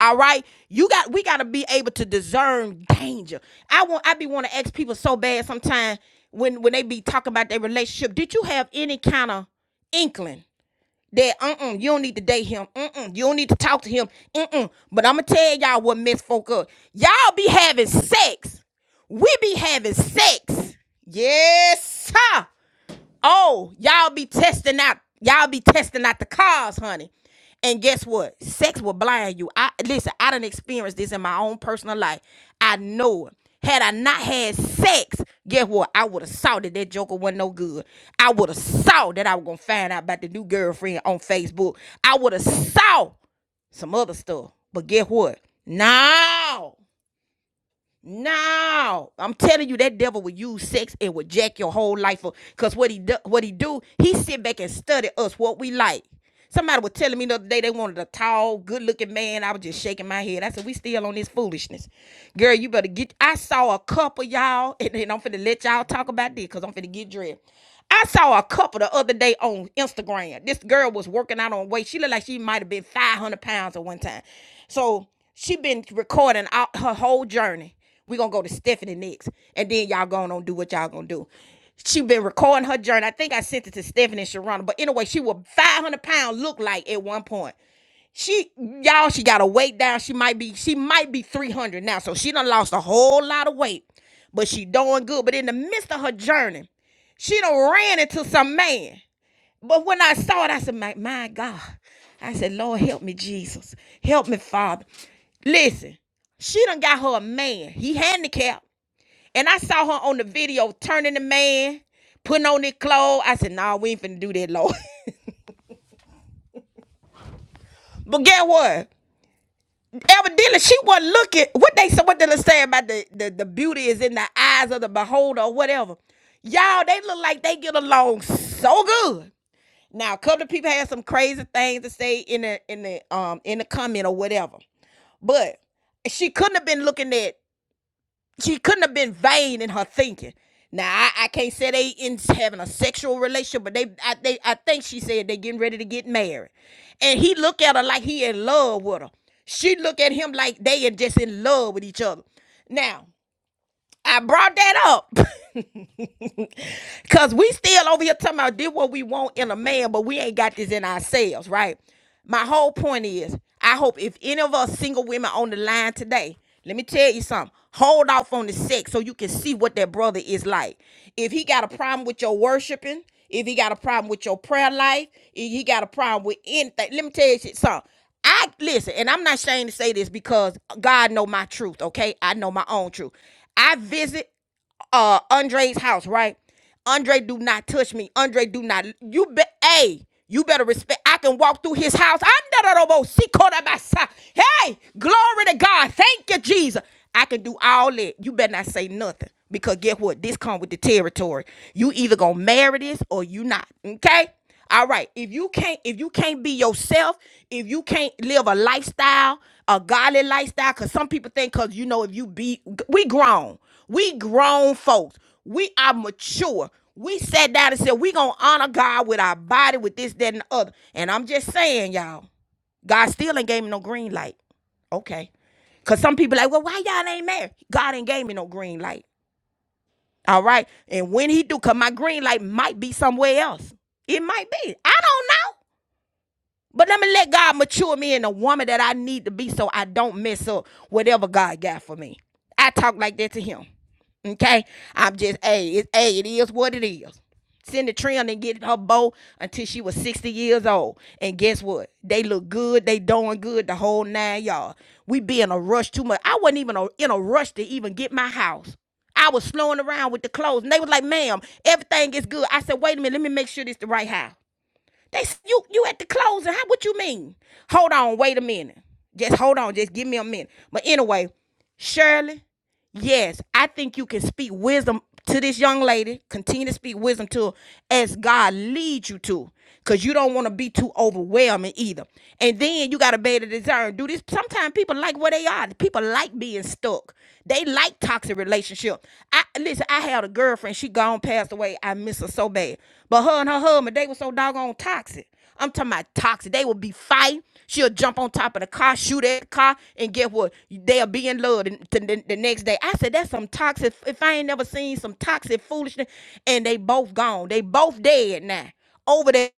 Speaker 2: All right, you got we got to be able to discern danger. I want I be want to ask people so bad sometimes when when they be talking about their relationship. Did you have any kind of inkling that uh-uh, you don't need to date him. Uh-uh, you don't need to talk to him. Uh-uh. But I'm gonna tell y'all what mess folk up. Y'all be having sex. We be having sex. Yes, sir. Oh, y'all be testing out, y'all be testing out the cars, honey. And guess what? Sex will blind you. I listen, I done experienced this in my own personal life. I know it. Had I not had sex, guess what? I would have saw that that joker wasn't no good. I would have saw that I was gonna find out about the new girlfriend on Facebook. I would have saw some other stuff. But guess what? No. No, I'm telling you, that devil will use sex and will jack your whole life up. Cause what he do, what he do, he sit back and study us what we like. Somebody was telling me the other day they wanted a tall, good-looking man. I was just shaking my head. I said, "We still on this foolishness, girl. You better get." I saw a couple y'all, and, and I'm finna let y'all talk about this because I'm finna get dressed. I saw a couple the other day on Instagram. This girl was working out on weight. She looked like she might have been 500 pounds at one time. So she been recording out her whole journey. We're gonna go to Stephanie next. And then y'all going on do what y'all gonna do. She been recording her journey. I think I sent it to Stephanie and Sharona, But anyway, she was 500 pound look like at one point. She y'all, she got a weight down. She might be, she might be 300 now. So she done lost a whole lot of weight. But she doing good. But in the midst of her journey, she done ran into some man. But when I saw it, I said, my, my God. I said, Lord, help me, Jesus. Help me, Father. Listen, she done got her a man. He handicapped. And I saw her on the video turning the man, putting on his clothes. I said, no, nah, we ain't finna do that, Lord. but get what? Evidently, she wasn't looking. What they said, what they say about the, the, the beauty is in the eyes of the beholder or whatever. Y'all, they look like they get along so good. Now, a couple of people had some crazy things to say in the in the um in the comment or whatever. But she couldn't have been looking at she couldn't have been vain in her thinking. Now I, I can't say they in having a sexual relationship, but they I they I think she said they getting ready to get married. And he look at her like he in love with her. She look at him like they are just in love with each other. Now, I brought that up Cause we still over here talking about did what we want in a man, but we ain't got this in ourselves, right? My whole point is, I hope if any of us single women on the line today, let me tell you something. Hold off on the sex so you can see what that brother is like. If he got a problem with your worshiping, if he got a problem with your prayer life, if he got a problem with anything, let me tell you something. I listen, and I'm not ashamed to say this because God know my truth, okay? I know my own truth. I visit uh Andre's house, right? Andre do not touch me. Andre do not you be hey, you better respect. I can walk through his house. I'm the Robo Sikorabasa. Hey, glory to God. Thank you, Jesus. I can do all that. You better not say nothing. Because get what? This come with the territory. You either gonna marry this or you not. Okay? All right. If you can't, if you can't be yourself, if you can't live a lifestyle, a godly lifestyle, because some people think because you know if you be we grown. We grown folks. We are mature. We sat down and said, we gonna honor God with our body, with this, that, and the other. And I'm just saying, y'all, God still ain't gave me no green light. Okay. Cause some people like, well, why y'all ain't married? God ain't gave me no green light. All right. And when he do, cause my green light might be somewhere else. It might be. I don't know. But let me let God mature me in the woman that I need to be so I don't mess up whatever God got for me. I talk like that to him. Okay? I'm just, hey, it's, hey, it is what it is. Send the Trina and get her bow until she was 60 years old. And guess what? They look good. They doing good the whole nine all We be in a rush too much. I wasn't even a- in a rush to even get my house. I was slowing around with the clothes. And they was like, ma'am, everything is good. I said, wait a minute, let me make sure this the right house. They you you at the closing. How what you mean? Hold on, wait a minute. Just hold on. Just give me a minute. But anyway, Shirley, Yes, I think you can speak wisdom to this young lady. Continue to speak wisdom to her as God leads you to. Cause you don't want to be too overwhelming either. And then you gotta be able to discern. Do this sometimes people like where they are. People like being stuck. They like toxic relationships. I listen, I had a girlfriend, she gone passed away. I miss her so bad. But her and her husband, they were so doggone toxic. I'm talking about toxic. They will be fighting. She'll jump on top of the car, shoot at the car, and get what? They'll be in love the, the, the the next day. I said, that's some toxic. If I ain't never seen some toxic foolishness, and they both gone. They both dead now. Over there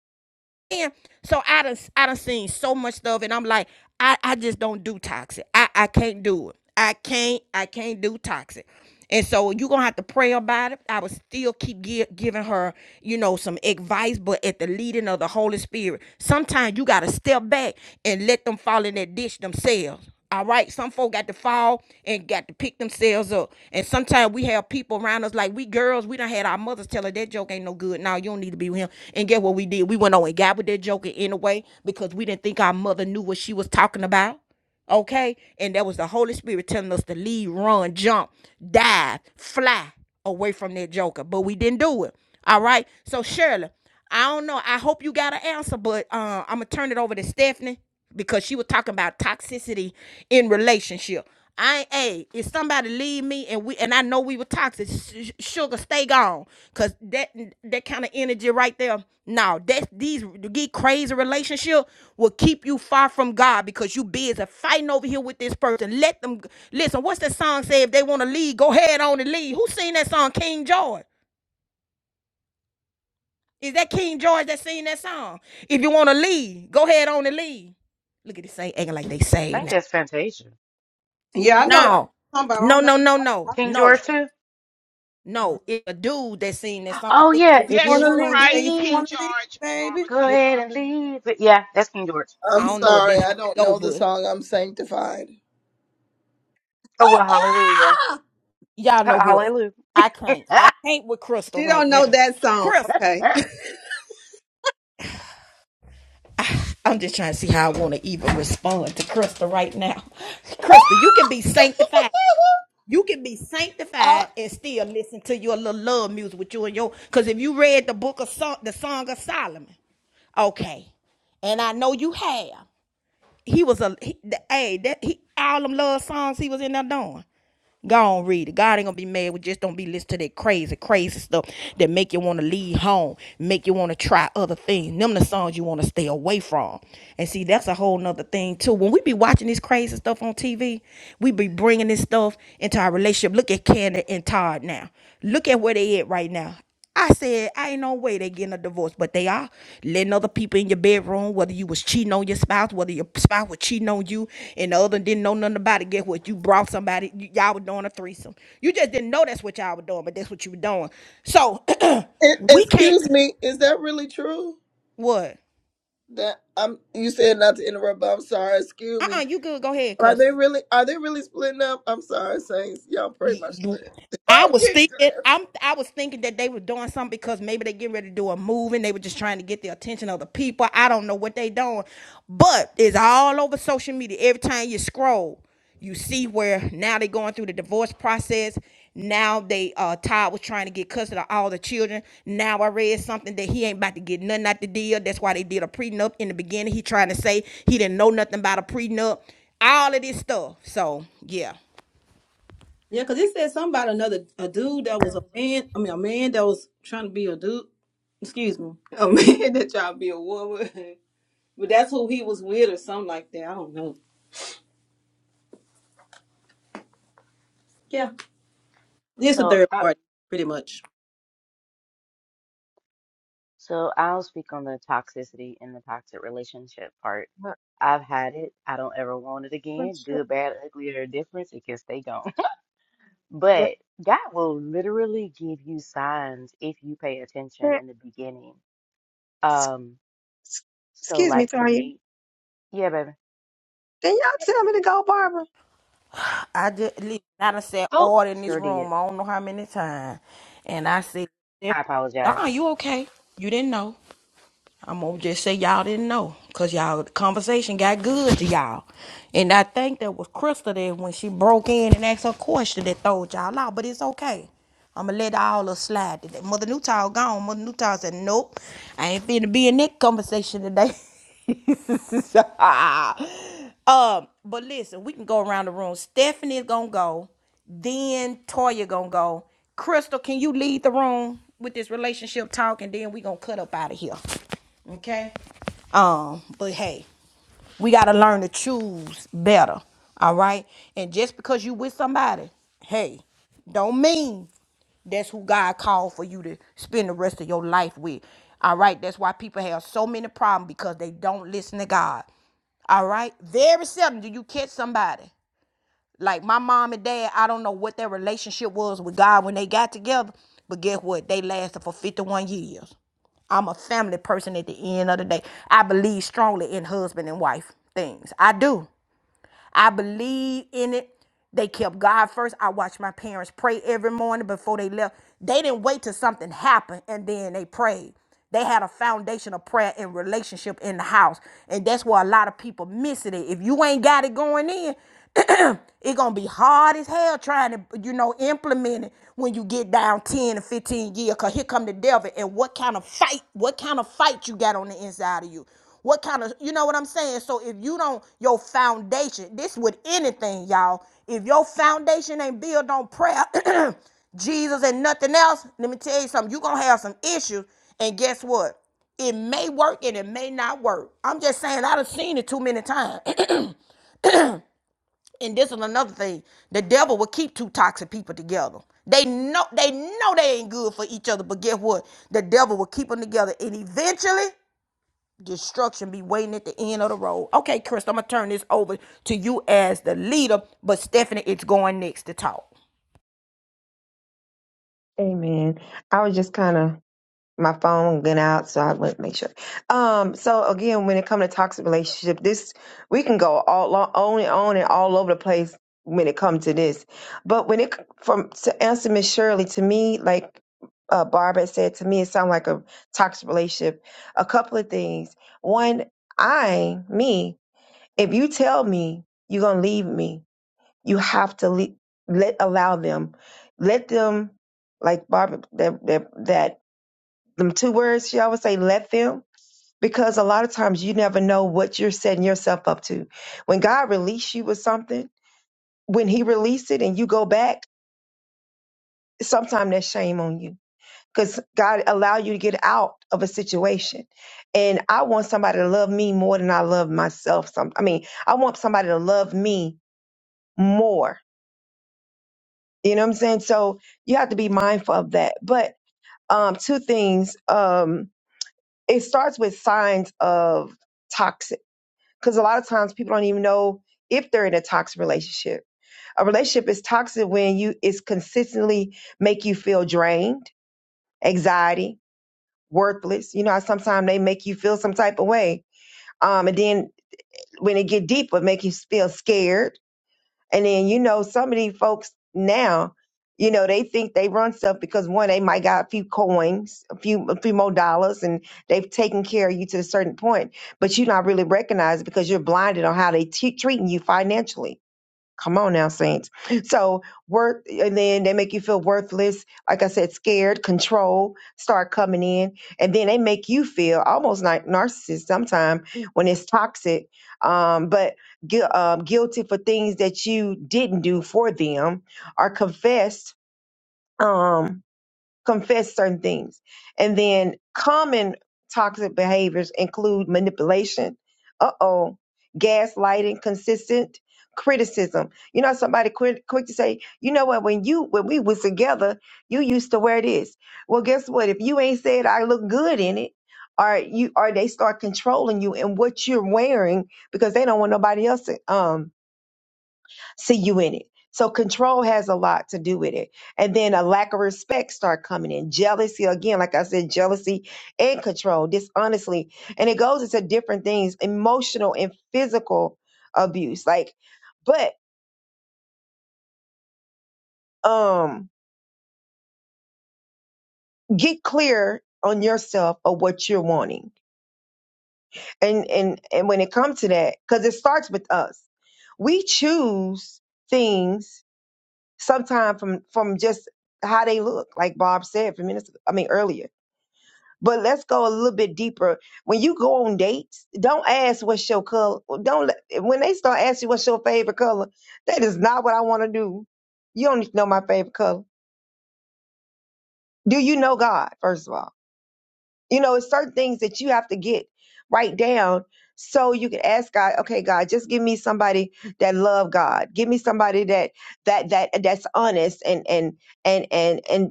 Speaker 2: saying? So I done, I done seen so much stuff, and I'm like, I, I just don't do toxic. I, I can't do it. I can't, I can't do toxic. And so you're gonna have to pray about it. I would still keep gi- giving her, you know, some advice, but at the leading of the Holy Spirit. Sometimes you gotta step back and let them fall in that ditch themselves. All right, some folk got to fall and got to pick themselves up. And sometimes we have people around us like we girls, we done had our mothers tell us that joke ain't no good. Now you don't need to be with him. And guess what we did? We went on and got with that joker anyway because we didn't think our mother knew what she was talking about. Okay? And that was the Holy Spirit telling us to leave, run, jump, dive, fly away from that joker. But we didn't do it. All right. So Shirley, I don't know. I hope you got an answer, but uh, I'm gonna turn it over to Stephanie because she was talking about toxicity in relationship. I ain't hey, if somebody leave me and we and I know we were toxic, sugar stay gone, cause that that kind of energy right there. No, that these get crazy relationship will keep you far from God because you busy fighting over here with this person. Let them listen. What's that song say? If they want to leave, go ahead on and leave. Who sing that song? King George. Is that King George that sing that song? If you want to leave, go ahead on and leave. Look at this ain't acting like they
Speaker 7: I
Speaker 2: saved. now.
Speaker 7: think that's Fantasia.
Speaker 4: Yeah, I know.
Speaker 2: No,
Speaker 4: Somebody, I
Speaker 2: no,
Speaker 4: don't know.
Speaker 2: no, no,
Speaker 4: I,
Speaker 2: no,
Speaker 4: I don't
Speaker 7: King
Speaker 4: know
Speaker 2: no,
Speaker 7: George too?
Speaker 4: that. Uh,
Speaker 2: no. It's a dude that sing that song. I
Speaker 7: Oh
Speaker 2: think
Speaker 7: yeah,
Speaker 4: if you
Speaker 7: if
Speaker 6: yes,
Speaker 7: you
Speaker 6: you
Speaker 4: wanna
Speaker 6: can
Speaker 7: wanna
Speaker 4: leave,
Speaker 6: write
Speaker 4: say if you
Speaker 7: leave,
Speaker 6: King
Speaker 4: wanna leave,
Speaker 6: George, Barbara
Speaker 7: go
Speaker 4: baby.
Speaker 6: King
Speaker 7: ahead and
Speaker 6: George.
Speaker 7: leave. But yeah, that's King George.
Speaker 2: I
Speaker 1: I'm
Speaker 2: don't know if
Speaker 1: sorry,
Speaker 2: that's how
Speaker 1: I don't
Speaker 2: it go,
Speaker 1: know the
Speaker 2: but
Speaker 1: song. I'm sanctified.
Speaker 7: Oh well, hallelujah,
Speaker 2: y'all know
Speaker 7: Ha-
Speaker 2: what?
Speaker 7: hallelujah.
Speaker 2: I can't. I can't with Crystal
Speaker 4: She
Speaker 2: right
Speaker 4: don't know
Speaker 2: now.
Speaker 4: that song.
Speaker 2: Crystal,
Speaker 4: Okay.
Speaker 2: I'm just trying to see how I want to even respond to Crystal right now. Crystal, you can be sanctified. You can be
Speaker 1: Uh,
Speaker 2: sanctified and still listen to your little love music with you and your. Because if you read the book of song, the Song of Solomon, okay, and I know you have. He was a he, the, hey that he all them love songs he was in there doing. Go on, read it. God ain't gonna be mad. We just don't be listening to that crazy, crazy stuff that make you want to leave home, make you want to try other things. Them the songs you want to stay away from. And see, that's a whole nother thing too. When we be watching this crazy stuff on TV, we be bringing this stuff into our relationship. Look at Candace and Todd now. Look at where they at right now. I said, I ain't no way they getting a divorce, but they are letting other people in your bedroom, whether you was cheating on your spouse, whether your spouse was cheating on you, and the other didn't know nothing about it. Guess what? You brought somebody, y- y'all were doing a threesome. You just didn't know that's what y'all were doing, but that's what you were doing. So
Speaker 1: e-
Speaker 2: we can't,
Speaker 1: excuse me, is that really true?
Speaker 2: what?
Speaker 1: That I'm. You said not to interrupt, but I'm sorry. Excuse me.
Speaker 2: Uh-uh, you good, go ahead,
Speaker 1: Are
Speaker 2: cuz.
Speaker 1: they really? Are they really splitting up? I'm sorry, saints. Y'all pray my
Speaker 2: you-
Speaker 1: strength.
Speaker 2: I
Speaker 1: I'm
Speaker 2: was
Speaker 1: getting
Speaker 2: thinking
Speaker 1: dressed.
Speaker 2: I'm I was thinking that they were doing something because maybe they getting ready to do a move and they were just trying to get the attention of the people. I don't know what they doing. But it's all over social media. Every time you scroll, you see where now they going through the divorce process. Now they uh Todd was trying to get custody of all the children. Now I read something that he ain't about to get nothing out the deal. That's why they did a prenup in the beginning. He trying to say he didn't know nothing about a prenup. All of this stuff. So yeah.
Speaker 4: Yeah, because it said something about another a dude that was a man. I mean, a man that was trying to be a dude. Excuse me, a man that tried to be a woman, but that's who he was with or something like that. I don't know. Yeah, it's a
Speaker 7: so,
Speaker 4: third
Speaker 7: uh,
Speaker 4: party, pretty much.
Speaker 7: so I'll speak on the toxicity and the toxic relationship part.
Speaker 5: But-
Speaker 7: I've had it. I don't ever want it
Speaker 5: but
Speaker 7: again.
Speaker 5: sure,
Speaker 7: Good, bad, ugly, or indifferent. It can stay gone.
Speaker 5: that-
Speaker 7: but God will literally give you signs if you pay attention
Speaker 5: that-
Speaker 7: in the beginning.
Speaker 5: s-
Speaker 7: Um,
Speaker 5: s-
Speaker 7: so
Speaker 5: Excuse me,
Speaker 7: like for
Speaker 5: Tanya.
Speaker 7: me, yeah, baby.
Speaker 5: Then y'all tell me to go, Barbara.
Speaker 2: I just listen, I done said
Speaker 7: Oh,
Speaker 2: all in this
Speaker 7: sure did.
Speaker 2: room. I don't know how many times, and I said,
Speaker 7: I
Speaker 2: "Ah,
Speaker 7: apologize.
Speaker 2: you okay? You didn't know." I'm gonna just say y'all didn't know, cause y'all the conversation got good to y'all, and I think that was Crystal there when she broke in and asked her question that throwed y'all out. But it's okay. I'ma let all of slide today. Mother Newtown gone. Mother Newtown said, "Nope, I ain't finna be in that conversation today." um, but listen, we can go around the room. Stephanie's gonna go. Then Toya gonna go. Crystal, can you lead the room with this relationship talk, and then we gonna cut up out of here. Okay. Um, but hey, we gotta learn to choose better. All right. And just because you with somebody, hey, don't mean that's who God called for you to spend the rest of your life with. All right. That's why people have so many problems because they don't listen to God. All right. Very seldom do you catch somebody. Like my mom and dad, I don't know what their relationship was with God when they got together, but guess what? They lasted for 51 years. I'm a family person at the end of the day. I believe strongly in husband and wife things. I do. I believe in it. They kept God first. I watched my parents pray every morning before they left. They didn't wait till something happened and then they prayed. They had a foundation of prayer and relationship in the house. And that's where a lot of people miss it. If you ain't got it going in, it gonna be hard as hell trying to, you know, implement it when you get down 10 to 15 years. Cause here come the devil. And what kind of fight, what kind of fight you got on the inside of you? What kind of, you know what I'm saying? So if you don't, your foundation, this with anything, y'all. If your foundation ain't built on prayer, Jesus and nothing else, let me tell you something. you gonna have some issues. And guess what? It may work and it may not work. I'm just saying I done seen it too many times and this is another thing the devil will keep two toxic people together they know they know they ain't good for each other but guess what the devil will keep them together and eventually destruction be waiting at the end of the road okay chris i'm gonna turn this over to you as the leader but stephanie it's going next to talk
Speaker 5: Amen. I was just kind of my phone went out, so I went make sure. Um, so again, when it comes to toxic relationship, this we can go all lo- on and on and all over the place when it comes to this. But when it c- from to answer Miss Shirley, to me, like uh, Barbara said, to me it sounds like a toxic relationship. A couple of things. One, I me, if you tell me you're gonna leave me, you have to le- let allow them, let them like Barbara that that that them two words she always say let them because a lot of times you never know what you're setting yourself up to when god released you with something when he released it and you go back sometimes that's shame on you because god allow you to get out of a situation and i want somebody to love me more than i love myself some i mean i want somebody to love me more you know what i'm saying so you have to be mindful of that but um two things um it starts with signs of toxic. because a lot of times people don't even know if they're in a toxic relationship. A relationship is toxic when you it's consistently make you feel drained, anxiety, worthless. You know, sometimes they make you feel some type of way. Um, and then when it get deep, it make you feel scared and then you know some of these folks now, you know, they think they run stuff because one, they might got a few coins, a few a few more dollars, and they've taken care of you to a certain point. But you're not really recognized because you're blinded on how they te- treating you financially Come on now, saints. So worth, and then they make you feel worthless. Like I said, scared, control start coming in, and then they make you feel almost like narcissist sometimes when it's toxic, um, but gu- um, guilty for things that you didn't do for them or confessed. Um, confess certain things. And then common toxic behaviors include manipulation, uh oh, gaslighting, consistent criticism. You know, somebody quick, quick to say, you know what, when you when we was together, you used to wear this. Well, guess what? If you ain't said I look good in it, or you or they start controlling you and what you're wearing because they don't want nobody else to. um see you in it. So control has a lot to do with it. And then a lack of respect start coming in. Jealousy again, like I said, jealousy and control, dishonesty. And it goes into different things, emotional and physical abuse. Like, but um get clear on yourself of what you're wanting. And and and when it comes to that, because it starts with us. We choose things sometimes from from just how they look, like Bob said for minutes I mean earlier But let's go a little bit deeper. When you go on dates, don't ask what's your color. Don't let- when they start asking what's your favorite color, that is not what I want to do. You don't need to know my favorite color. Do you know God? First of all, you know it's certain things that you have to get right down so you can ask God. Okay, God, just give me somebody that love God. Give me somebody that that that that's honest and and and and and,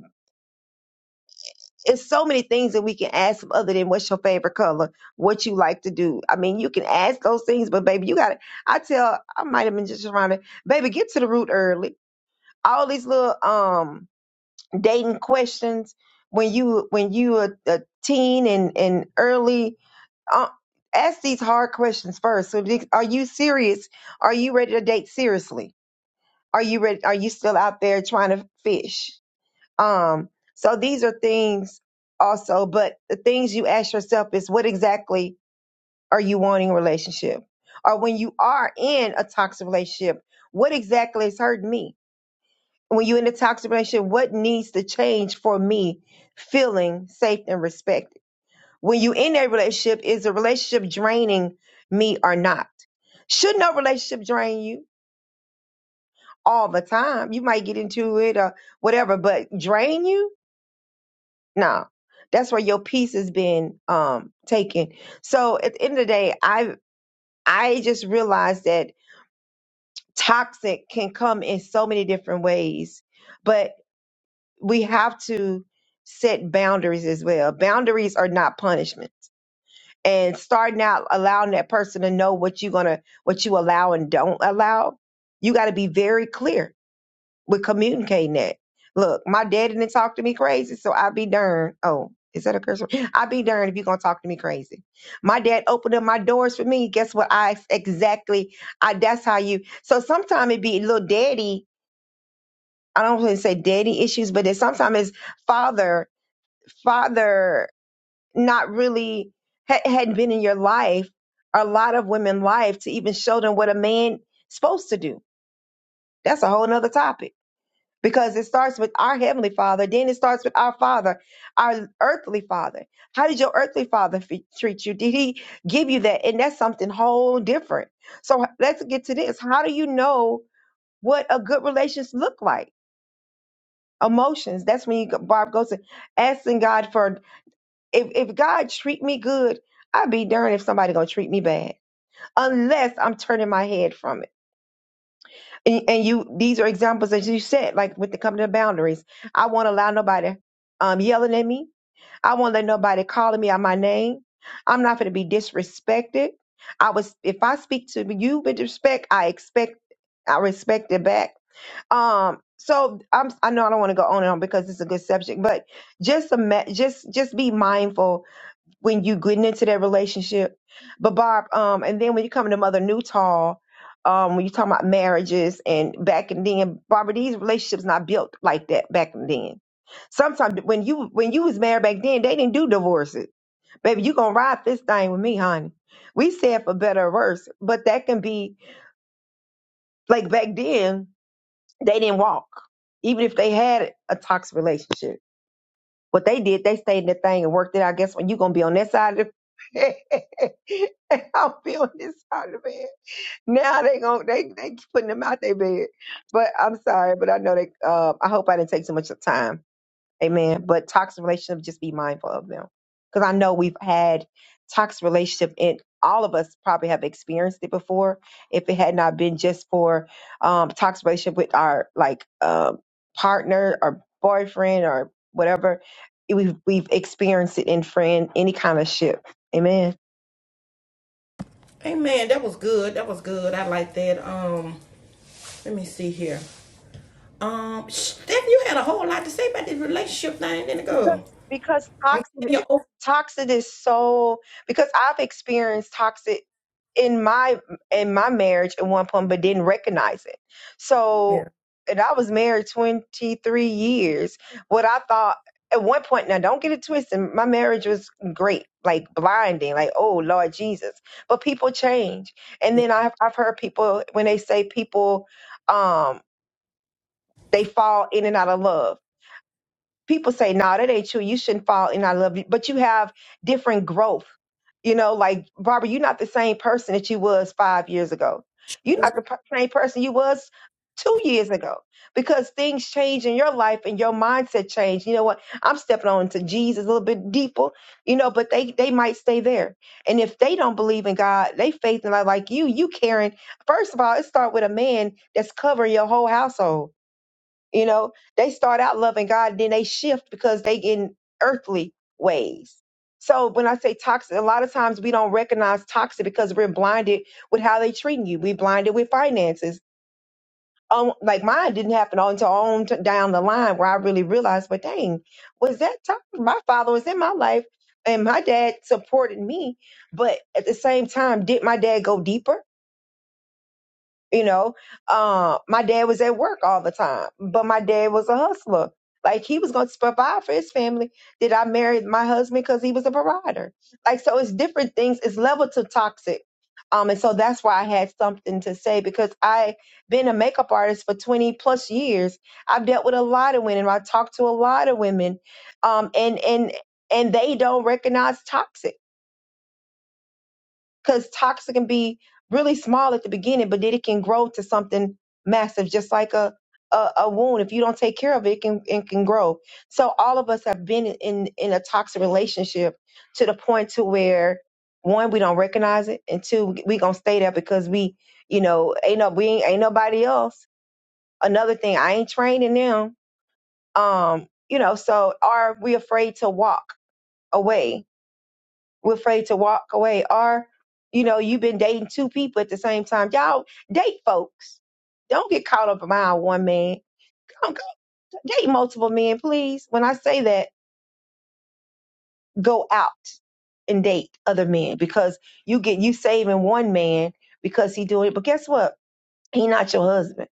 Speaker 5: it's so many things that we can ask them other than what's your favorite color, what you like to do. I mean, you can ask those things, but baby, you got to. I tell, I might have been just around it. Baby, get to the root early. All these little um dating questions when you when you a, a teen and and early. Uh, ask these hard questions first. So, the- are you serious? Are you ready to date seriously? Are you ready? Are you still out there trying to fish? Um, so these are things also, but the things you ask yourself is what exactly are you wanting in a relationship? Or when you are in a toxic relationship, what exactly is hurting me? When you're in a toxic relationship, what needs to change for me feeling safe and respected? When you in that relationship, is the relationship draining me or not? Should no relationship drain you all the time? You might get into it or whatever, but drain you? No, that's where your peace has been um taken. So at the end of the day, I I just realized that toxic can come in so many different ways, but we have to set boundaries as well. Boundaries are not punishment. And starting out allowing that person to know what you're gonna what you allow and don't allow, you gotta be very clear with communicating that. Look, my daddy didn't talk to me crazy, so I be darned. Oh, is that a curse? word? I be darned if you gonna talk to me crazy. My dad opened up my doors for me. Guess what? I exactly. I that's how you. So sometimes it be little daddy. I don't want to say daddy issues, but it sometimes it's father, father not really ha- hadn't been in your life, a lot of women life to even show them what a man supposed to do. That's a whole nother topic because it starts with our heavenly father then it starts with our father our earthly father how did your earthly father f- treat you did he give you that and that's something whole different so let's get to this how do you know what a good relations look like emotions that's when you go- barb goes to asking god for if, if god treat me good i'd be darned if somebody gonna treat me bad unless i'm turning my head from it and, and you these are examples as you said like with the company of boundaries i won't allow nobody um yelling at me i won't let nobody calling me out my name i'm not going to be disrespected i was if i speak to you with respect i expect i respect it back um so i'm i know i don't want to go on and on because it's a good subject but just a just just be mindful when you getting into that relationship. But Barb, um, and then when you come to Mother Newtall, um, when you talking about marriages and back and then, Barbara, these relationships not built like that back and then. Sometimes when you when you was married back then, they didn't do divorces. Baby, you gonna ride this thing with me, honey. We said for better or worse, but that can be like back then they didn't walk, even if they had a toxic relationship what they did, they stayed in the thing and worked it out. Guess what? You're gonna be on that side of the bed. and I'll be on this side of the bed. Now they gon' they they keep putting them out their bed. But I'm sorry, but I know they um I hope I didn't take too much of time. Amen. But toxic relationship, just be mindful of them. Because I know we've had toxic relationship and all of us probably have experienced it before. If it had not been just for um toxic relationship with our like um partner or boyfriend or whatever, we've we've experienced it in friend, any kind of ship. Amen.
Speaker 2: Hey man, that was good. That was good. I like that. Um, let me see here. Um, Stephanie, you had a whole lot to say about this relationship thing, didn't it, girl?
Speaker 5: because because
Speaker 2: I'm telling you,
Speaker 5: toxic
Speaker 2: oh,
Speaker 5: toxic is so because I've experienced toxic in my in my marriage at one point but didn't recognize it.
Speaker 2: yeah.
Speaker 5: So and I was married 23 years. What I thought at one point now don't get it twisted my marriage was great like blinding like oh lord jesus but people change and then i've, I've heard people when they say people um they fall in and out of love people say, "No, nah, that ain't you. You shouldn't fall in I love you." But you have different growth. You know, like Barbara, you're not the same person that you was five years ago. You're not
Speaker 2: yeah.
Speaker 5: the p- same person you was two years ago because things change in your life and your mindset change. You know what? I'm stepping on to Jesus a little bit deeper. You know, but they they might stay there. And if they don't believe in God, they faith in like like you. You caring. First of all, it start with a man that's covering your whole household you know, they start out loving God, then they shift because they get in earthly ways. So when I say toxic, a lot of times we don't recognize toxic because we're blinded with how they treating you. We blinded with finances. Um, like mine didn't happen until on t- down the line where I really realized, but dang, was that toxic? My father was in my life and my dad supported me, but at the same time, did my dad go deeper? you know um my dad was at work all the time but my dad was a hustler like he was going to provide for his family did i marry my husband because he was a provider like so it's different things it's level to toxic um and so that's why i had something to say because i been a makeup artist for 20 plus years i've dealt with a lot of women i talked to a lot of women um and and and they don't recognize toxic because toxic can be really small at the beginning, but then it can grow to something massive, just like a a, a wound. If you don't take care of it, it can it can grow. So all of us have been in in a toxic relationship to the point to where one we don't recognize it, and two we gonna stay there because we you know ain't no we ain't, ain't nobody else. Another thing, I ain't training them. Um, you know, so are we afraid to walk away? We're afraid to walk away. Or, you know, you've been dating two people at the same time. Y'all date folks. Don't get caught up around one man. Don't go date multiple men, please. When I say that, go out and date other men because you get you saving one man because he doing it. But guess what? He not your husband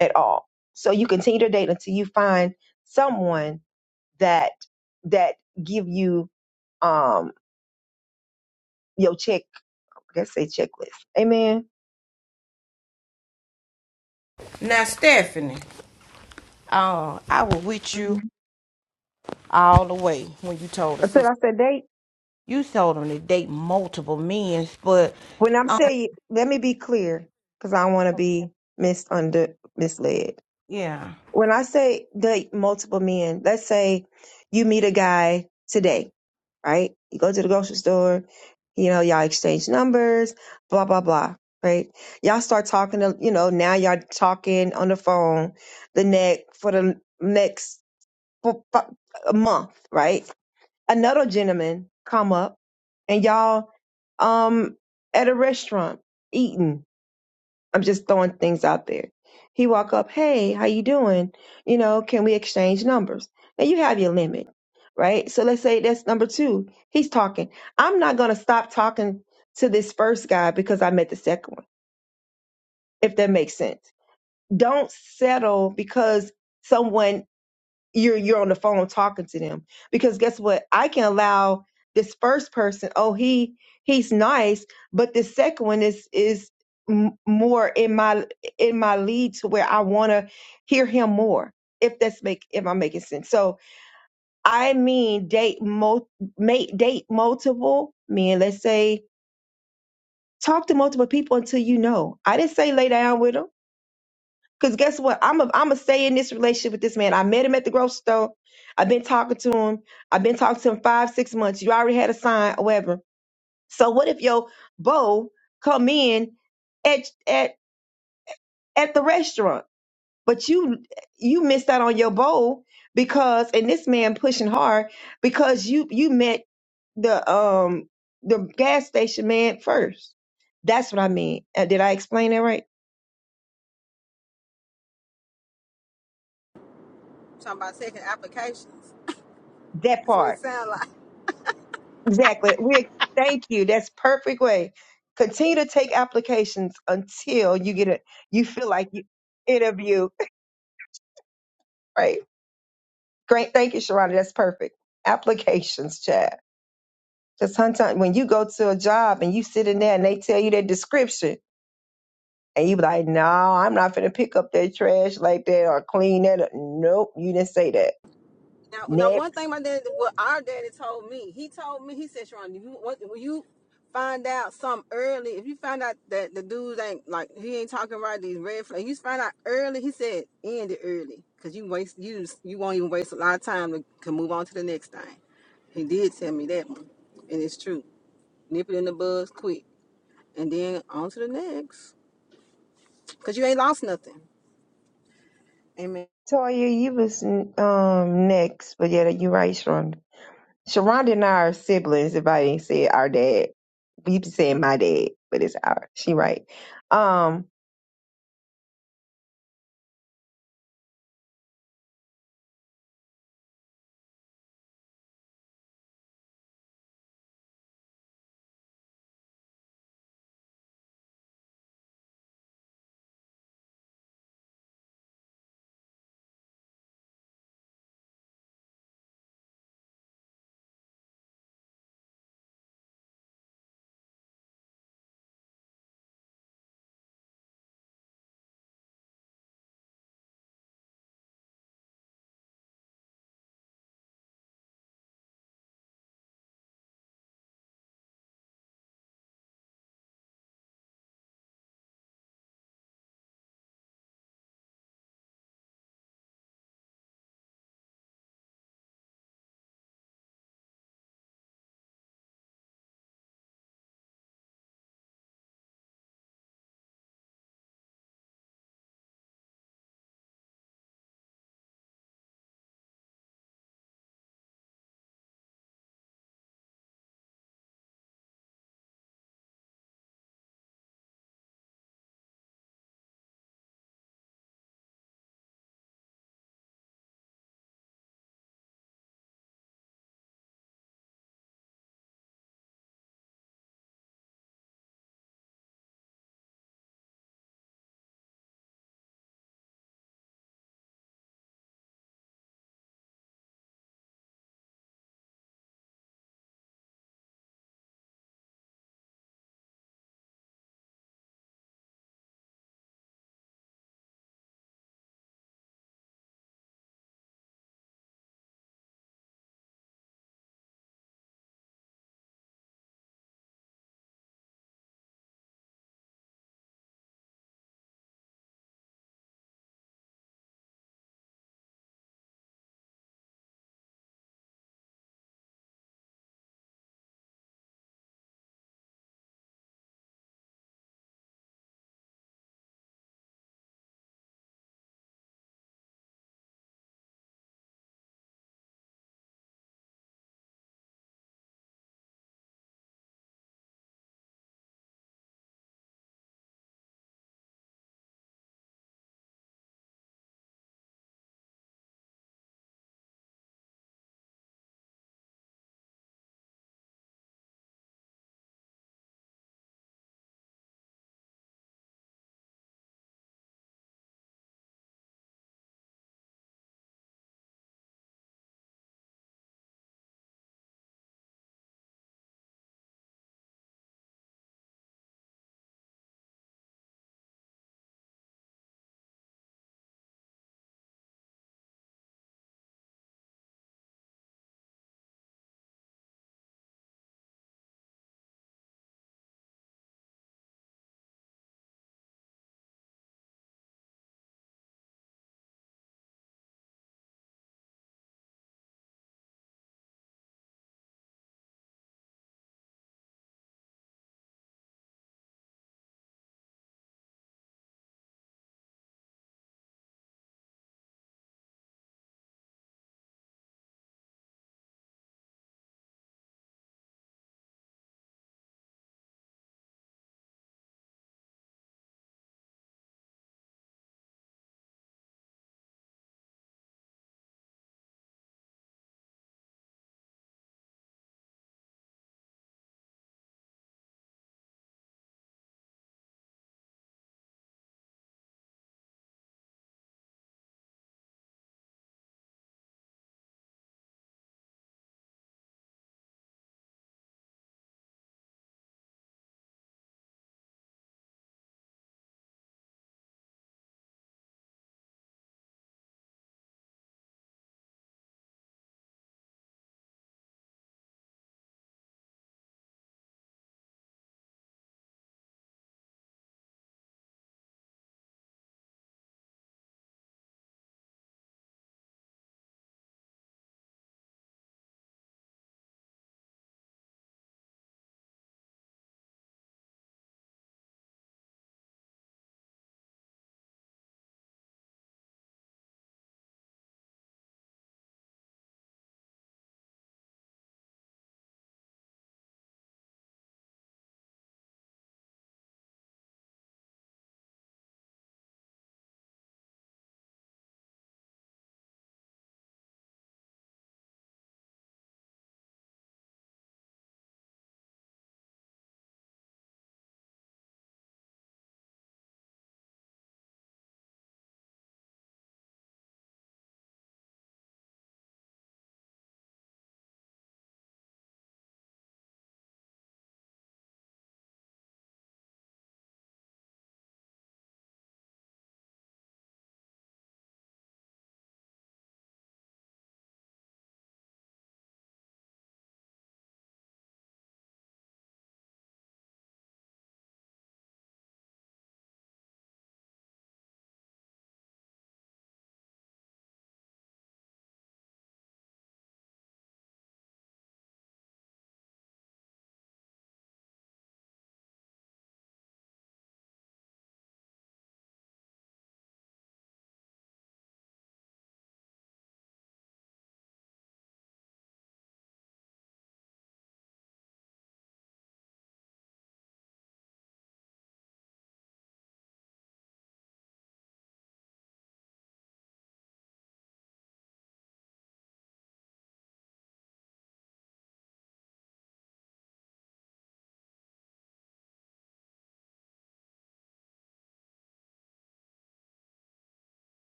Speaker 5: at all. So you continue to date until you find someone that that give you um your check let's say checklist amen
Speaker 2: Now, Stephanie. Uh, I was with you all the way when you told the
Speaker 5: I said,
Speaker 2: sister.
Speaker 5: I said they.
Speaker 2: You told them to date multiple men, but
Speaker 5: When I'm
Speaker 2: um,
Speaker 5: saying, let me be clear, because I don't want to be misunder misled.
Speaker 2: yeah.
Speaker 5: When I say date multiple men, let's say you meet a guy today, right? You go to the grocery store, you know, y'all exchange numbers, blah blah blah, right? Y'all start talking to, you know, now y'all talking on the phone the next for the next for, a month, right? another gentleman come up and y'all um at a restaurant eating. I'm just throwing things out there. He walk up, hey, how you doing? You know, can we exchange numbers? And you have your limit, right? So let's say that's number two. He's talking. I'm not gonna stop talking to this first guy because I met the second one, if that makes sense. Don't settle because someone you're you're on the phone talking to them because guess what i can allow this first person oh he he's nice but this second one is is m- more in my in my lead to where i want to hear him more if that's make if i'm making sense so i mean date mul mate date multiple men let's say talk to multiple people until you know i didn't say lay down with with 'em. Cause guess what? I'm a I'm a stay in this relationship with this man. I met him at the grocery store. I've been talking to him. I've been talking to him five, six months. You already had a sign or whatever. So what if your beau come in at at at the restaurant, but you you missed out on your beau because and this man pushing hard because you you met the um the gas station man first. That's what I mean. Uh, did I explain that right?
Speaker 4: talking about taking applications.
Speaker 5: That
Speaker 4: That's what
Speaker 5: part.
Speaker 4: it sounds
Speaker 5: Exactly. We thank you. That's perfect way. Continue to take applications until you get it. You feel like you interview. Right. Great. Thank you, Sharonda. That's perfect. Applications, Chad. Because sometimes when you go to a job and you sit in there and they tell you that description, and you be like, "No, I'm not gonna pick up that trash like that or clean that." Up. Nope, you didn't say that.
Speaker 4: Now, now,
Speaker 5: Next,
Speaker 4: one thing my dad, what our daddy told me, he told me, he said, Sharon, if you, what, when you find out something early, if you find out that the dude ain't like he ain't talking right, these red flags, you find out early. He said, end it early, cause you waste, you just- you won't even waste a lot of time to can move on to the next thing. He did tell me that one, and it's true. Nip it in the bud quick, and then on to the next, cause you ain't lost nothing. Amen.
Speaker 5: Toya, you was um next, but yeah, you're right, Sharonda. Sharonda and I are siblings. If I ain't said our dad, we be saying my dad, but it's our. She right. Um,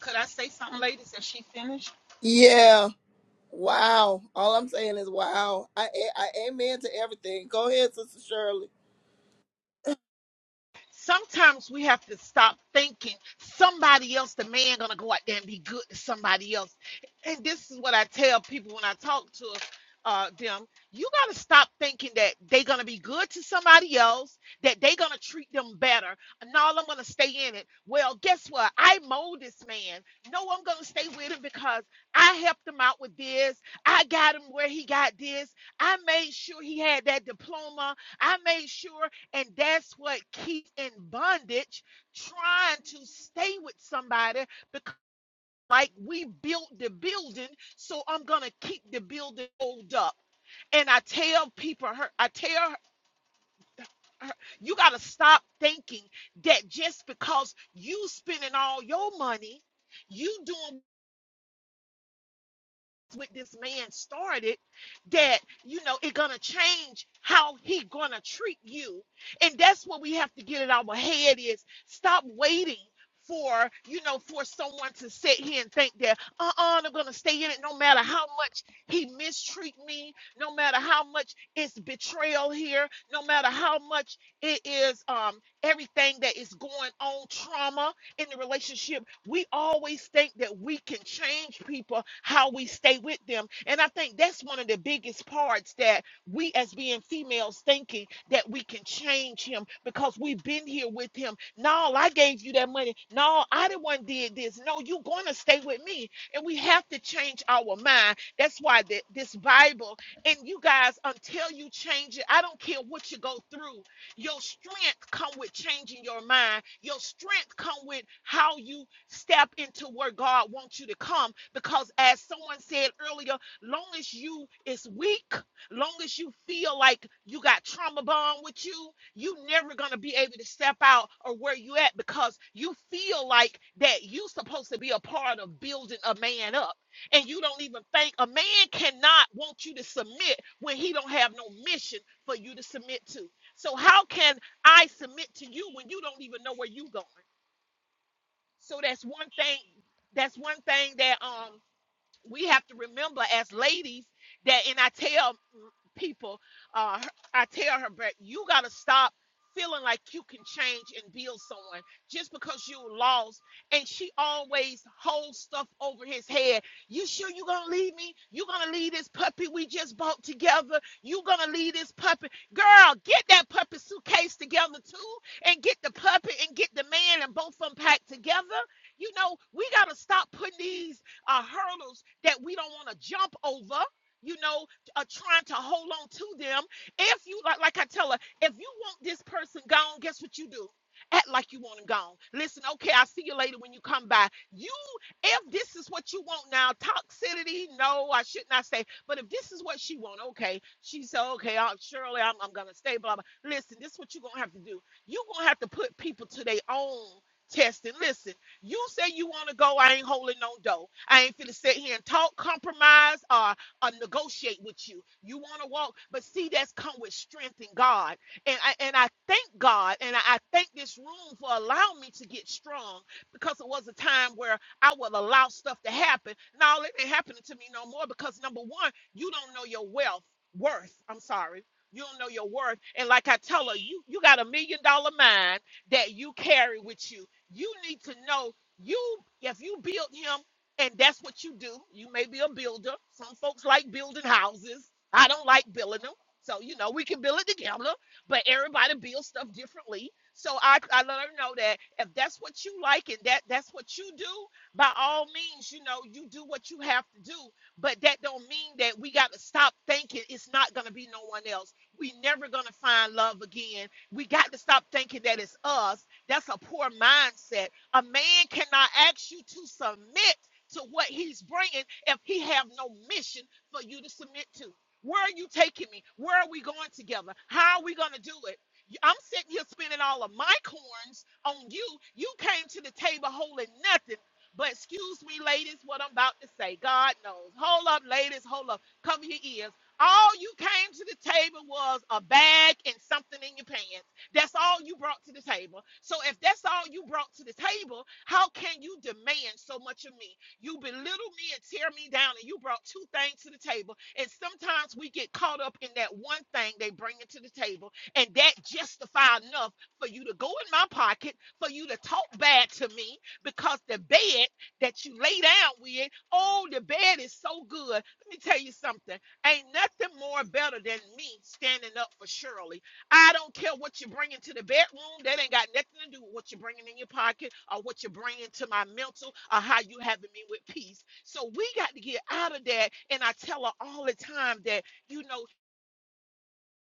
Speaker 6: Could I say something, ladies? As she finished?
Speaker 1: Yeah. Wow. All I'm saying is wow. I I I amen to everything. Go ahead, Sister Shirley.
Speaker 6: Sometimes we have to stop thinking somebody else, the man, gonna go out there and be good to somebody else. And this is what I tell people when I talk to uh, them: you gotta stop thinking that they're gonna be good to somebody else, that they're gonna treat them better. No, I'm gonna stay in it. Well, guess what? I mold this man. No, I'm gonna stay with him because I helped him out with this. I got him where he got this. I made sure he had that diploma. I made sure and that's what keeps in bondage trying to stay with somebody because, like, we built the building, so I'm going to keep the building old up. And I tell people, her, I tell her, you got to stop thinking that just because you spending all your money, you doing with this man started that you know it gonna change how he gonna treat you and that's what we have to get in our head is stop waiting for you know for someone to sit here and think that uh-uh i'm gonna stay in it no matter how much he mistreat me no matter how much it's betrayal here no matter how much it is um everything that is going on trauma in the relationship, we always think that we can change people how we stay with them. And I think that's one of the biggest parts that we as being females thinking that we can change him because we've been here with him. No, I gave you that money. No, I the one did this. No, you're gonna stay with me. And we have to change our mind. That's why the, this Bible and you guys, until you change it, I don't care what you go through. Your strength come with changing your mind. Your strength come with how you step into where God wants you to come. Because as someone said earlier, long as you is weak, long as you feel like you got trauma bond with you, you never gonna be able to step out or where you at because you feel like that you supposed to be a part of building a man up and you don't even think a man cannot want you to submit when he don't have no mission for you to submit to. So how can I submit to you when you don't even know where you going? So that's one thing. That's one thing that um we have to remember as ladies that and i tell people uh i tell her but you gotta stop feeling like you can change and build someone just because you lost and she always holds stuff over his head you sure you gonna leave me you gonna leave this puppy we just bought together you gonna leave this puppy girl get that puppy suitcase together too and get the puppy and get the man and both of them packed together you know we gotta stop putting these uh, hurdles that we don't want to jump over. You know, uh, trying to hold on to them. If you like, like I tell her, if you want this person gone, guess what you do? Act like you want him gone. Listen, okay, I'll see you later when you come by. You, if this is what you want now, toxicity, no, I should not say. But if this is what she want, okay, she said, okay, i surely I'm, I'm gonna stay. Blah blah. Listen, this is what you're gonna have to do. You're gonna have to put people to their own test. And listen, you say you want to go. I ain't holding no dough. I ain't finna sit here and talk, compromise, or, or negotiate with you. You want to walk, but see, that's come with strength in God. And I, and I thank God, and I, I thank this room for allowing me to get strong because it was a time where I would allow stuff to happen. Now it ain't happening to me no more because number one, you don't know your wealth worth. I'm sorry. You don't know your worth. And like I tell her, you, you got a million dollar mind that you carry with you. You need to know you, if you build him, and that's what you do, you may be a builder. Some folks like building houses. I don't like building them. So, you know, we can build it together, but everybody builds stuff differently. So I, I let her know that if that's what you like and that that's what you do, by all means, you know, you do what you have to do. But that don't mean that we got to stop thinking it's not going to be no one else. We never going to find love again. We got to stop thinking that it's us. That's a poor mindset a man cannot ask you to submit to what he's bringing if he have no mission for you to submit to. Where are you taking me? Where are we going together? How are we going to do it? I'm sitting here spending all of my corns on you. You came to the table holding nothing. But excuse me, ladies, what I'm about to say. God knows. Hold up, ladies. Hold up. Cover your ears. All you came to the table was a bag and something in your pants. That's all you brought to the table. So if that's all you brought to the table, how can you demand so much of me? You belittle me and tear me down, and you brought two things to the table. And sometimes we get caught up in that one thing they bring it to the table, and that justify enough for you to go in my pocket, for you to talk bad to me, because the bed that you lay down with, oh, the bed is so good. Let me tell you something. Ain't nothing more better than me standing up for Shirley I don't care what you're bringing to the bedroom. That ain't got nothing to do with what you're bringing in your pocket or what you're bringing to my mental or how you having me with peace. So we got to get out of that. And I tell her all the time that, you know,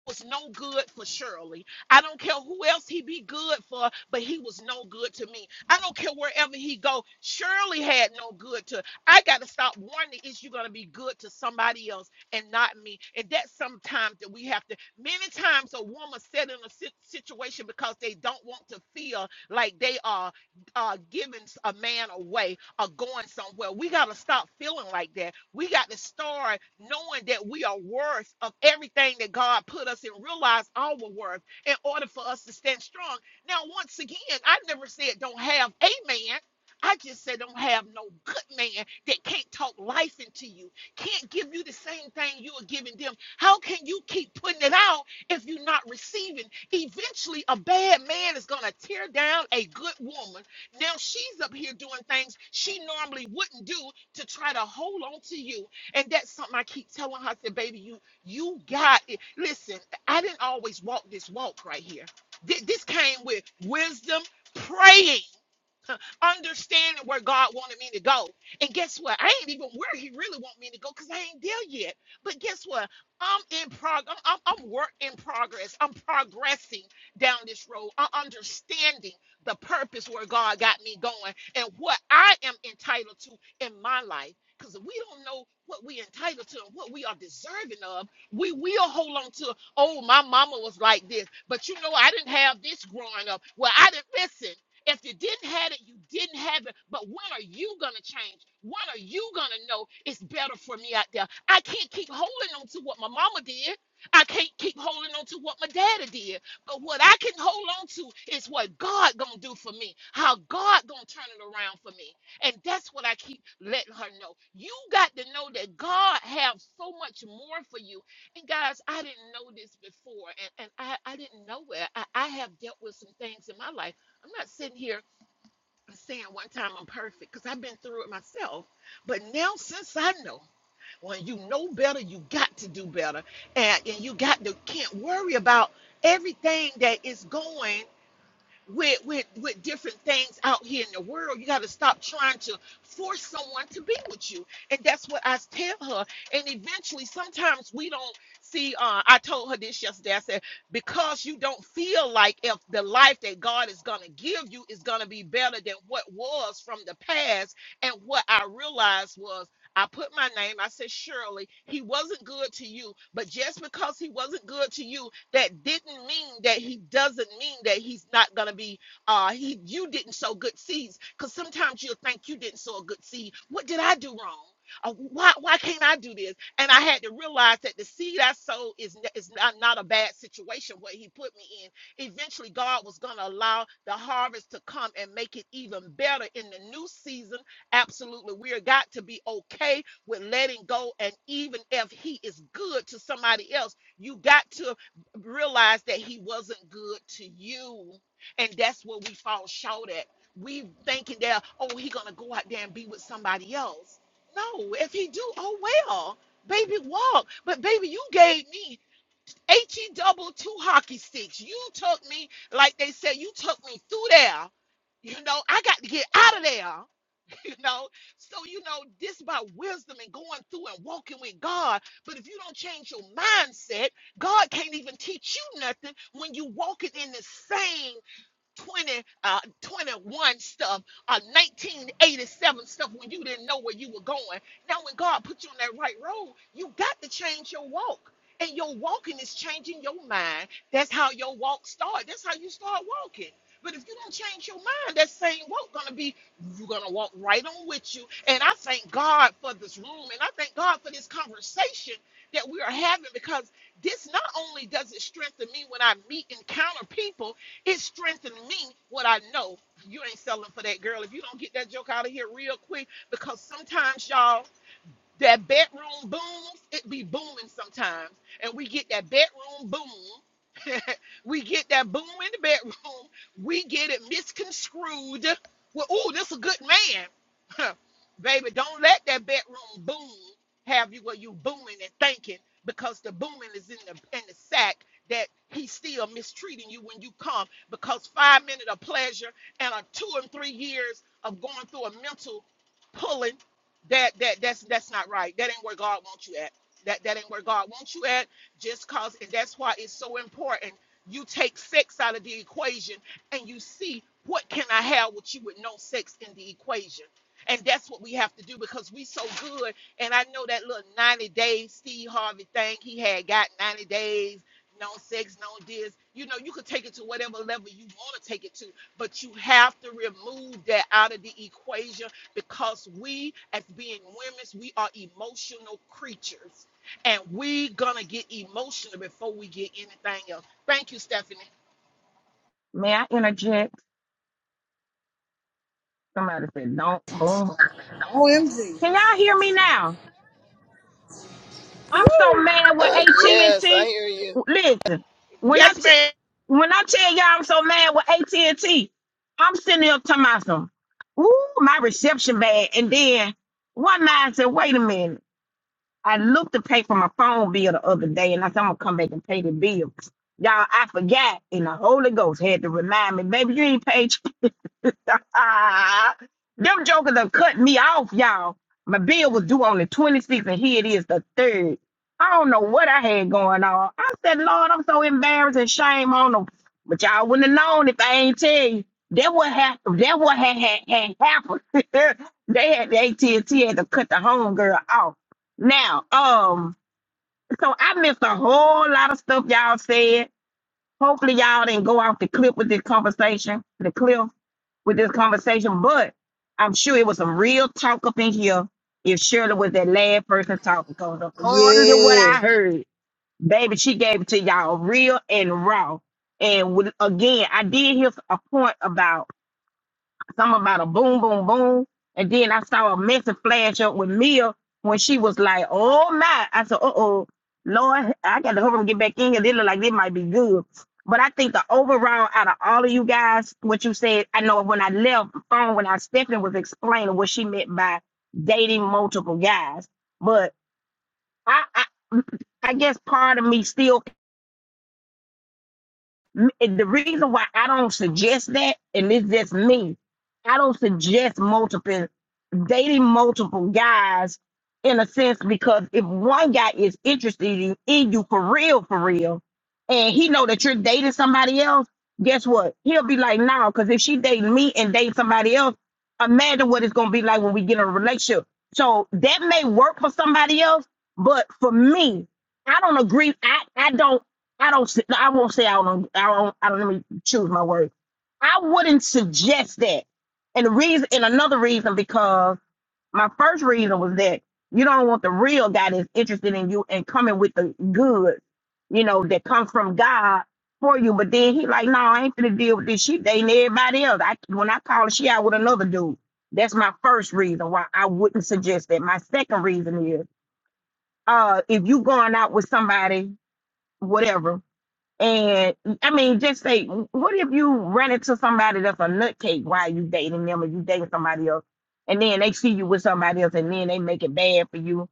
Speaker 6: was no good for Shirley. I don't care who else he be good for, but he was no good to me. I don't care wherever he go. Shirley had no good to. I got to stop wondering is you gonna be good to somebody else and not me? And that's sometimes that we have to. Many times a woman set in a sit- situation because they don't want to feel like they are uh, giving a man away are going somewhere. We got to stop feeling like that. We got to start knowing that we are worth of everything that God put us in, realize our worth in order for us to stand strong. Now, once again, I never said don't have a man. I just said don't have no good man that can't talk life into you, can't give you the same thing you are giving them. How can you keep putting it out if you're not receiving? Eventually, a bad man is going to tear down a good woman now she's up here doing things she normally wouldn't do to try to hold on to you. And that's something I keep telling her. I said, baby, you you got it. Listen, I didn't always walk this walk right here. Th- This came with wisdom, praying. understanding where God wanted me to go. And guess what? I ain't even where He really want me to go because I ain't there yet. But guess what? I'm in progress. I'm, I'm I'm work in progress. I'm progressing down this road. I'm understanding the purpose where God got me going and what I am entitled to in my life. Because if we don't know what we entitled to and what we are deserving of, we will hold on to, oh, my mama was like this, but you know, I didn't have this growing up. Well, I didn't listen. If you didn't have it, you didn't have it. But when are you going to change? When are you going to know it's better for me out there? I can't keep holding on to what my mama did. I can't keep holding on to what my daddy did. But what I can hold on to is what God going to do for me. How God going to turn it around for me. And that's what I keep letting her know. You got to know that God have so much more for you. And guys, I didn't know this before. And, and I, I didn't know it. I, I have dealt with some things in my life. I'm not sitting here saying one time I'm perfect because I've been through it myself. But now, since I know, when you know better, you got to do better, and, and you got to can't worry about everything that is going with with with different things out here in the world. You got to stop trying to force someone to be with you, and that's what I tell her. And eventually, sometimes we don't see. Uh, I told her this yesterday. I said because you don't feel like if the life that God is gonna give you is gonna be better than what was from the past, and what I realized was. I put my name. I said, Shirley, he wasn't good to you, but just because he wasn't good to you that didn't mean that he doesn't mean that he's not gonna be uh he you didn't sow good seeds because sometimes you'll think you didn't sow a good seed. What did I do wrong? Uh, why why can't I do this? And I had to realize that the seed I sow is n- is not, not a bad situation where he put me in. Eventually, God was gonna allow the harvest to come and make it even better in the new season. Absolutely, we're got to be okay with letting go. And even if he is good to somebody else, you got to realized that he wasn't good to you and that's where we fall short at we thinking that oh he gonna go out there and be with somebody else no if he do oh well baby walk but baby you gave me H E double two hockey sticks you took me like they said you took me through there you know i got to get out of there you know. So, you know, this about wisdom and going through and walking with God. But if you don't change your mindset, God can't even teach you nothing when you walking in the same 20, uh, 21 stuff, uh, 1987 stuff when you didn't know where you were going. Now, when God put you on that right road, you got to change your walk. And your walking is changing your mind. That's how your walk starts. That's how you start walking. But if you don't change your mind, that same walk gonna be you're gonna walk right on with you. And I thank God for this room, and I thank God for this conversation that we are having because this not only does it strengthen me when I meet encounter people, it strengthened me what I know. You ain't selling for that girl. If you don't get that joke out of here real quick, because sometimes, y'all, that bedroom booms, it be booming sometimes. And we get that bedroom boom. we get that boom in the bedroom. We get it misconstrued. Well, ooh, this a good man. Baby, don't let that bedroom boom have you where you booming and thinking because the booming is in the in the sack that he's still mistreating you when you come because five minutes of pleasure and a two and three years of going through a mental pulling that that that's that's not right. That ain't where God wants you at. That that ain't where God wants you at. Just cause, and that's why it's so important. You take sex out of the equation, and you see what can I have with you with no sex in the equation. And that's what we have to do because we so good. And I know that little 90 day Steve Harvey thing he had got 90 days, no sex, no this. You know, you could take it to whatever level you want to take it to, but you have to remove that out of the equation because we as being women we are emotional creatures and we gonna get emotional before we get anything else thank you stephanie
Speaker 2: May I interject? Somebody said, don't move. Can y'all hear me now? I'm
Speaker 1: Uh, yes, I
Speaker 2: see.
Speaker 1: hear you.
Speaker 2: Listen, when I
Speaker 6: yes
Speaker 2: te-
Speaker 6: ma'am
Speaker 2: when I tell y'all I'm so mad with at and T, am sitting here talking about some, ooh, my reception bad. And then one man said, wait a minute. I looked to pay for my phone bill the other day, and I said, I'm gonna come back and pay the bill. Y'all, I forgot, and the Holy Ghost had to remind me, baby, you ain't paid. your-" Ah, them jokers are cut me off, y'all. My bill was due on the 26th, and here it is, the third. I don't know what I had going on. I said, Lord, I'm so embarrassed and shame on them. But y'all wouldn't have known if I ain't tell you. That what happened. That what had, had, had happened. they had the AT&T had to cut the homegirl off. Now, um, so I missed a whole lot of stuff y'all said. Hopefully y'all didn't go off the cliff with this conversation, the cliff with this conversation, but I'm sure it was some real talk up in here if Shirley was that last person talking. Because according to what I heard, baby, she gave it to y'all real and raw. And with, again, I did hear a point about something about a boom, boom, boom. And then I saw a message flash up with Mia when she was like, oh my. I said, uh oh, Lord, I got to hurry and get back in here. They look like they might be good. But I think the overall out of all of you guys, what you said, I know when I left the phone, when I stepped was explaining what she meant by dating multiple guys. But I, I I guess part of me still and the reason why I don't suggest that, and it's just me, I don't suggest multiple dating multiple guys in a sense because if one guy is interested in in you for real, for real, and he know that you're dating somebody else, guess what? He'll be like, no, because if she dating me and dating somebody else, imagine what it's gonna be like when we get in a relationship. So that may work for somebody else, but for me, I don't agree. I, I don't. I don't. s- I won't say I don't. I don't. I don't. Let me choose my words. I wouldn't suggest that. And the reason, and another reason, because my first reason was that you don't want the real guy that's interested in you and coming with the goods, you know, that comes from God for you. But then he like, no, I ain't gonna deal with this. She dating everybody else. I when I call her, she out with another dude. That's my first reason why I wouldn't suggest that. My second reason is, uh, if you going out with somebody, whatever, and I mean, just say, what if you run into somebody that's a nutcase while you dating them or you dating somebody else, and then they see you with somebody else, and then they make it bad for you,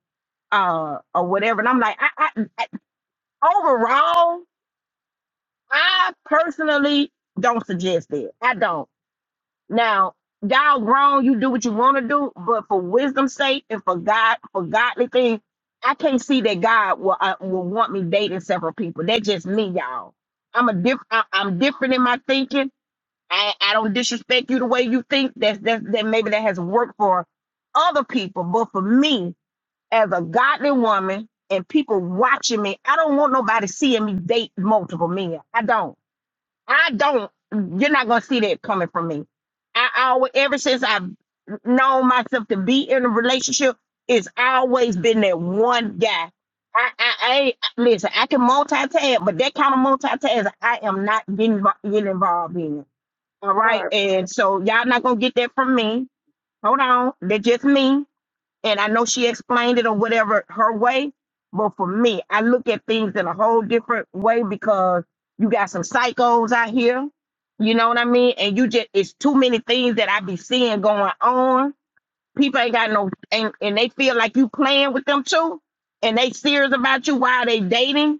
Speaker 2: uh, or whatever. And I'm like, I, I, I overall, I personally don't suggest it. I don't. Now, y'all grown, you do what you want to do, but for wisdom's sake and for God, for godly things, I can't see that God will uh, will want me dating several people. That's just me, y'all. I'm a diff. I, I'm different in my thinking. I, I don't disrespect you the way you think. That's that's that maybe that has worked for other people, but for me as a godly woman and people watching me, I don't want nobody seeing me date multiple men. I don't. I don't. You're not gonna see that coming from me. I always, ever since I've known myself to be in a relationship, it's always been that one guy. I, I, I ain't- listen. I can multitask, but that kind of multitask, I am not getting invo- getting involved in. All right,
Speaker 5: Barb
Speaker 2: and so y'all not gonna get that from me. Hold on, that's just me and I know she explained it or whatever her way. But for me, I look at things in a whole different way because you got some psychos out here, you know what I mean? And you just it's too many things that I be seeing going on. People ain't got no and, and they feel like you playing with them too, and they serious about you while they dating.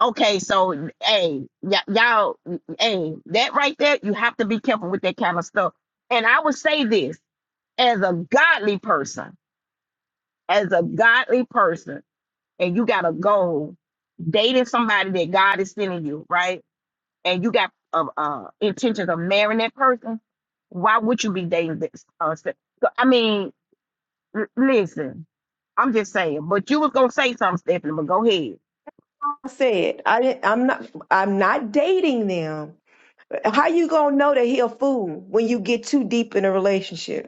Speaker 2: Okay, so hey, y- y'all, hey, that right there, you have to be careful with that kind of stuff. And I would say this as a godly person as a godly person and you got a goal, dating somebody that God is sending you, right? And you got uh, uh, intentions of marrying that person, why would you be dating this? Uh, se- so, I mean, l- listen, I'm just saying, but you was gonna say something, Stephanie, but go ahead.
Speaker 5: I said I didn't. I'm not. I'm not dating them. How you gonna know that he a fool when you get too deep in a relationship?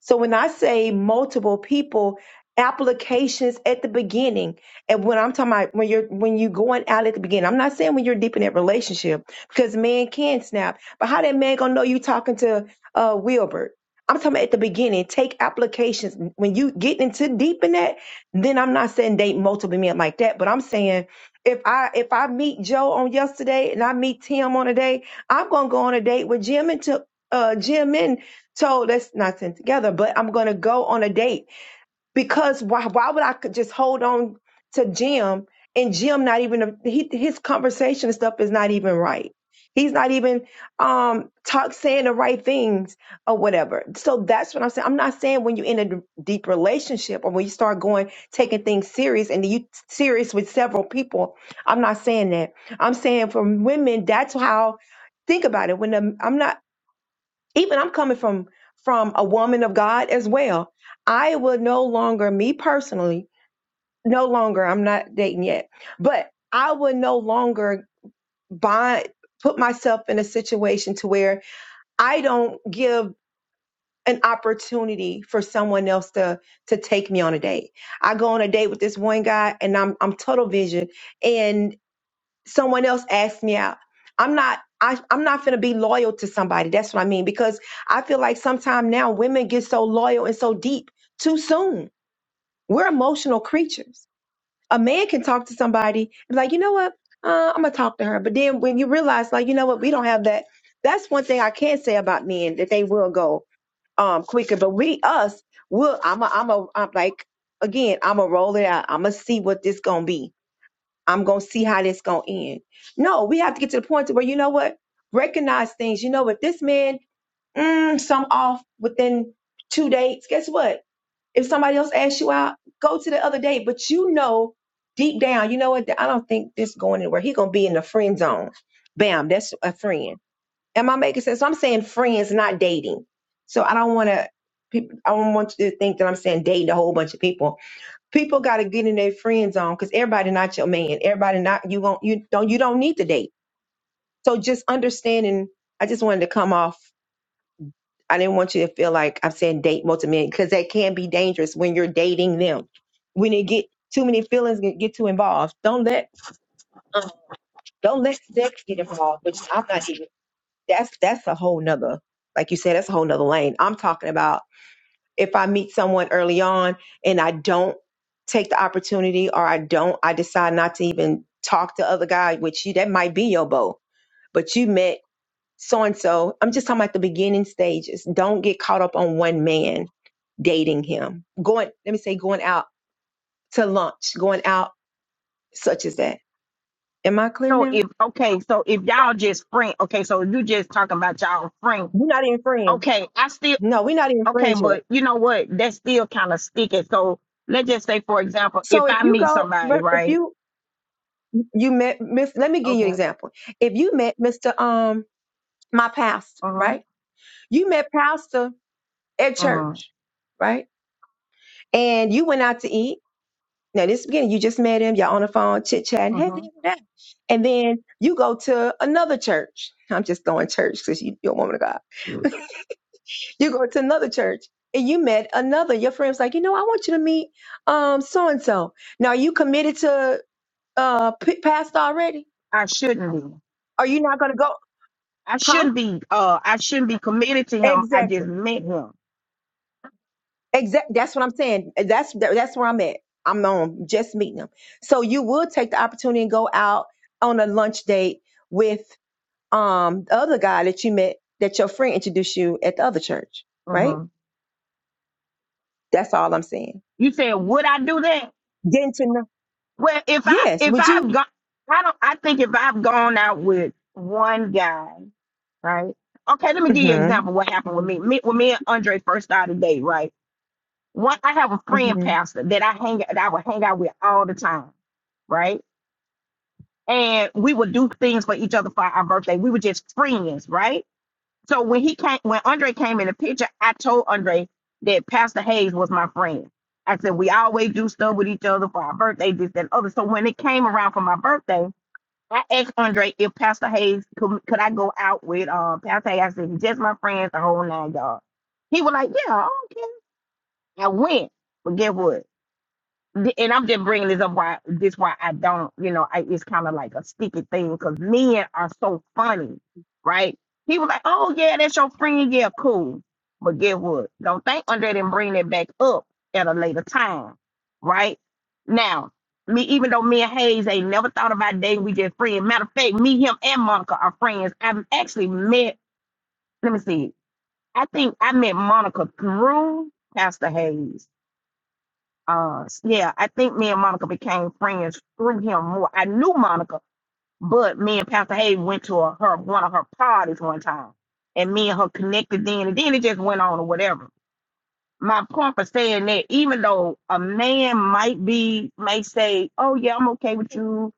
Speaker 5: So when I say multiple people, applications at the beginning, and when I'm talking about when you're when you going out at the beginning, I'm not saying when you're deep in that relationship because man can snap. But how that man gonna know you talking to uh Wilbert? I'm talking about at the beginning. Take applications when you get into deep in that. Then I'm not saying date multiple men like that, but I'm saying if I if I meet Joe on yesterday and I meet Tim on a day, I'm gonna go on a date with Jim and to uh Jim and. So let's not send together, but I'm going to go on a date because why, why would I could just hold on to Jim and Jim not even, a, he, his conversation and stuff is not even right. He's not even um talk saying the right things or whatever. So that's what I'm saying. I'm not saying when you're in a d- deep relationship or when you start going taking things serious and you serious with several people. I'm not saying that. I'm saying for women, that's how think about it. When the, I'm not even I'm coming from from a woman of God as well. I would no longer, me personally, no longer, I'm not dating yet, but I would no longer bind put myself in a situation to where I don't give an opportunity for someone else to to take me on a date. I go on a date with this one guy and I'm I'm tunnel vision and someone else asked me out. I'm not I, I'm not gonna be loyal to somebody. That's what I mean. Because I feel like sometime now women get so loyal and so deep too soon. We're emotional creatures. A man can talk to somebody and be like, you know what? Uh, I'm gonna talk to her. But then when you realize, like, you know what, we don't have that. That's one thing I can say about men that they will go um quicker. But we us will I'm a I'm a I'm like again, I'm gonna roll it out. I'm gonna see what this gonna be I'm gonna see how this gonna end. No, we have to get to the point to where you know what, recognize things. You know, if this man mm, some off within two dates, guess what? If somebody else asks you out, go to the other date. But you know, deep down, you know what? I don't think this going anywhere. He gonna be in the friend zone. Bam, that's a friend. Am I making sense? So I'm saying friends, not dating. So I don't want to. I don't want you to think that I'm saying dating a whole bunch of people. People got to get in their friend zone because everybody not your man. Everybody not you won't you don't you don't need to date. So just understanding. I just wanted to come off. I didn't want you to feel like I'm saying date multiple men because that can be dangerous when you're dating them. When it get too many feelings get, get too involved. Don't let um, don't let sex get involved. Which I'm not even. That's that's a whole nother. Like you said, that's a whole nother lane. I'm talking about if I meet someone early on and I don't take the opportunity or I don't, I decide not to even talk to other guy, which you, that might be your beau, but you met so and so. I'm just talking about the beginning stages. Don't get caught up on one man dating him. Going, let me say, going out to lunch, going out, such as that. Am I clear
Speaker 2: So
Speaker 5: now?
Speaker 2: if okay, so if y'all just friend, okay, so you just talking about y'all friend,
Speaker 5: We're not even friends.
Speaker 2: okay, I still
Speaker 5: No, we're not even
Speaker 2: okay,
Speaker 5: friends yet.
Speaker 2: but you know what? That's still kind of sticky. So let's just say, for example, if
Speaker 5: So if
Speaker 2: I
Speaker 5: you
Speaker 2: meet
Speaker 5: go,
Speaker 2: somebody,
Speaker 5: but if
Speaker 2: right?
Speaker 5: you you met Miss, let me give you
Speaker 2: Okay.
Speaker 5: an example. If you met Mr. Um my pastor,
Speaker 2: Uh-huh.
Speaker 5: right? You met pastor at
Speaker 2: Uh-huh.
Speaker 5: church, right? And you went out to eat. Now, this beginning, you just met him, y'all on the phone, chit chatting, hey,
Speaker 2: Uh-huh.
Speaker 5: da, da, da. and then you go to another church. I'm just throwing church because you, you're a woman of God. you go to another church and you met another. Your friend's like, you know, I want you to meet um so and so. Now, are you committed to uh p- pastor already?
Speaker 2: I shouldn't be.
Speaker 5: Are you not going to go?
Speaker 2: I
Speaker 5: Huh?
Speaker 2: shouldn't be uh I shouldn't be committed to him. I
Speaker 5: Exactly.
Speaker 2: just met him.
Speaker 5: Exactly. That's what I'm saying. That's that's where I'm at. I'm on just meeting them. So you would take the opportunity and go out on a lunch date with um the other guy that you met that your friend introduced you at the other church,
Speaker 2: Uh
Speaker 5: right?
Speaker 2: huh.
Speaker 5: That's all I'm saying.
Speaker 2: You said, would I do that?
Speaker 5: Getting to know.
Speaker 2: Well, if I
Speaker 5: Yes.
Speaker 2: if
Speaker 5: Would you?
Speaker 2: I've gone, I don't. I think if I've gone out with one guy right? Okay, let me give you an
Speaker 5: hmm
Speaker 2: example. of What happened with me?
Speaker 5: hmm
Speaker 2: me when me and Andre first started dating, right? One, I have a friend
Speaker 5: hmm
Speaker 2: pastor that I hang that I would hang out with all the time, right? And we would do things for each other for our birthday. We were just friends, right? So when he came, when Andre came in the picture, I told Andre that Pastor Hayes was my friend. I said we always do stuff with each other for our birthday, this that, and other. So when it came around for my birthday, I asked Andre if Pastor Hayes could, could I go out with um Pastor Hayes. I said, "He's just my friends, the whole nine yards. He was like, yeah, I don't care. I went, but guess what? th- and I'm just bringing this up why this why I don't, you know, I, it's kind of like a sticky thing because men are so funny, right? He was like, "Oh yeah, that's your friend, yeah, cool." But get what? Don't think Andre didn't bring that back up at a later time, right? Now, me even though me and Hayes ain't never thought about dating, we just friends. Matter of fact, me, him, and Monica are friends. I've actually met. Let me see. I think I met Monica through Pastor Hayes uh yeah, I think me and Monica became friends through him more. I knew Monica, but me and Pastor Hayden went to a, her one of her parties one time, and me and her connected then, and then it just went on or whatever. My point for saying that, even though a man might be may say, "Oh yeah, I'm okay with you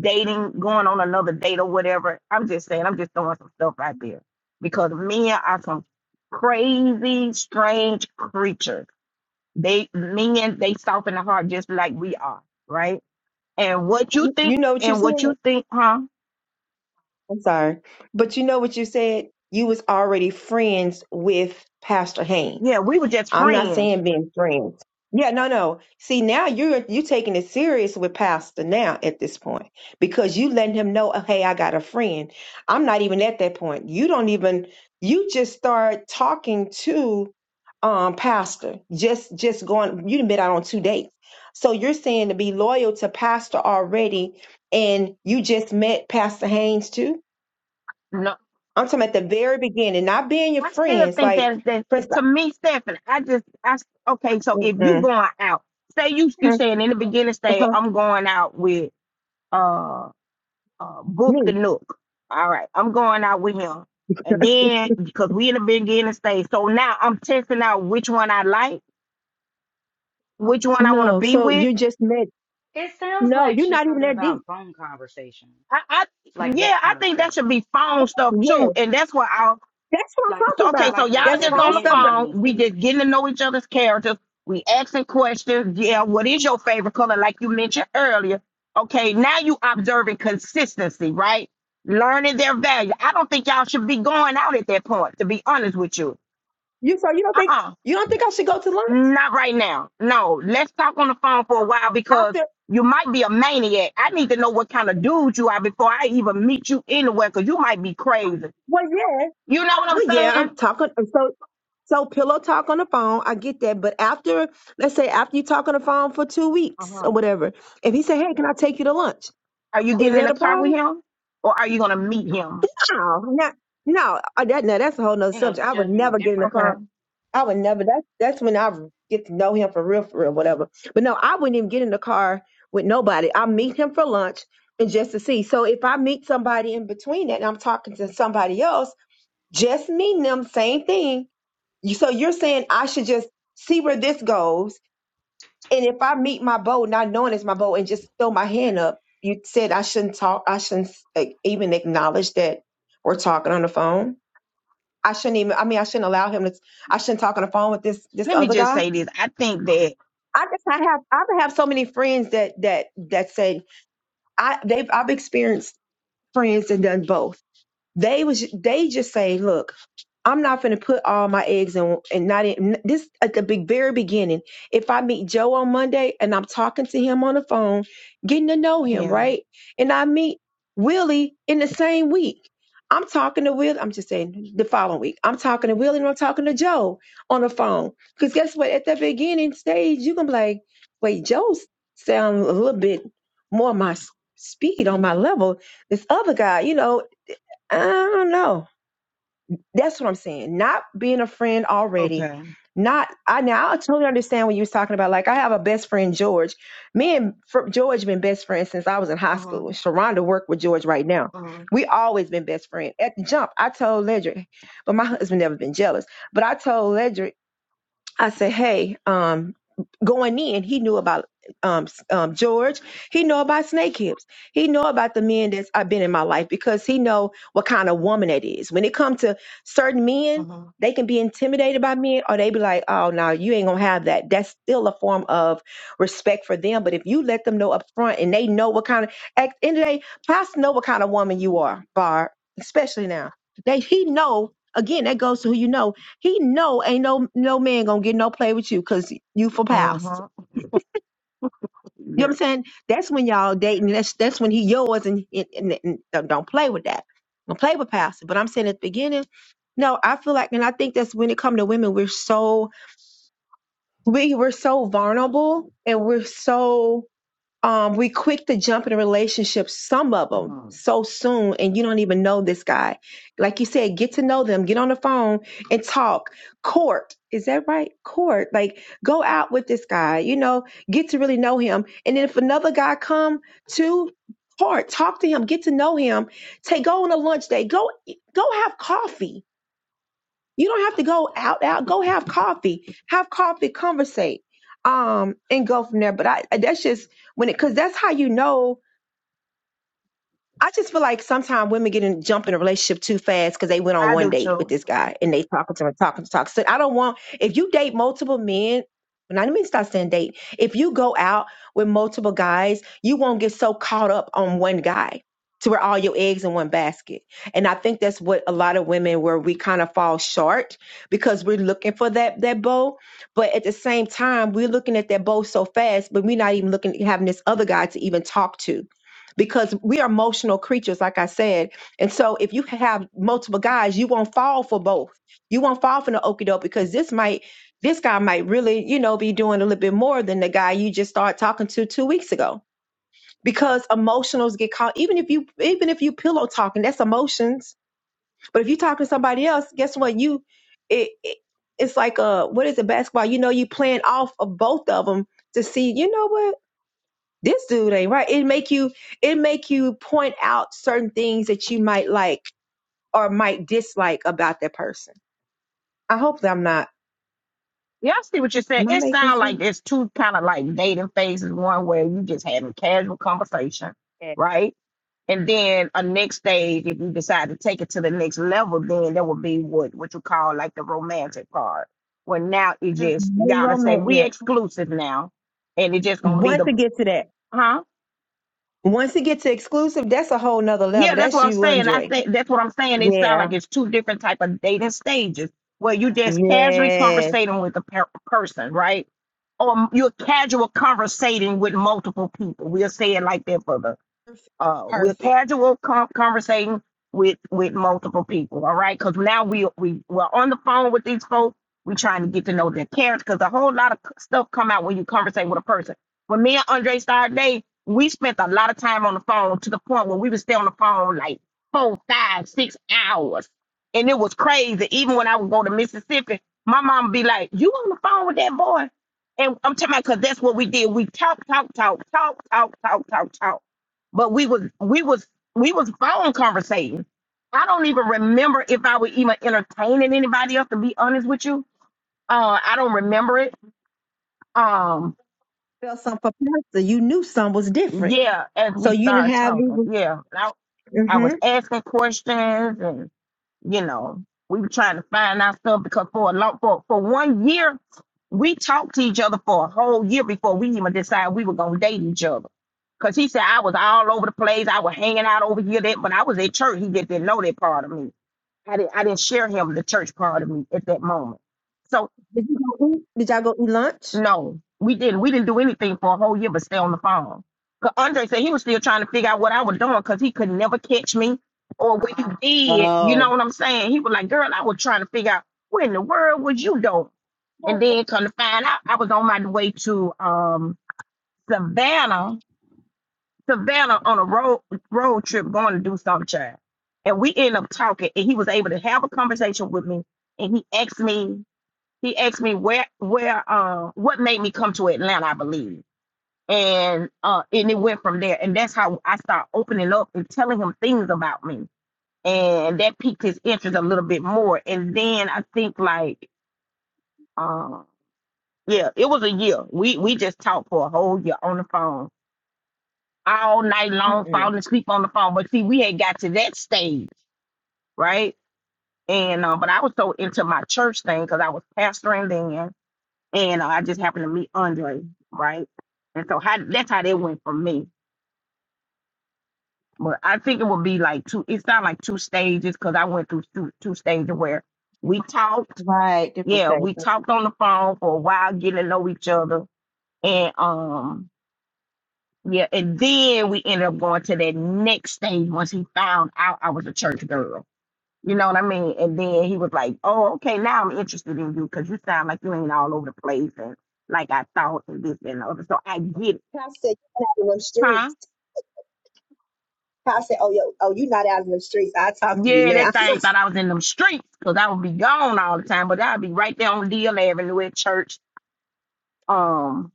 Speaker 2: dating, going on another date or whatever," I'm just saying, I'm just throwing some stuff out there because men are some crazy, strange creatures they men, they soft in the heart just like we are, right? And what you think
Speaker 5: You know what you
Speaker 2: and
Speaker 5: said.
Speaker 2: what you think, huh?
Speaker 5: I'm sorry, but you know what you said. You was already friends with Pastor Haynes.
Speaker 2: Yeah, we were just
Speaker 5: I'm not
Speaker 2: friends.
Speaker 5: saying being friends. Yeah, no, no. See, now you're you taking it serious with Pastor now at this point because you letting him know, "Oh, hey, I got a friend. I'm not even at that point. You don't even. You just start talking to um Pastor. Just just going. You've been out on two dates, so you're saying to be loyal to Pastor already, and you just met Pastor Haynes too.
Speaker 2: No,
Speaker 5: I'm talking at the very beginning, not being your
Speaker 2: I still
Speaker 5: friends,
Speaker 2: think
Speaker 5: like
Speaker 2: that that
Speaker 5: Prince.
Speaker 2: to me, Stephanie, I just I s- okay, so
Speaker 5: Mm-mm.
Speaker 2: if you
Speaker 5: mm-hmm,
Speaker 2: going out, say you you saying in the beginning, say
Speaker 5: mm-hmm.
Speaker 2: I'm going out with uh uh Book the Nook. All right, I'm going out with him. And then because we in the beginning stage, so now I'm testing out which one I like, which one I want to
Speaker 5: No,
Speaker 2: be
Speaker 5: so
Speaker 2: with
Speaker 5: you just met.
Speaker 7: It sounds
Speaker 5: No,
Speaker 7: like
Speaker 5: you're
Speaker 7: she's
Speaker 5: not even
Speaker 7: talking
Speaker 5: that deep.
Speaker 7: about phone conversation,
Speaker 2: I, I
Speaker 7: like
Speaker 2: yeah,
Speaker 7: that
Speaker 2: I
Speaker 7: kind of
Speaker 2: think that
Speaker 7: stuff,
Speaker 2: should be phone stuff
Speaker 5: Yeah,
Speaker 2: too, and that's what I'll.
Speaker 5: that's what I'm
Speaker 7: like
Speaker 5: talking
Speaker 2: So, okay,
Speaker 5: about.
Speaker 2: so
Speaker 7: like the
Speaker 2: y'all
Speaker 5: That's
Speaker 7: the
Speaker 2: just
Speaker 5: phone
Speaker 2: on the
Speaker 7: beginning
Speaker 5: stuff. that-
Speaker 2: phone.
Speaker 7: beginning
Speaker 2: We just
Speaker 7: stage.
Speaker 2: getting to know each other's characters. We asking questions. Yeah, what is your favorite color? Like you mentioned earlier. Okay, now you observing consistency, right? Learning their value. I don't think y'all should be going out at that point. To be honest with you,
Speaker 5: You so you don't
Speaker 2: uh
Speaker 5: think
Speaker 2: uh
Speaker 5: you don't think I should go to lunch
Speaker 2: not right now. No, let's talk on the phone for a while because
Speaker 5: after?
Speaker 2: you might be a maniac. I need to know what kind of dude you are before I even meet you anywhere because you might be crazy.
Speaker 5: Well, yeah,
Speaker 2: You know what I'm
Speaker 5: well, yeah.
Speaker 2: saying?
Speaker 5: I'm talking. So so pillow talk on the phone. I get that, but after let's say after you talk on the phone for two weeks
Speaker 2: Uh-huh.
Speaker 5: or whatever, if he say, "Hey, can I take you to lunch?"
Speaker 2: Are you
Speaker 5: Is
Speaker 2: getting in
Speaker 5: that
Speaker 2: the
Speaker 5: a
Speaker 2: car with
Speaker 5: problem?
Speaker 2: him or are you going to meet him?
Speaker 5: No, not no. uh, That now that's a whole nother
Speaker 7: You know,
Speaker 5: subject.
Speaker 7: their
Speaker 5: I would
Speaker 7: judgment is
Speaker 5: never get in the
Speaker 7: different.
Speaker 5: car.
Speaker 7: So
Speaker 2: Okay.
Speaker 5: I would never. That's that's when I get to know him for real, for real, whatever. But no, I wouldn't even get in the car with nobody. I meet him for lunch and just to see. So if I meet somebody in between that, and I'm talking to somebody else, just meeting them, same thing. You- So you're saying I should just see where this goes, and if I meet my bow, not knowing it's my bow, and just throw my hand up, you said I shouldn't talk. I shouldn't like, even acknowledge that we're talking on the phone. I shouldn't even. I mean, I shouldn't allow him to. I shouldn't talk on the phone with this this
Speaker 2: Let me
Speaker 5: other
Speaker 2: just
Speaker 5: guy.
Speaker 2: say this. I think that
Speaker 5: I just I have I have so many friends that that that say I they've I've experienced friends and done both. They was they just say, look, I'm not going to put all my eggs in and not in this at the big, very beginning. If I meet Joe on Monday and I'm talking to him on the phone, getting to know him,
Speaker 2: yeah.
Speaker 5: right? And I meet Willie in the same week. I'm talking to Will. I'm just saying the following week. I'm talking to Willie and I'm talking to Joe on the phone. Because guess what? At that beginning stage, you're going to be like, wait, Joe sounds a little bit more my s- speed on my level. This other guy, you know, I don't know. That's what I'm saying. Not being a friend already.
Speaker 2: Okay.
Speaker 5: Not I now I totally understand what you was talking about. Like I have a best friend George. Me and Fr- George been best friends since I was in high
Speaker 2: Uh-huh.
Speaker 5: school. Sharonda worked with George right now.
Speaker 2: Uh-huh.
Speaker 5: We always been best friends. At the jump, I told Ledric, but my husband never been jealous. But I told Ledric I said, hey, um, going in, he knew about um, s- um, George. He know about Snake Hips. He know about the men that's I've been in my life because he know what kind of woman that is. When it comes to certain men,
Speaker 2: Uh-huh.
Speaker 5: they can be intimidated by men or they be like, oh, no, you ain't going to have that. That's still a form of respect for them. But if you let them know up front and they know what kind of, at the end of the day, pastors know what kind of woman you are, Bar, especially now. They, he know, again, that goes to who you know he know ain't no no man gonna get no play with you because you for past.
Speaker 2: Uh-huh.
Speaker 5: You know what
Speaker 2: Yeah.
Speaker 5: I'm saying? That's when y'all dating. That's that's when he yours and, and, and, and don't don't play with that. Don't play with pastor. But I'm saying at the beginning, no, I feel like, and I think that's when it come to women, we're so we we're so vulnerable and we're so um, we quick to jump in a relationship, some of them,
Speaker 2: Uh-huh.
Speaker 5: so soon, and you don't even know this guy. Like you said, get to know them, get on the phone and talk. Court, is that right? Court, like go out with this guy, you know, get to really know him. And then if another guy come to court, talk to him, get to know him, take go on a lunch date, go go have coffee you don't have to go out out. Go have coffee. Have coffee, conversate, um, and go from there. But I, that's just when it because that's how you know. I just feel like sometimes women get in jump in a relationship too fast because they went on
Speaker 2: I
Speaker 5: one
Speaker 2: do
Speaker 5: date with
Speaker 2: too.
Speaker 5: this guy and they talking to him, talking to talk. So I don't want if you date multiple men. not even start stop saying date. If you go out with multiple guys, you won't get so caught up on one guy to where all your eggs in one basket. And I think that's what a lot of women where we kind of fall short because we're looking for that that bow. But at the same time, we're looking at that bow so fast, but we're not even looking having this other guy to even talk to because we are emotional creatures, like I said. And so if you have multiple guys, you won't fall for both. You won't fall for the okie doke because this might this guy might really, you know, be doing a little bit more than the guy you just started talking to two weeks ago. Because emotionals get caught, even if you even if you pillow talking, that's emotions. But if you talking to somebody else, guess what? You it, it it's like a what is it basketball? You know, you playing off of both of them to see, you know what? this dude ain't right. It make you it make you point out certain things that you might like or might dislike about that person. I hope that I'm not.
Speaker 2: Yeah, I see what you're saying.
Speaker 5: Am I
Speaker 2: It
Speaker 5: making
Speaker 2: sounds like
Speaker 5: sense?
Speaker 2: there's two kind of like dating phases. One where you just having casual conversation,
Speaker 5: Yeah.
Speaker 2: right? And then a next stage, if you decide to take it to the next level, then that would be what what you call like the romantic part. Where now it
Speaker 5: Mm.
Speaker 2: just
Speaker 5: No
Speaker 2: gotta say
Speaker 5: romance
Speaker 2: we
Speaker 5: yet.
Speaker 2: exclusive now, and it just gonna be
Speaker 5: Once
Speaker 2: the
Speaker 5: it get to that.
Speaker 2: huh?
Speaker 5: Once it gets to exclusive, that's a whole nother
Speaker 2: Yeah,
Speaker 5: level.
Speaker 2: that's
Speaker 5: That's
Speaker 2: what I'm
Speaker 5: you,
Speaker 2: saying. I
Speaker 5: Andre.
Speaker 2: think that's what I'm saying. It sounds like
Speaker 5: Yeah.
Speaker 2: it's two different type of dating stages where you just casually
Speaker 5: Yes.
Speaker 2: conversating with a per- person, right? Or m- you're casual conversating with multiple people. We'll say it like that for the
Speaker 5: Perfect.
Speaker 2: uh, we're
Speaker 5: Perfect.
Speaker 2: casual con- conversating with with multiple people. All right, because now we we we're on the phone with these folks. We're trying to get to know their character because a whole lot of c- stuff come out when you conversate with a person. When me and Andre started dating, we spent a lot of time on the phone to the point where we would stay on the phone like four, five, six hours, and it was crazy. Even when I would go to Mississippi, my mom would be like, "You on the phone with that boy?" And I'm telling you, because that's what we did. We talk, talk, talk, talk, talk, talk, talk, talk but we was we was we was phone conversating. I don't even remember if I was even entertaining anybody else. To be honest with you, uh, I don't remember it. Um,
Speaker 5: Felt something for pasta. You knew some was different.
Speaker 2: yeah, as
Speaker 5: So
Speaker 2: we
Speaker 5: you didn't
Speaker 2: started
Speaker 5: have
Speaker 2: talking,
Speaker 5: even.
Speaker 2: yeah, I, I was
Speaker 5: Mm-hmm.
Speaker 2: asking questions and. you know, we were trying to find our stuff because for a long for for one year, we talked to each other for a whole year before we even decided we were gonna date each other. Cause he said I was all over the place, I was hanging out over here, that but I was at church. He just didn't know that part of me. I didn't I didn't share him the church part of me at that moment. So.
Speaker 5: Did you go eat? Did y'all go eat lunch?
Speaker 2: No, we didn't. We didn't do anything for a whole year but stay on the phone. Cause Andre said he was still trying to figure out what I was doing because he could never catch me or what he did. You know
Speaker 5: Oh,
Speaker 2: what I'm saying? He was like, girl, I was trying to figure out what in the world was you doing? And then come to find out, I was on my way to um Savannah, Savannah on a road road trip going to do something, child. And we ended up talking, and he was able to have a conversation with me. And he asked me he asked me where where uh, what made me come to Atlanta, I believe. And uh and it went from there. And that's how I started opening up and telling him things about me. And that piqued his interest a little bit more. And then I think like uh yeah, it was a year. We we just talked for a whole year on the phone, all night long,
Speaker 5: Mm-mm.
Speaker 2: falling asleep on the phone. But see, we had got to that stage, right? And uh, but I was so into my church thing because I was pastoring then and I just happened to meet Andre, right? And so how that's how that went for me. But I think it would be like two. It's not like two stages because I went through two, two stages where we talked.
Speaker 5: right. Different
Speaker 2: Yeah, we
Speaker 5: stages.
Speaker 2: talked on the phone for a while, getting to know each other, and um, yeah, and then we ended up going to that next stage once he found out I was a church girl. You know what I mean? And then he was like, "Oh, okay, now I'm interested in you because you sound like you ain't all over the place and like I thought and this and the other." So I get it
Speaker 5: out in them
Speaker 2: Huh?
Speaker 5: streets. I said, oh, yo, oh, you not out in the streets. I talk to you
Speaker 2: Yeah,
Speaker 5: now.
Speaker 2: that thing thought I was in them streets because I would be gone all the time, but I'd be right there on Deal Avenue at church, um,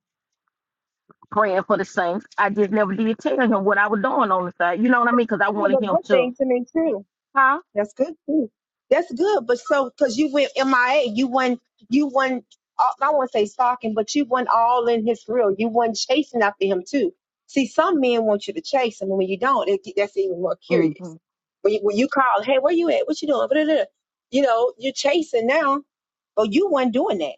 Speaker 2: praying for the saints. I just never did tell him what I was doing on the side. You know what I mean? Because I
Speaker 5: Kind
Speaker 2: wanted
Speaker 5: of a
Speaker 2: him
Speaker 5: good
Speaker 2: to,
Speaker 5: thing to me too.
Speaker 2: huh?
Speaker 5: That's good too. That's good, but so because you went MIA, you went, You went. all- I won't say stalking, but you went all in his grill. You won chasing after him too. See, some men want you to chase him, and when you don't, it, that's even more
Speaker 2: hmm
Speaker 5: curious. When you, when you call, hey, where you at? What you doing? Blah, blah, blah. You know, you're chasing now, but you weren't doing that.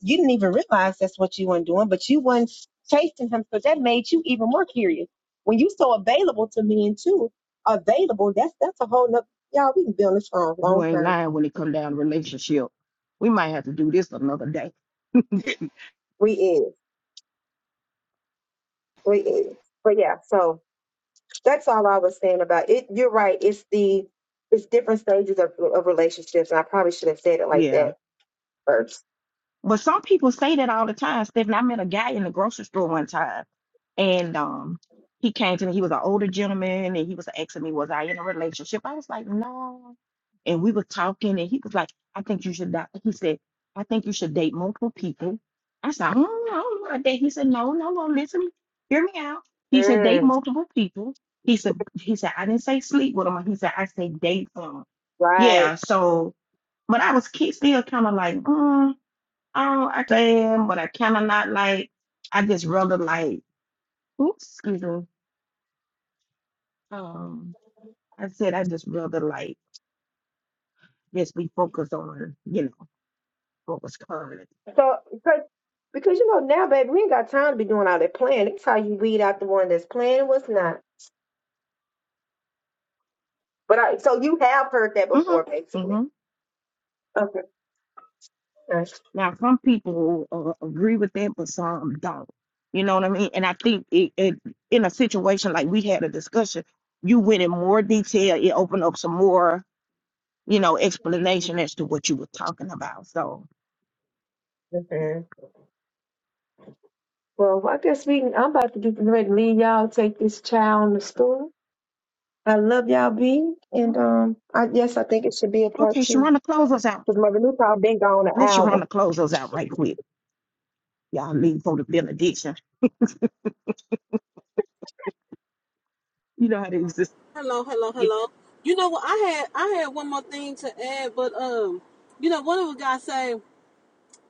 Speaker 5: You didn't even realize that's what you weren't doing, but you weren't chasing him, so that made you even more curious. When you so available to men too, available, that's that's a whole nother Y'all, we can be on this phone a
Speaker 2: You
Speaker 5: long
Speaker 2: ain't
Speaker 5: time.
Speaker 2: lying when it come down to relationship. We might have to do this another day.
Speaker 5: We is. We is. But yeah, so that's all I was saying about it. You're right. It's the it's different stages of, of relationships, and I probably should have said it like
Speaker 2: Yeah.
Speaker 5: that first.
Speaker 2: But some people say that all the time, Stephanie. I met a guy in the grocery store one time. And um, he came to me. He was an older gentleman, and he was asking me, "Was I in a relationship?" I was like, "No." And we were talking, and he was like, "I think you should." Not. He said, "I think you should date multiple people." I said, "I don't know I don't know about that." He said, "No, no, no. Listen, hear me out." He said, "Date multiple people." He said, "He said I didn't say sleep with them." He said, "I say date them."
Speaker 5: Right.
Speaker 2: Yeah. So, but I was ki- still kind of like, mm, I don't, I can, but I kind of not like. I just rather like Oops, excuse me. Um, I said I just rather like just be focused on, you know, focus current.
Speaker 5: So because because you know now, baby, we ain't got time to be doing all that planning. It's how you weed out the one that's planning what's not. But I so you have heard that before,
Speaker 2: Mm-hmm.
Speaker 5: basically.
Speaker 2: Mm-hmm.
Speaker 5: Okay. Nice.
Speaker 2: Now, some people uh, agree with that, but some don't. You know what I mean? And I think it, it in a situation like we had a discussion, you went in more detail. It opened up some more, you know, explanation as to what you were talking about. So,
Speaker 5: Okay. Well, I guess we. I'm about to get ready to leave y'all. Take this child to school. I love y'all, B.
Speaker 2: yeah.
Speaker 5: And um, I yes, I think it should be a part
Speaker 2: Okay,
Speaker 5: two
Speaker 2: Sharonda, close us out.
Speaker 5: because Mother Newtall been gone an
Speaker 2: Let Sharonda
Speaker 5: hour.
Speaker 2: close us out right quick. Y'all leave for the benediction. You know how to exist.
Speaker 4: Hello, hello,
Speaker 2: Yeah.
Speaker 4: hello. You know what? I had I had one more thing to add, but um, you know, one of the guys say,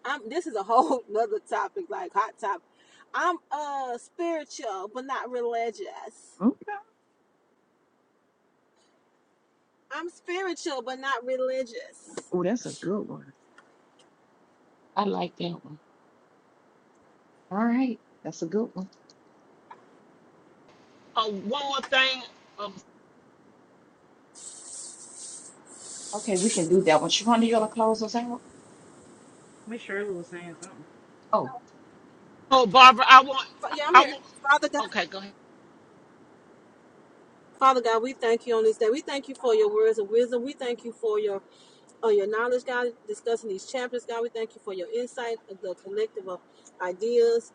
Speaker 4: "I'm." This is a whole nother topic, like hot topic. I'm uh spiritual, but not religious.
Speaker 2: Okay.
Speaker 4: I'm spiritual, but not religious.
Speaker 2: Oh, that's a good one. I like that one. All right. That's a good one.
Speaker 6: oh, one more thing um,
Speaker 2: Okay, we can do that one. Sharonda, you gonna close us out?
Speaker 7: Miss Shirley was saying something.
Speaker 2: Oh,
Speaker 6: oh barbara i want
Speaker 4: Fa- Yeah, I'm
Speaker 6: i
Speaker 4: here.
Speaker 6: want
Speaker 4: Father God,
Speaker 6: okay go ahead
Speaker 4: Father God, we thank you on this day. We thank you for your words of wisdom. We thank you for your uh, your knowledge, God, discussing this, God, we thank us.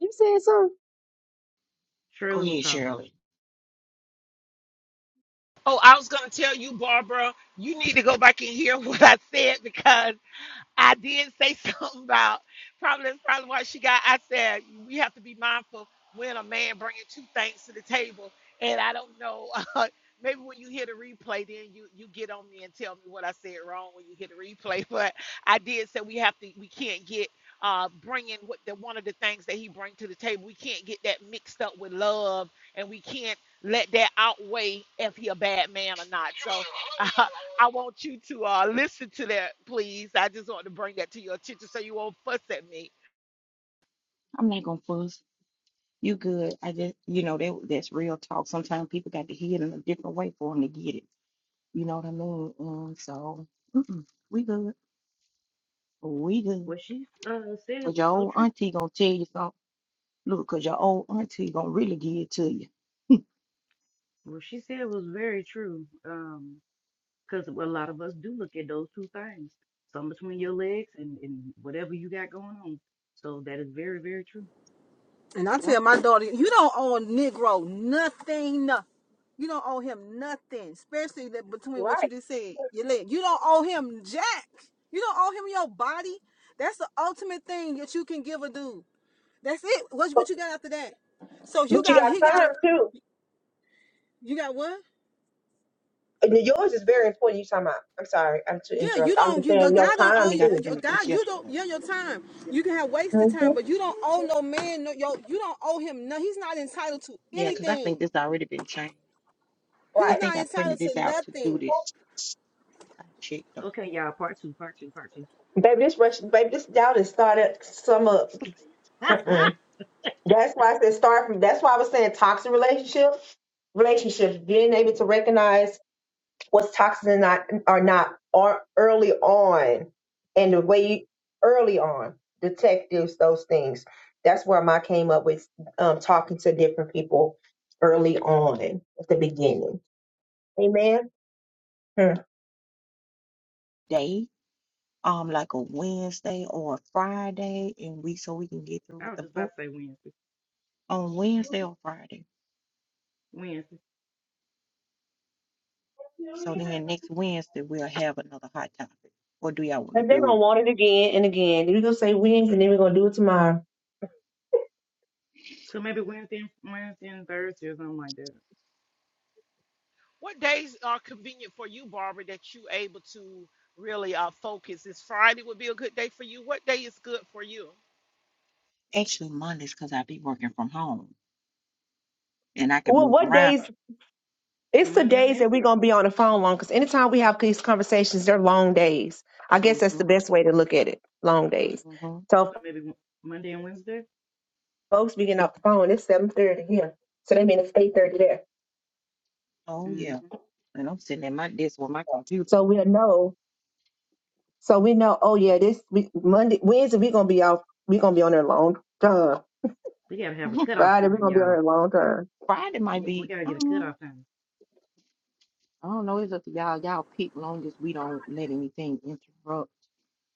Speaker 5: You said something
Speaker 2: go
Speaker 7: Shirley was
Speaker 2: ahead,
Speaker 7: talking.
Speaker 2: Shirley.
Speaker 6: oh i was gonna tell you barbara you need to go back and hear what i said because. I did say something about probably that's probably why she got. I said we have to be mindful when a man bringing two things to the table, and I don't know. Uh, maybe when you hear the replay, then you you get on me and tell me what I said wrong when you hear the replay. But I did say we have to. We can't get uh bringing what the one of the things that he bring to the table. We can't get that mixed up with love, and we can't let that outweigh if he a bad man or not. So I want you to uh, listen to that, please. I just want to bring that to your attention so you won't fuss at me.
Speaker 2: I'm not gonna fuss. You good. I just you know, that that's real talk. Sometimes people got to hear it in a different way for them to get it. You know what I mean? And so mm-mm, we good. We good.
Speaker 7: What she uh, said
Speaker 2: Cause your
Speaker 7: was so
Speaker 2: old
Speaker 7: true.
Speaker 2: auntie gonna tell you something. Look, because your old auntie gonna really give it to you.
Speaker 7: What she said was very true. Um, because a lot of us do look at those two things, some between
Speaker 2: Mhm.
Speaker 7: your legs and and whatever you got going on. So that is very very true.
Speaker 4: And I
Speaker 2: Yep.
Speaker 4: tell my daughter, you don't owe a Negro nothing. You don't owe him nothing, especially that between what you
Speaker 5: right,
Speaker 4: just said, your leg. You don't owe him jack. You don't owe him your body. That's the ultimate thing that you can give a dude. That's it. What what you got after that? So you
Speaker 5: but you
Speaker 4: got he
Speaker 5: got time
Speaker 4: got a
Speaker 5: too.
Speaker 4: you got what?
Speaker 5: And yours is very important. You talking about? I'm sorry, I'm to
Speaker 4: Yeah, you
Speaker 5: interrupt. I'm
Speaker 4: don't.
Speaker 5: just
Speaker 4: You, the
Speaker 5: saying
Speaker 4: guy
Speaker 5: your
Speaker 4: don't
Speaker 2: I
Speaker 5: time
Speaker 4: owe
Speaker 2: think
Speaker 4: you.
Speaker 2: I
Speaker 5: too.
Speaker 4: uh,
Speaker 2: printed this
Speaker 4: God, you don't.
Speaker 2: yesterday.
Speaker 4: Yeah, your time. You can have wasted
Speaker 5: hmm
Speaker 4: time, but you don't owe no man. No, yo, you don't owe him. No, he's not entitled to
Speaker 2: Yeah, because I think
Speaker 4: anything.
Speaker 2: this already been changed. I
Speaker 4: He's
Speaker 5: Right,
Speaker 2: think
Speaker 4: not
Speaker 2: I printed
Speaker 4: entitled to
Speaker 2: this out to do
Speaker 4: nothing.
Speaker 2: this. I checked them.
Speaker 7: Okay, y'all. Part two. Part two. Part two.
Speaker 5: baby. This rush, baby. This doubt has started some up. Mm-mm.
Speaker 7: I
Speaker 5: That's why I said start from. That's why I was saying toxic relationship relationships. Being able to recognize what's toxic and not are not are early on and the way you, early on detectives those things that's where I came up with um, talking to different people early on at the beginning amen Hmm.
Speaker 2: Day, um, like a Wednesday or a Friday, and we so we can get through with
Speaker 7: was
Speaker 2: the
Speaker 7: just about
Speaker 2: book
Speaker 7: to say Wednesday.
Speaker 2: On Wednesday or Friday.
Speaker 7: Wednesday.
Speaker 2: So then next Wednesday we'll have another hot topic. Or do y'all want to
Speaker 5: and they're gonna
Speaker 2: do
Speaker 5: want it again and again you're gonna say wins and then we're gonna do it tomorrow
Speaker 7: So maybe Wednesday, and- Wednesday and Thursday or something like that.
Speaker 6: What days are convenient for you, Barbara, that you able to really uh, focus? Is Friday would be a good day for you? What day is good for you?
Speaker 2: actually Mondays because I be working from home and I can
Speaker 5: well
Speaker 2: move
Speaker 5: what
Speaker 2: around.
Speaker 5: days
Speaker 7: So
Speaker 5: it's the
Speaker 7: Monday and
Speaker 5: days that we're
Speaker 7: Wednesday.
Speaker 5: gonna be on the phone long because anytime we have these conversations they're long days i
Speaker 2: hmm
Speaker 5: guess that's the best way to look at it long days
Speaker 2: hmm
Speaker 5: So.
Speaker 7: So maybe Wed- Monday and Wednesday.
Speaker 5: Folks be getting off the phone. It's seven thirty here, so that means it's eight thirty there.
Speaker 2: Oh
Speaker 7: hmm
Speaker 2: yeah. And I'm sitting at my desk with my computer.
Speaker 5: So we'll know. So we know. Oh yeah, this we, Monday, Wednesday we gonna be off. We gonna be on there long term.
Speaker 7: We gotta have a cutoff
Speaker 5: Friday we
Speaker 7: time,
Speaker 5: gonna be on
Speaker 7: y'all.
Speaker 5: there long term.
Speaker 2: Friday
Speaker 7: We,
Speaker 2: might
Speaker 7: got- we
Speaker 2: be,
Speaker 7: gotta get a
Speaker 2: um,
Speaker 7: cutoff time.
Speaker 2: I don't know. It's up to y'all. Y'all pick long as we don't let anything interrupt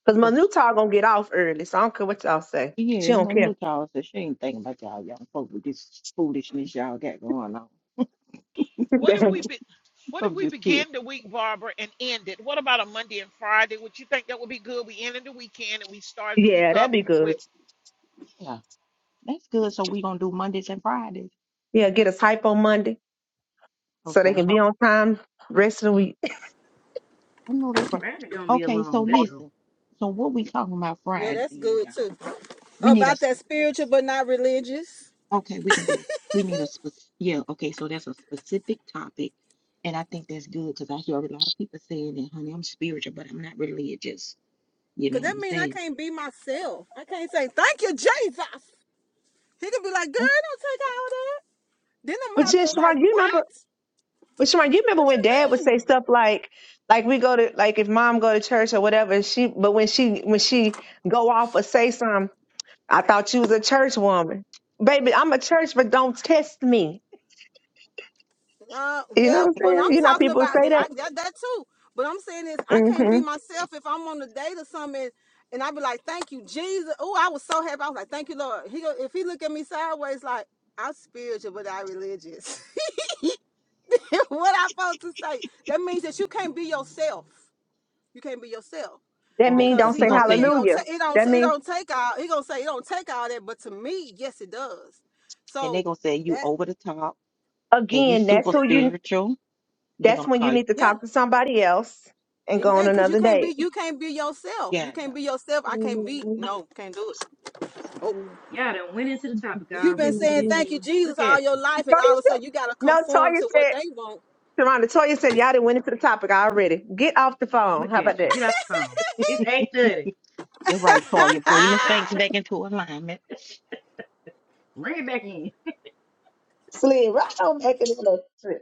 Speaker 5: Cause my new
Speaker 2: us.
Speaker 5: talk gonna get off early, so I don't care what y'all say.
Speaker 2: Yeah,
Speaker 5: She don't
Speaker 2: my
Speaker 5: care.
Speaker 2: new child said she ain't thinking about y'all young folk with this foolishness y'all got going on.
Speaker 6: What if we be, what if
Speaker 2: I'm
Speaker 6: we
Speaker 2: just kidding.
Speaker 6: begin the week, Barbara, and end it? What about a Monday and Friday? Would you think that would be good? We ended the weekend and we started the week
Speaker 5: yeah, that'd
Speaker 6: up.
Speaker 5: be good.
Speaker 6: with.
Speaker 2: Yeah, that's good. So we gonna do Mondays and Fridays.
Speaker 5: Yeah, get us hype on Monday so they
Speaker 2: Okay,
Speaker 5: can be on time rest of the week.
Speaker 2: I know that's right.
Speaker 7: Friday gonna be a
Speaker 2: Okay, so
Speaker 7: long day. though.
Speaker 2: listen. So what we talking about
Speaker 4: Yo,
Speaker 2: Friday
Speaker 4: that's
Speaker 2: then,
Speaker 4: good
Speaker 2: y'all?
Speaker 4: too.
Speaker 2: We need
Speaker 4: About
Speaker 2: a
Speaker 4: that spiritual but not religious.
Speaker 2: Okay, we can do it. We need a spec, yeah, okay, so that's a specific topic. And I think that's good because I hear a lot of people saying that, honey, I'm spiritual, but I'm not religious. You
Speaker 4: Cause
Speaker 2: know what
Speaker 4: that
Speaker 2: I'm
Speaker 4: mean I
Speaker 2: saying?
Speaker 4: can't be myself. I can't say thank you, Jesus. He could be like,
Speaker 2: That's
Speaker 4: girl, don't take all that. Then I'm gonna
Speaker 2: I
Speaker 5: But
Speaker 2: think
Speaker 4: have
Speaker 5: yeah,
Speaker 4: to like,
Speaker 5: Sharon, you remember?
Speaker 4: what?
Speaker 5: But Sharon, you remember
Speaker 4: What
Speaker 5: when Dad would
Speaker 4: you mean?
Speaker 5: say stuff like, like we go to, like if Mom go to church or whatever. She, but when she, when she go off or say something, I thought you was a church woman, baby. I'm a church, but don't test me.
Speaker 4: Uh,
Speaker 5: You know
Speaker 4: yeah,
Speaker 5: what I'm
Speaker 4: but I'm
Speaker 5: saying? You know how
Speaker 4: talking
Speaker 5: people
Speaker 4: about
Speaker 5: say
Speaker 4: yeah,
Speaker 5: that.
Speaker 4: I, that, that too. But I'm saying is I can't be
Speaker 5: hmm
Speaker 4: myself if I'm on a date or something. And and I be like, thank you, Jesus. Oh, I was so happy. I was like, thank you, Lord. He go, if he look at me sideways, like I'm spiritual but I religious. what I supposed to say? That means that you can't be yourself. You can't be yourself
Speaker 5: That
Speaker 2: right.
Speaker 5: mean
Speaker 4: because
Speaker 5: don't
Speaker 2: Because
Speaker 4: he's
Speaker 5: say
Speaker 2: he gonna
Speaker 4: like, it
Speaker 2: say
Speaker 4: ain't
Speaker 2: you
Speaker 4: gonna
Speaker 5: hallelujah.
Speaker 4: take, it don't,
Speaker 5: That
Speaker 4: it
Speaker 5: mean
Speaker 4: don't take all. He gonna say it don't take all that, but to me, yes, it does.
Speaker 2: and they
Speaker 4: So
Speaker 2: gonna say you
Speaker 4: that,
Speaker 2: over the top and you
Speaker 5: again, that's
Speaker 2: super
Speaker 4: yeah,
Speaker 5: who you.
Speaker 2: spiritual. they
Speaker 5: That's
Speaker 2: gonna
Speaker 5: when you
Speaker 2: call you.
Speaker 5: need to
Speaker 4: yeah,
Speaker 5: talk to somebody else and go on
Speaker 4: exactly. Because you
Speaker 5: another
Speaker 4: can't
Speaker 5: date.
Speaker 4: be, you can't be yourself. You
Speaker 2: Yeah, no.
Speaker 4: can't be yourself. I can't be.
Speaker 5: Toya
Speaker 4: No, can't do it. Oh,
Speaker 7: Y'all done went into the topic
Speaker 4: you've been
Speaker 7: already. Look at
Speaker 4: saying
Speaker 7: you.
Speaker 4: thank you, Jesus,
Speaker 7: Look
Speaker 4: all
Speaker 7: at
Speaker 4: your
Speaker 7: you.
Speaker 4: life, and all of a sudden
Speaker 5: said-
Speaker 4: you gotta
Speaker 5: no,
Speaker 4: conform
Speaker 5: Toya
Speaker 4: to what
Speaker 5: said.
Speaker 4: they want.
Speaker 5: Sharonda, Toya said y'all didn't went into the topic already. Get off the phone.
Speaker 7: Look
Speaker 5: How about
Speaker 7: at you.
Speaker 5: that?
Speaker 7: Get off the phone. It's eight thirty.
Speaker 2: They're right, Toya. Bring the saints back into alignment.
Speaker 7: Ring it back in.
Speaker 5: Slid right on back into the trip.